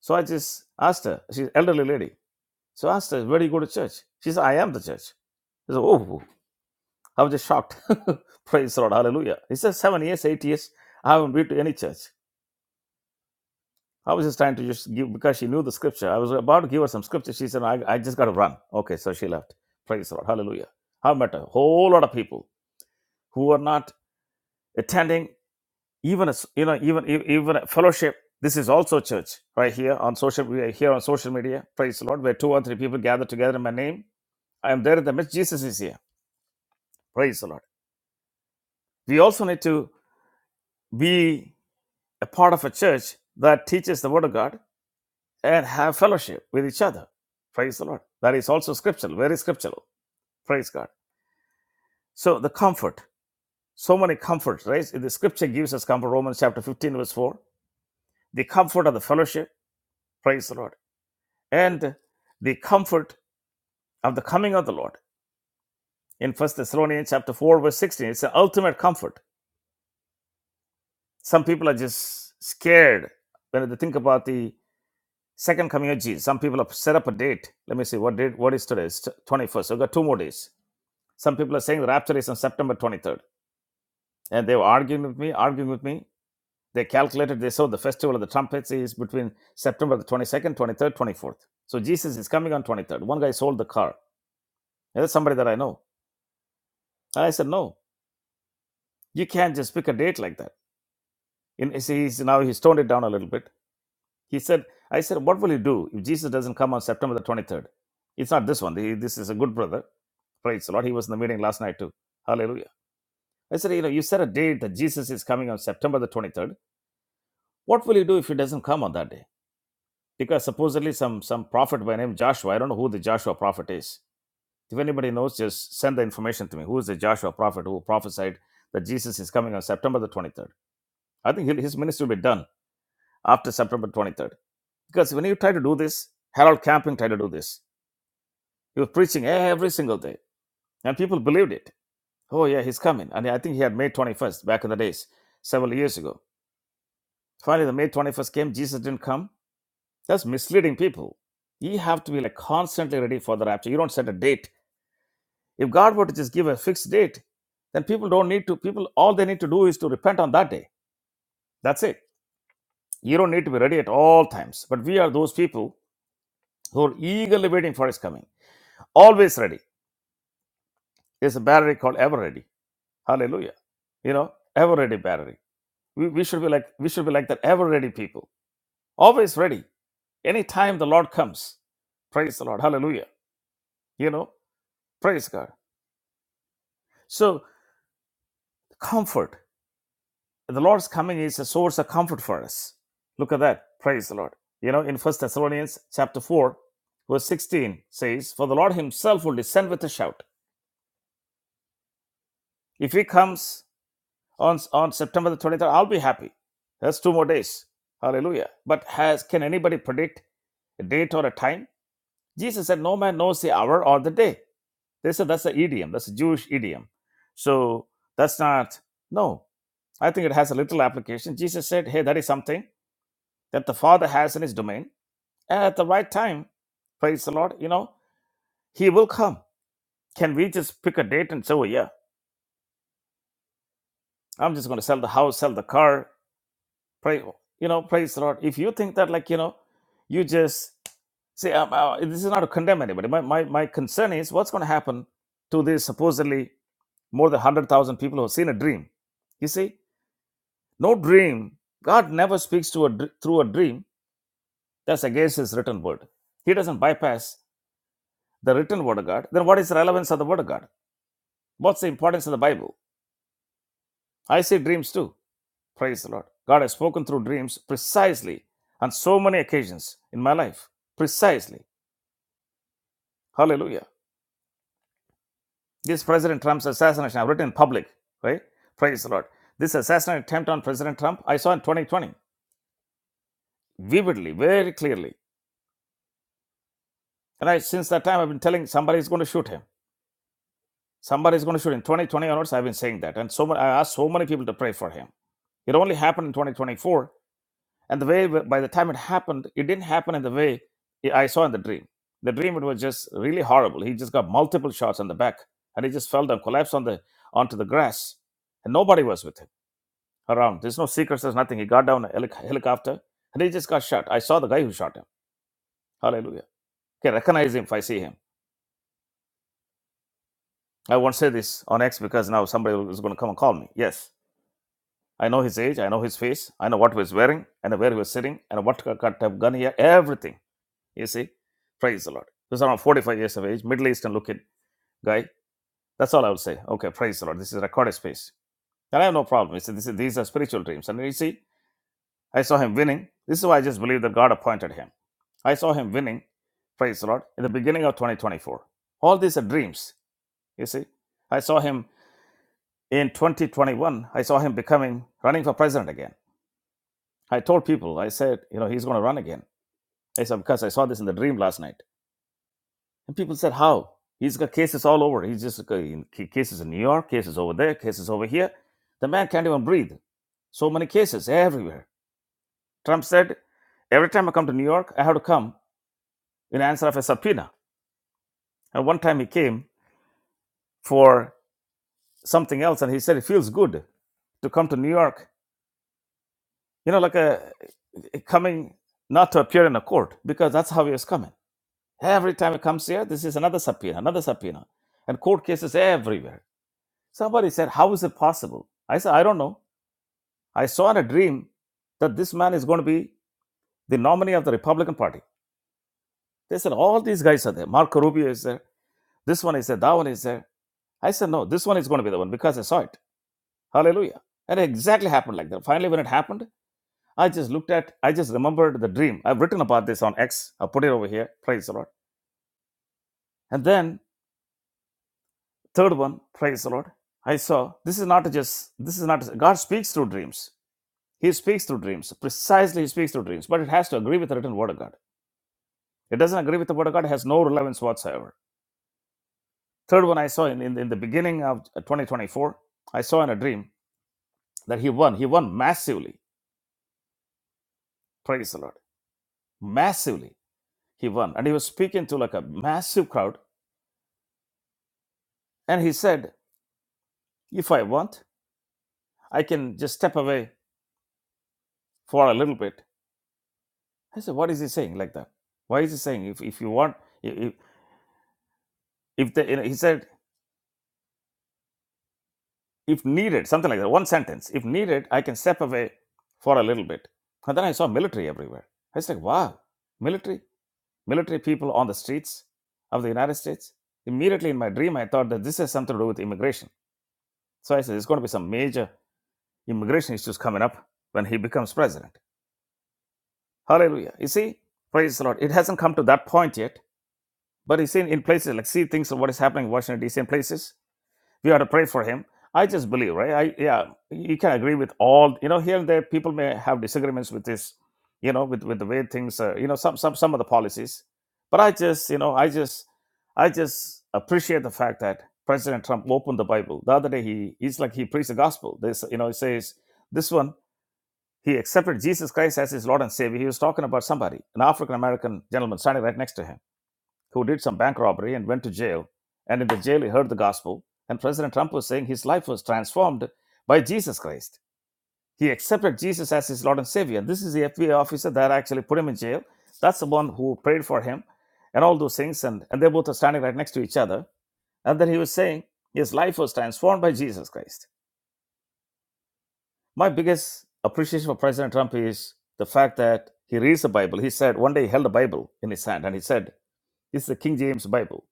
So I just asked her, she's an elderly lady. So I asked her, where do you go to church? She said, I am the church. I said, oh, I was just shocked. Praise the Lord, hallelujah. He said, seven years, eight years, I haven't been to any church. I was just trying to just give, because she knew the scripture. I was about to give her some scripture. She said, "No, I, I just got to run. Okay, so she left. Praise the Lord, hallelujah. I've met a whole lot of people who are not attending even, a s you know, even, e, even a fellowship. This is also church right here on social, we are here on social media. Praise the Lord, where two or three people gather together in my name I am there in the midst. Jesus is here. Praise the Lord. We also need to be a part of a church that teaches the Word of God and have fellowship with each other. Praise the Lord. That is also scriptural, very scriptural. Praise God. So the comfort, so many comforts, right? The scripture gives us comfort, Romans chapter 15, verse 4. The comfort of the fellowship, praise the Lord. And the comfort of the coming of the Lord. In First Thessalonians chapter 4, verse 16, it's an ultimate comfort. Some people are just scared when they think about the Second coming of Jesus. Some people have set up a date. Let me see what date. What is today? It's 21st. So we've got two more days. Some people are saying the rapture is on September 23rd. And they were arguing with me, arguing with me. They calculated, they saw the festival of the trumpets is between September the 22nd, 23rd, 24th. So Jesus is coming on 23rd. One guy sold the car. And that's somebody that I know. And I said, no, you can't just pick a date like that. In, he's, now he's toned it down a little bit. He said, I said, what will you do if Jesus doesn't come on September the 23rd? It's not this one. This is a good brother Praise the Lord. He was in the meeting last night too. Hallelujah. I said, you know, you set a date that Jesus is coming on September the 23rd. What will you do if he doesn't come on that day? Because supposedly some some prophet by name Joshua, I don't know who the Joshua prophet is. If anybody knows, just send the information to me. Who is the Joshua prophet who prophesied that Jesus is coming on September the 23rd? I think he'll- his ministry will be done after September 23rd. Because when you try to do this, Harold Camping tried to do this. He was preaching every single day, and people believed it. Oh yeah, he's coming. And I think he had May 21st back in the days, several years ago. Finally, the May 21st came. Jesus didn't come. That's misleading people. You have to be like constantly ready for the rapture. You don't set a date. If God were to just give a fixed date, then people don't need to. People, all they need to do is to repent on that day. That's it. You don't need to be ready at all times. But we are those people who are eagerly waiting for His coming. Always ready. There's a battery called Ever Ready. Hallelujah. You know, Ever Ready battery. We, we should be like we should be like that Ever Ready people Always ready. Anytime the Lord comes. Praise the Lord. Hallelujah. You know, praise God. So, comfort. The Lord's coming is a source of comfort for us. Look at that. Praise the Lord. You know, in First Thessalonians chapter 4, verse 16 says, For the Lord himself will descend with a shout. If he comes on, on September the 23rd, I'll be happy. That's two more days. Hallelujah. But has can anybody predict a date or a time? Jesus said, No man knows the hour or the day They said that's an idiom, that's a Jewish idiom. So that's not, no, I think it has a little application. Jesus said, hey, that is something that the Father has in his domain. And at the right time, praise the Lord, you know, he will come. Can we just pick a date and say, oh, yeah, I'm just going to sell the house, sell the car, pray, you know, praise the Lord. If you think that, like, you know, you just see, um, uh, this is not to condemn anybody. My, my, my concern is what's going to happen to these supposedly more than 100,000 people who have seen a dream. You see, No dream. God never speaks to a, dr- through a dream. That's against his written word. He doesn't bypass the written word of God. Then what is the relevance of the word of God? What's the importance of the Bible? I see dreams too. Praise the Lord. God has spoken through dreams precisely on so many occasions in my life. Precisely. Hallelujah. This President Trump's assassination, I've written in public, right? Praise the Lord. This assassination attempt on President Trump, I saw in 2020, vividly, very clearly. And I, since that time, I've been telling somebody is going to shoot him Somebody is going to shoot in 2020 onwards. I've been saying that. And so ma- I asked so many people to pray for him. It only happened in 2024. And the way, by the time it happened, it didn't happen in the way I saw in the dream. The dream, it was just really horrible. He just got multiple shots on the back and he just fell down, collapsed on the onto the grass. And nobody was with him around. There's no secrets, there's nothing. He got down a helic- helicopter and he just got shot. I saw the guy who shot him. Hallelujah. Okay, recognize him if I see him. I won't say this on X because now somebody is going to come and call me. Yes. I know his age. I know his face. I know what he was wearing. I know where he was sitting. I know what kind of gun he had. Everything. You see? Praise the Lord. He was around 45 years of age, Middle Eastern looking guy. That's all I would say. Okay, praise the Lord. This is recorded space. And I have no problem. You see, this is, these are spiritual dreams. And you see, I saw him winning. This is why I just believe that God appointed him. I saw him winning, praise the Lord, in the beginning of 2024. All these are dreams. You see? I saw him in 2021. I saw him becoming, running for president again. I told people, I said, you know, he's going to run again. I said, because I saw this in the dream last night. And people said, how? He's got cases all over. He's just got cases in New York, cases over there, cases over here. The man can't even breathe. So many cases everywhere. Trump said, every time I come to New York, I have to come in answer of a subpoena. And one time he came for something else and he said, it feels good to come to New York, you know, like a coming not to appear in a court because that's how he was coming. Every time it comes here, this is another subpoena, another subpoena, and court cases everywhere. Somebody said, How is it possible? I said, I don't know. I saw in a dream that this man is going to be the nominee of the Republican Party. They said, All these guys are there. Marco Rubio is there. This one is there. That one is there. I said, No, this one is going to be the one because I saw it. Hallelujah. And it exactly happened like that. Finally, when it happened, I just looked at, I just remembered the dream. I've written about this on X. I'll put it over here. Praise the Lord. And then Third one, praise the Lord. I saw this is not just this is not God speaks through dreams. He speaks through dreams. Precisely he speaks through dreams, but it has to agree with the written word of God. It doesn't agree with the word of God, it has no relevance whatsoever. Third one I saw in, in, in the beginning of 2024, I saw in a dream that he won. He won massively. Praise the Lord. Massively. He won. And he was speaking to like a massive crowd. And he said, If I want, I can just step away for a little bit I said, what is he saying like that? Why is he saying if, if you want, if, if the, you know, he said, if needed, something like that, one sentence, if needed, I can step away for a little bit. And then I saw military everywhere. I was like, wow, military, military people on the streets of the United States. Immediately in my dream, I thought that this has something to do with immigration. So I said, there's going to be some major immigration issues coming up when he becomes president. Hallelujah. You see, praise the Lord. It hasn't come to that point yet, but you see, in places like, see things of what is happening in Washington, D.C. and places, we ought to pray for him. I just believe, right? I yeah, you can agree with all. You know, here and there, people may have disagreements with this. You know, with with the way things are. You know, some some some of the policies. But I just, you know, I just, I just appreciate the fact that President Trump opened the Bible the other day. He he's like he preached the gospel. This, you know, he says this one. He accepted Jesus Christ as his Lord and Savior. He was talking about somebody, an African American gentleman standing right next to him who did some bank robbery and went to jail. And in the jail, he heard the gospel. And President Trump was saying his life was transformed by Jesus Christ. He accepted Jesus as his Lord and Savior. And this is the FBI officer that actually put him in jail. That's the one who prayed for him and all those things. And, and they both are standing right next to each other. And then he was saying his life was transformed by Jesus Christ. My biggest appreciation for President Trump is the fact that he reads the Bible. He said one day he held a Bible in his hand and he said, This is the King James Bible.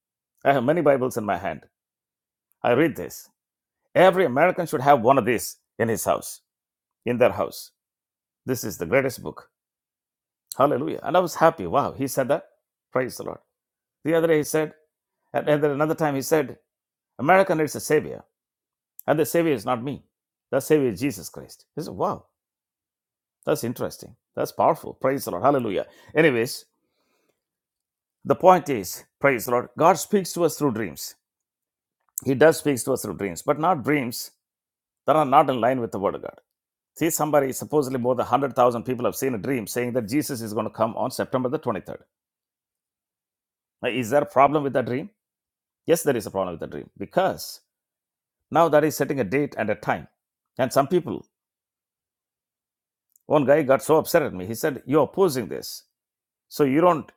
I have many Bibles in my hand I read this. Every American should have one of these in his house, in their house. This is the greatest book. Hallelujah. And I was happy. Wow, he said that. Praise the Lord. The other day he said, and then another time he said, America needs a savior. And the savior is not me. The savior is Jesus Christ. He said, Wow, that's interesting. That's powerful. Praise the Lord. Hallelujah. Anyways, the point is, praise the Lord, God speaks to us through dreams. He does speak to us through dreams, but not dreams that are not in line with the word of God. See, somebody supposedly more than 100,000 people have seen a dream saying that Jesus is going to come on September the 23rd. Now, is there a problem with that dream? Yes, there is a problem with the dream because now that is setting a date and a time. And some people, one guy got so upset at me. He said, You're opposing this. So you don't,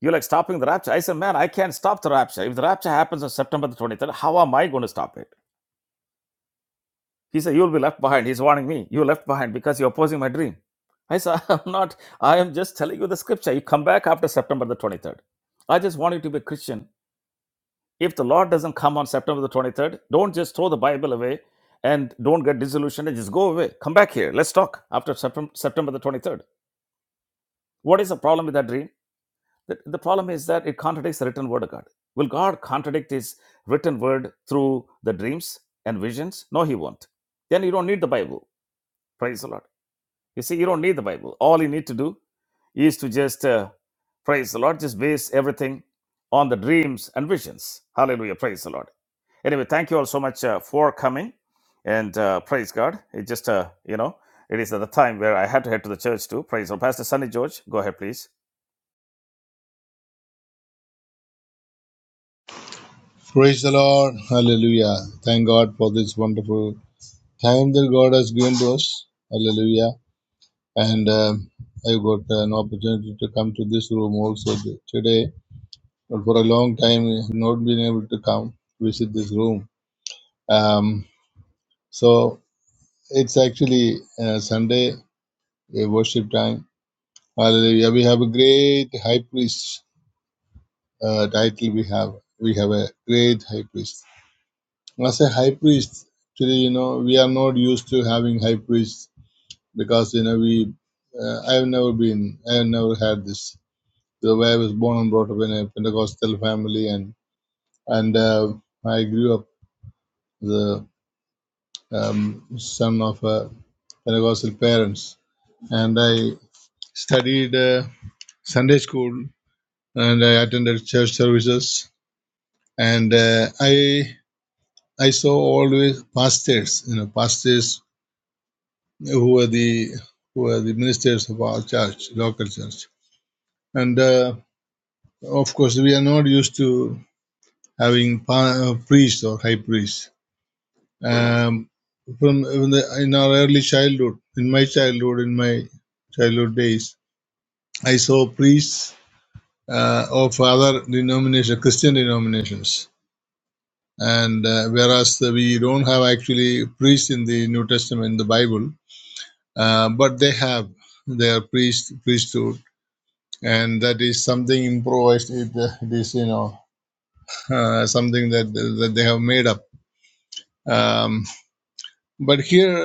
you're like stopping the rapture. I said, Man, I can't stop the rapture. If the rapture happens on September the 23rd, how am I going to stop it? He said, You'll be left behind. He's warning me. You're left behind because you're opposing my dream. I said, I'm not. I am just telling you the scripture. You come back after September the 23rd. I just want you to be a Christian. If the Lord doesn't come on September the 23rd, don't just throw the Bible away and don't get disillusioned and just go away. Come back here. Let's talk after Septem- September the 23rd. What is the problem with that dream? The, the problem is that it contradicts the written word of God. Will God contradict his written word through the dreams and visions? No, he won't. Then you don't need the Bible. Praise the Lord. You see, you don't need the Bible. All you need to do is to just uh, praise the Lord, just base everything on the dreams and visions. Hallelujah. Praise the Lord. Anyway, thank you all so much uh, for coming and uh, praise God. It just, uh, you know, it is at the time where I had to head to the church too. Praise the Lord. Pastor Sunny George, go ahead, please.
Praise the Lord. Hallelujah. Thank God for this wonderful time that God has given to us. Hallelujah. And um, I got an opportunity to come to this room also t- today. But for a long time, I have not been able to come visit this room. Um, so it's actually uh, Sunday a worship time. Hallelujah. We have a great high priest uh, title. We have we have a great high priest. As a high priest, actually, you know, we are not used to having high priests because, you know, we, uh, I have never been, I have never had this. The way I was born and brought up in a Pentecostal family, and and uh, I grew up the um, son of a Pentecostal parents, and I studied uh, Sunday school, and I attended church services, and uh, I I saw always pastors, you know, pastors who were the who were the ministers of our church, local church. And uh, of course, we are not used to having pa- uh, priests or high priests. Um, from in, the, in our early childhood, in my childhood, in my childhood days, I saw priests uh, of other denomination, Christian denominations. And uh, whereas we don't have actually priests in the New Testament, in the Bible, uh, but they have their priest priesthood and that is something improvised it, it is you know uh, something that that they have made up um, but here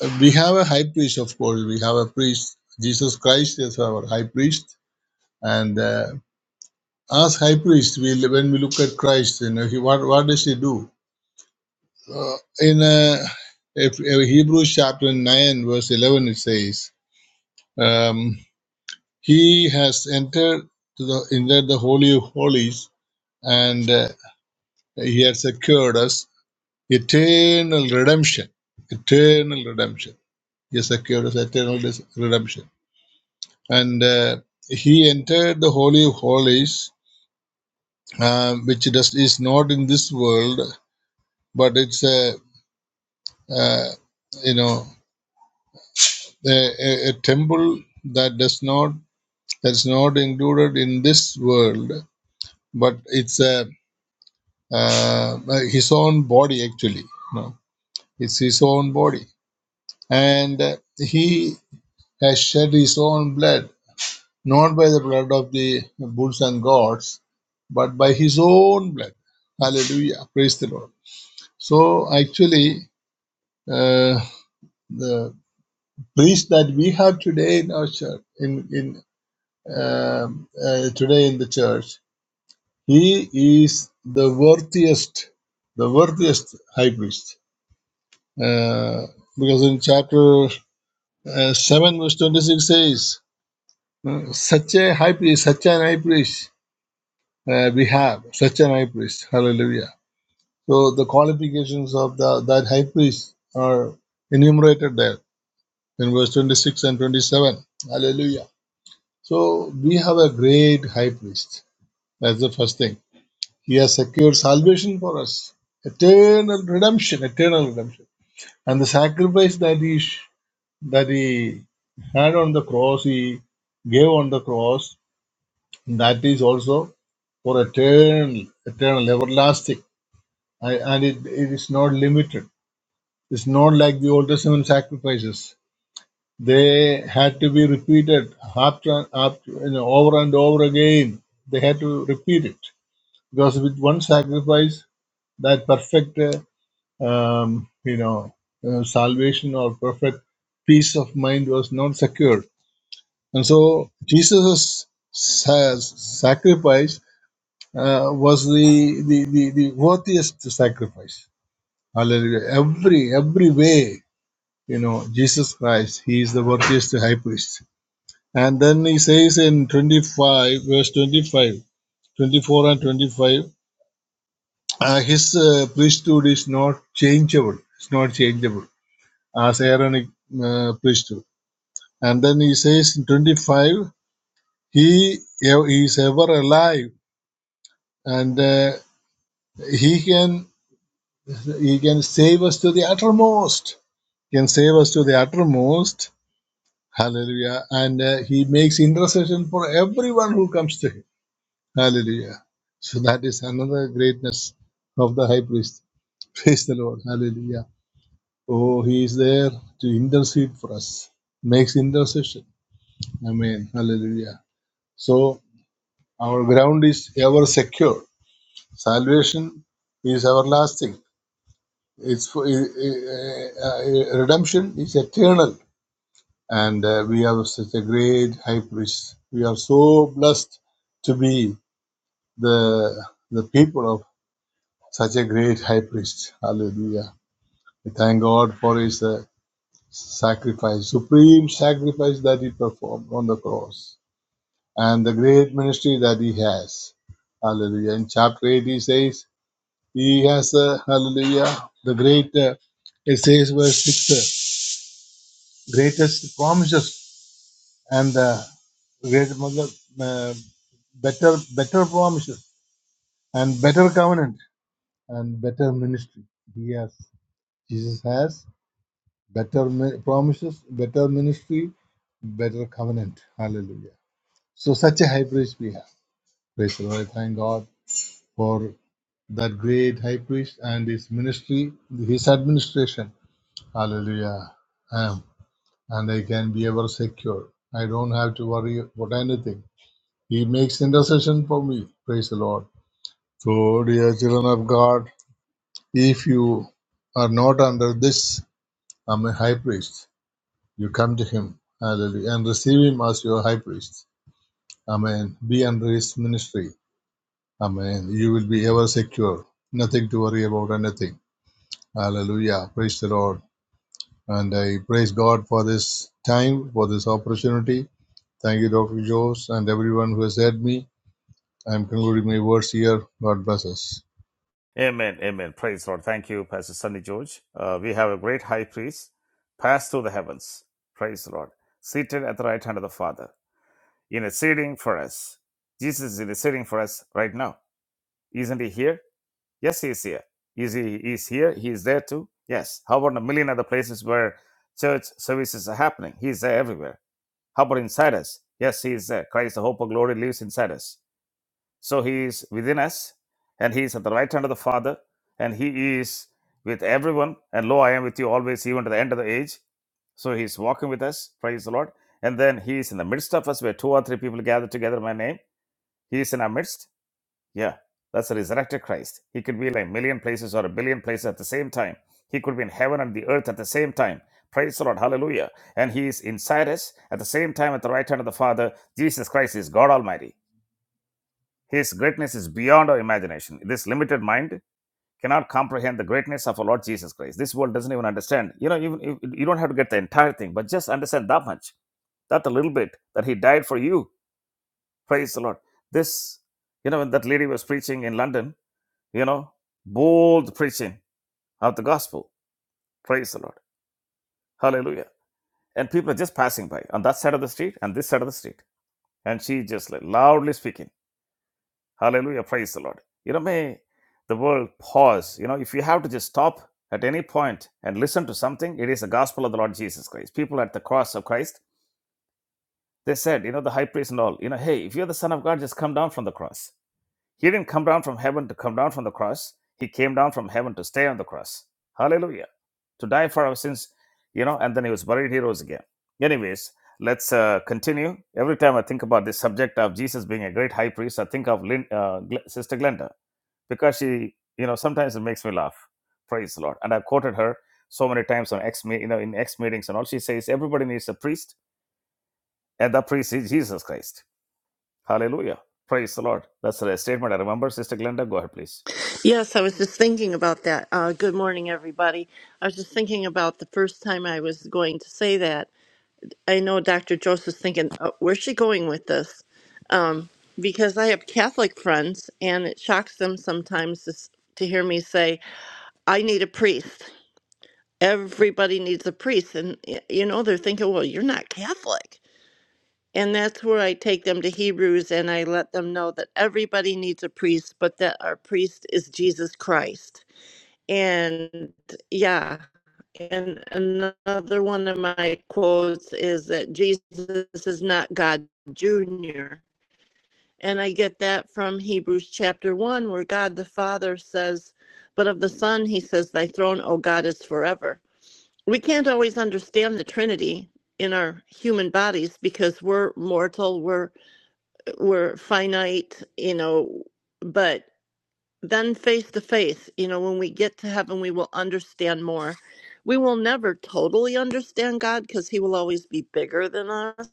uh, we have a high priest of course we have a priest jesus christ is our high priest and uh, as high priest we when we look at christ you know he what what does he do uh, in uh, if, uh, hebrews chapter 9 verse 11 it says um, he has entered to the entered the holy of holies and uh, He has secured us eternal redemption. Eternal redemption. He has secured us eternal redemption. And uh, he entered the Holy of Holies, uh, which does, is not in this world, but it's a, uh, you know, a, a, temple that does not, that's not included in this world, but it's a, uh, his own body actually. No, it's his own body and uh, he has shed his own blood, not by the blood of the bulls and goats, but by his own blood. Hallelujah. Praise the Lord. So, actually, uh, the priest that we have today in our church, in, in um, uh, today in the church, he is the worthiest, the worthiest high priest. Uh, because in chapter uh, 7, verse 26 says, uh, such a high priest, such an high priest uh, we have such an high priest. Hallelujah. So the qualifications of the, that high priest are enumerated there in verse 26 and 27. Hallelujah. So we have a great high priest. That's the first thing. He has secured salvation for us, eternal redemption, eternal redemption. And the sacrifice that he, that he had on the cross, he gave on the cross, that is also for eternal, eternal, everlasting. I, and it, it is not limited. It's not like the Old Testament sacrifices. They had to be repeated after, after you know, over and over again. They had to repeat it because with one sacrifice, that perfect uh, um, you know uh, salvation or perfect peace of mind was not secured. And so Jesus' sa- sacrifice uh, was the, the, the, the worthiest sacrifice Hallelujah. Every every way, you know, Jesus Christ, He is the worthiest high priest. And then He says in 25, verse 25, 24 and 25, uh, His uh, priesthood is not changeable. It's not changeable as Aaronic uh, priesthood. And then He says in 25, He he is ever alive, and uh, He can He can save us to the uttermost. He Can save us to the uttermost Hallelujah. And uh, he makes intercession for everyone who comes to him. Hallelujah. So that is another greatness of the high priest. Praise the Lord. Hallelujah. Oh, he is there to intercede for us, makes intercession. Amen. Hallelujah. So our ground is ever secure. Salvation is everlasting. It's for, uh, uh, uh, redemption is eternal. and uh, we have such a great high priest. We are so blessed to be the the people of such a great high priest. Hallelujah! We thank God for His uh, sacrifice, supreme sacrifice that He performed on the cross, and the great ministry that He has. Hallelujah! In chapter eight, He says He has uh, Hallelujah the great. Uh, it says verse six, uh, greatest promises and uh, great मतलब, uh, better better promises and better covenant and better ministry he has jesus has better mi- promises better ministry better covenant hallelujah so such a high priest we have praise the lord I thank god for that great high priest and his ministry his administration hallelujah I and i can be ever secure i don't have to worry about anything He makes intercession for me. Praise the Lord. So, dear children of God, if you are not under this, I'm a high priest. You come to him, hallelujah, and receive him as your high priest. Amen. Be under his ministry. Amen. You will be ever secure. Nothing to worry about, anything. Hallelujah. Praise the Lord. And I praise God for this time, for this opportunity. Thank you, Dr. Jose, and everyone who has heard me. I am concluding my words here. God bless us.
Amen. Amen. Praise the Lord. Thank you, Pastor Sunny George. Uh, we have a great high priest pass through the heavens. Praise the Lord. Seated at the right hand of the Father. interceding for us. Jesus is interceding for us right now. Isn't he here? Yes, he is here. Is he is here? He is there too? Yes. How about a million other places where church services are happening? He is there everywhere. How about inside us? Yes, he is there. Christ, the hope of glory, lives inside us. So he is within us, and he is at the right hand of the Father, and he is with everyone. And lo, I am with you always, even to the end of the age. So he's walking with us. Praise the Lord. And then he is in the midst of us, where two or three people gather together in my name. He is in our midst. Yeah, that's the resurrected Christ. He could be in a million places or a billion places at the same time. He could be in heaven and the earth at the same time. Praise the Lord. Hallelujah. And he is inside us at the same time at the right hand of the Father. Jesus Christ is God Almighty. His greatness is beyond our imagination. This limited mind cannot comprehend the greatness of our Lord Jesus Christ. This world doesn't even understand. You know, even if- you don't have to get the entire thing, but just understand that much, that a little bit, that He died for you. Praise the Lord. This, you know, when that lady was preaching in London, you know, bold preaching of the gospel. Praise the Lord. Hallelujah. And people are just passing by on that side of the street and this side of the street. And she just like loudly speaking. Hallelujah. Praise the Lord. You know, may the world pause. You know, if you have to just stop at any point and listen to something, it is the gospel of the Lord Jesus Christ. People at the cross of Christ, they said, you know, the high priest and all, you know, hey, if you're the son of God, just come down from the cross He didn't come down from heaven to come down from the cross. He came down from heaven to stay on the cross. Hallelujah. To die for our sins, you know, and then he was buried, he rose again. Anyways, let's uh, continue. Every time I think about this subject of Jesus being a great high priest, I think of Lin- uh, Gl- Sister Glenda because she, you know, sometimes it makes me laugh. Praise the Lord. And I've quoted her so many times on X, you know, in X meetings and all. She says, everybody needs a priest, and the priest is Jesus Christ. Hallelujah. Praise the Lord. That's the statement I remember. Sister Glenda, go ahead, please.
Yes, I was just thinking about that. Uh, good morning, everybody. I was just thinking about the first time I was going to say that. I know Dr. Joseph's thinking, uh, where's she going with this? Um, because I have Catholic friends, and it shocks them sometimes to, s- to hear me say, I need a priest. Everybody needs a priest. And, y- you know, they're thinking, well, you're not Catholic. And that's where I take them to Hebrews and I let them know that everybody needs a priest, but that our priest is Jesus Christ and yeah, and another one of my quotes is that Jesus is not God Jr. And I get that from Hebrews chapter 1, where God the Father says, But of the Son, he says, Thy throne, O God, is forever. We can't always understand the Trinity in our human bodies because we're mortal, we're, we're finite, you know, but then face to face you know when we get to heaven we will understand more we will never totally understand god because he will always be bigger than us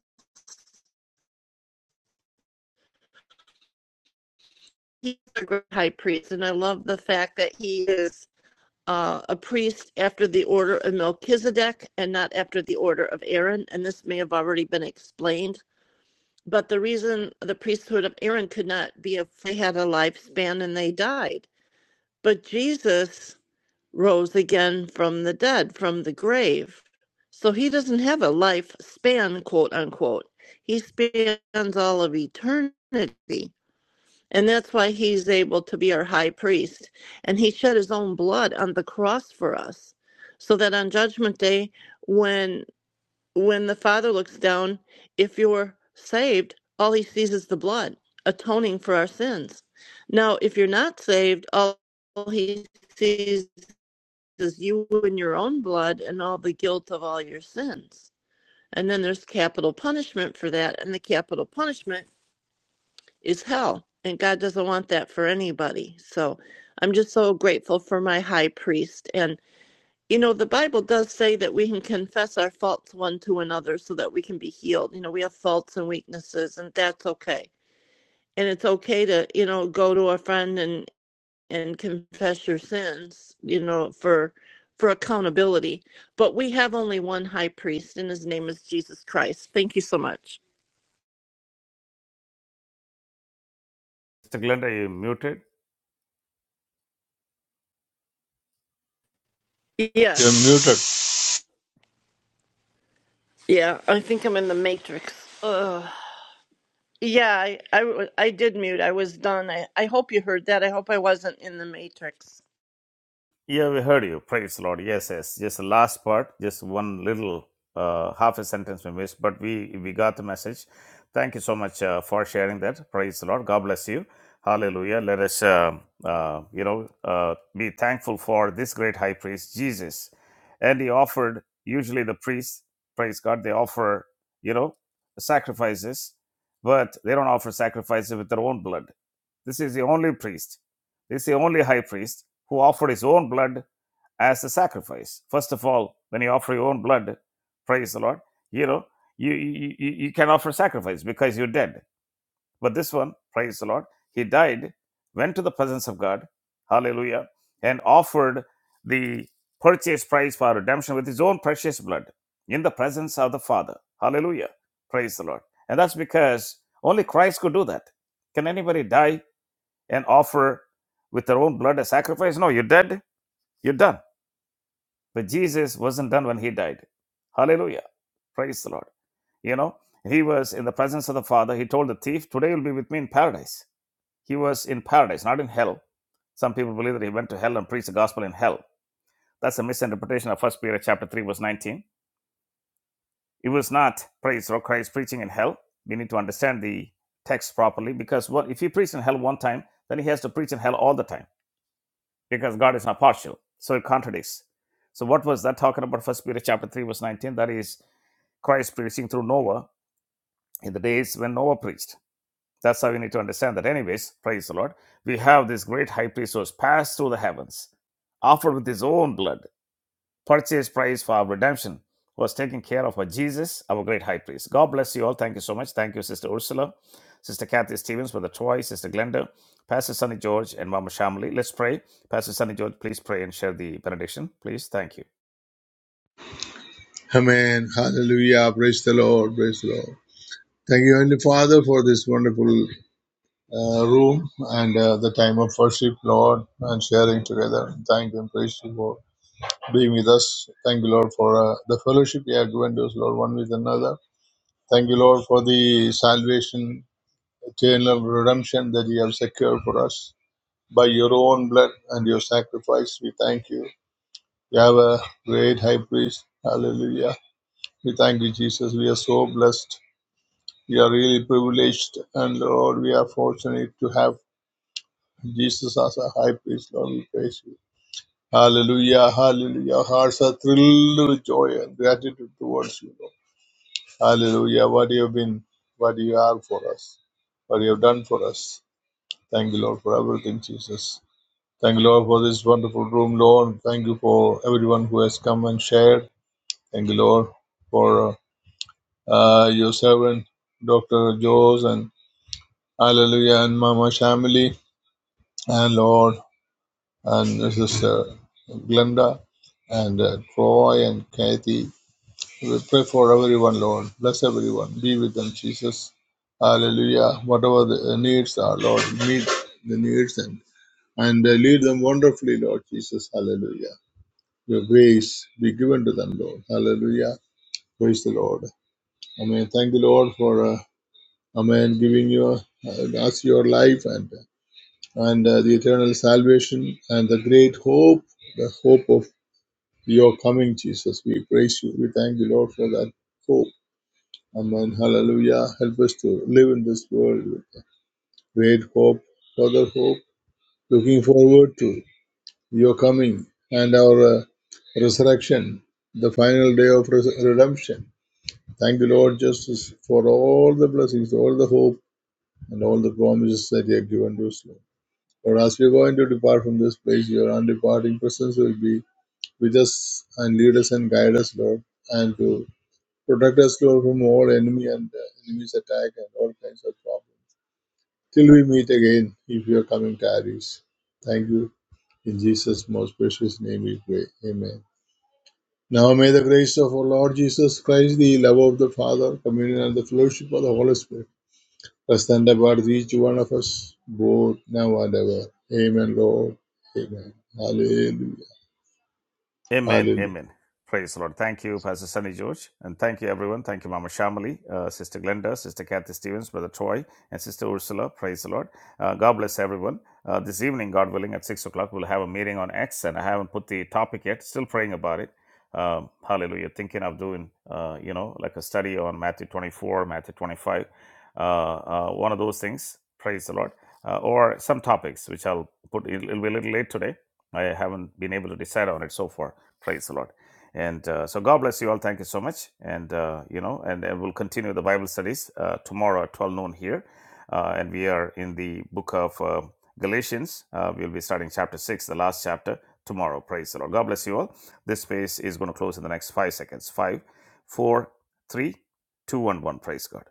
he's a great high priest and i love the fact that he is uh, a priest after the order of melchizedek and not after the order of aaron and this may have already been explained but the reason the priesthood of aaron could not be if they had a lifespan and they died but jesus rose again from the dead, from the grave. So he doesn't have a life span, quote unquote. He spans all of eternity. And that's why he's able to be our high priest. And he shed his own blood on the cross for us. So that on judgment day, when when the Father looks down, if you're saved, all he sees is the blood, atoning for our sins. Now, if you're not saved, all he sees is you and your own blood and all the guilt of all your sins. And then there's capital punishment for that, and the capital punishment is hell. And God doesn't want that for anybody. So I'm just so grateful for my high priest. And, you know, the Bible does say that we can confess our faults one to another so that we can be healed. You know, we have faults and weaknesses, and that's okay. And it's okay to, you know, go to a friend and and confess your sins, you know, for for accountability. But we have only one high priest and his name is Jesus Christ. Thank you so much.
Mr. Glenda, you muted?
You're
Yes.
muted.
Yeah, I think I'm in the matrix. Ugh. Yeah, I I, I did mute. I was done. I, I hope you heard that. I hope I wasn't in the matrix.
Yeah, we heard you. Praise the Lord. Yes, yes. Just the last part, just one little uh, half a sentence we missed, but we we got the message. Thank you so much uh, for sharing that. Praise the Lord. God bless you. Hallelujah. Let us, uh, uh, you know, uh, be thankful for this great high priest, Jesus. And he offered, usually the priests, praise God, they offer, you know, sacrifices, but they don't offer sacrifices with their own blood. This is the only priest. This is the only high priest who offered his own blood as a sacrifice. First of all, when you offer your own blood, praise the Lord, you know, you, you, you can offer sacrifice because you're dead. But this one, praise the Lord, he died, went to the presence of God, hallelujah, and offered the purchase price for redemption with his own precious blood in the presence of the Father. Hallelujah. Praise the Lord. And that's because only Christ could do that. Can anybody die and offer with their own blood a sacrifice? No, you're dead you're done. But Jesus wasn't done when he died. Hallelujah. Praise the Lord. You know, he was in the presence of the Father. He told the thief, Today you'll be with me in paradise. He was in paradise, not in hell. Some people believe that he went to hell and preached the gospel in hell. That's a misinterpretation of First Peter chapter 3, verse 19. It was not praise or Christ preaching in hell. We need to understand the text properly because what if he preached in hell one time, then he has to preach in hell all the time because God is not partial. So it contradicts. So what was that talking about? First Peter chapter 3, verse 19. That is Christ preaching through Noah in the days when Noah preached. That's how we need to understand that. Anyways, praise the Lord. We have this great high priest who has passed through the heavens, offered with his own blood purchase price for our redemption was taken care of by Jesus, our great high priest. God bless you all. Thank you so much. Thank you, Sister Ursula, Sister Kathy Stevens, Brother Troy, Sister Glenda, Pastor Sonny George, and Mama Shamali. Let's pray. Pastor Sonny George, please pray and share the benediction. Please. Thank you.
Amen. Hallelujah. Praise the Lord. Praise the Lord. Thank you, Heavenly Father, for this wonderful uh, room and uh, the time of worship, Lord, and sharing together. Thank you and praise you for being with us. Thank you, Lord, for uh, the fellowship you have given to us, Lord, one with another. Thank you, Lord, for the salvation, eternal redemption that you have secured for us by your own blood and your sacrifice. We thank you. You have a great high priest. Hallelujah We thank you, Jesus. We are so blessed. We are really privileged, and Lord, we are fortunate to have Jesus as a high priest. Lord, we praise you. Hallelujah, hallelujah. Our Hearts are thrilled with joy and gratitude towards you, Lord. Hallelujah. What you have been, what you are for us, what you have done for us. Thank you, Lord, for everything, Jesus. Thank you, Lord, for this wonderful room, Lord. Thank you for everyone who has come and shared. Thank you, Lord, for uh, your servant, Dr. Jose, and Hallelujah. And Mama Shamily, and Lord and this is uh, Glenda and uh, Troy and Kathy. We pray for everyone, Lord. Bless everyone. Be with them, Jesus. Hallelujah. Whatever the uh, needs are, Lord, meet the needs and, and uh, lead them wonderfully, Lord Jesus. Hallelujah. Your grace be given to them, Lord. Hallelujah. Praise the Lord. Amen. Thank the Lord for, uh, Amen, giving you uh, us your life and uh, and uh, the eternal salvation and the great hope, the hope of your coming, Jesus. We praise you. We thank you, Lord, for that hope. Amen. Hallelujah. Help us to live in this world with great hope, further hope, looking forward to your coming and our uh, resurrection, the final day of res- redemption. Thank you, Lord, justice, for all the blessings, all the hope, and all the promises that you have given to us, Lord. But as we are going to depart from this place, your undeparting presence will be with us and lead us and guide us, Lord, and to protect us, Lord, from all enemy and uh, enemy's attack and all kinds of problems. Till we meet again, if your coming tarries. Thank you. In Jesus' most precious name we pray. Amen. Now may the grace of our Lord Jesus Christ, the love of the Father, communion and the fellowship of the Holy Spirit Thus then about each one of us, both now and ever. Amen, Lord. Amen. Hallelujah.
Amen.
Hallelujah.
Amen. Praise the Lord. Thank you, Pastor Sunny George. And thank you, everyone. Thank you, Mama Shamali, uh, Sister Glenda, Sister Kathy Stevens, Brother Troy, and Sister Ursula. Praise the Lord. Uh, God bless everyone. Uh, this evening, God willing, at 6 o'clock, we'll have a meeting on X, and I haven't put the topic yet. Still praying about it. Um, hallelujah. Thinking of doing, uh, you know, like a study on Matthew 24, Matthew 25, uh, uh, one of those things. Praise the Lord. Uh, or some topics, which I'll put, it'll it'll be a little late today. I haven't been able to decide on it so far Praise the Lord. And uh, so God bless you all. Thank you so much. And, uh, you know, and, and we'll continue the Bible studies uh, tomorrow at 12 noon here. Uh, and we are in the book of uh, Galatians. Uh, we'll be starting chapter 6, the last chapter, tomorrow. Praise the Lord. God bless you all. This space is going to close in the next five seconds. Five, four, three, two, and one. Praise God.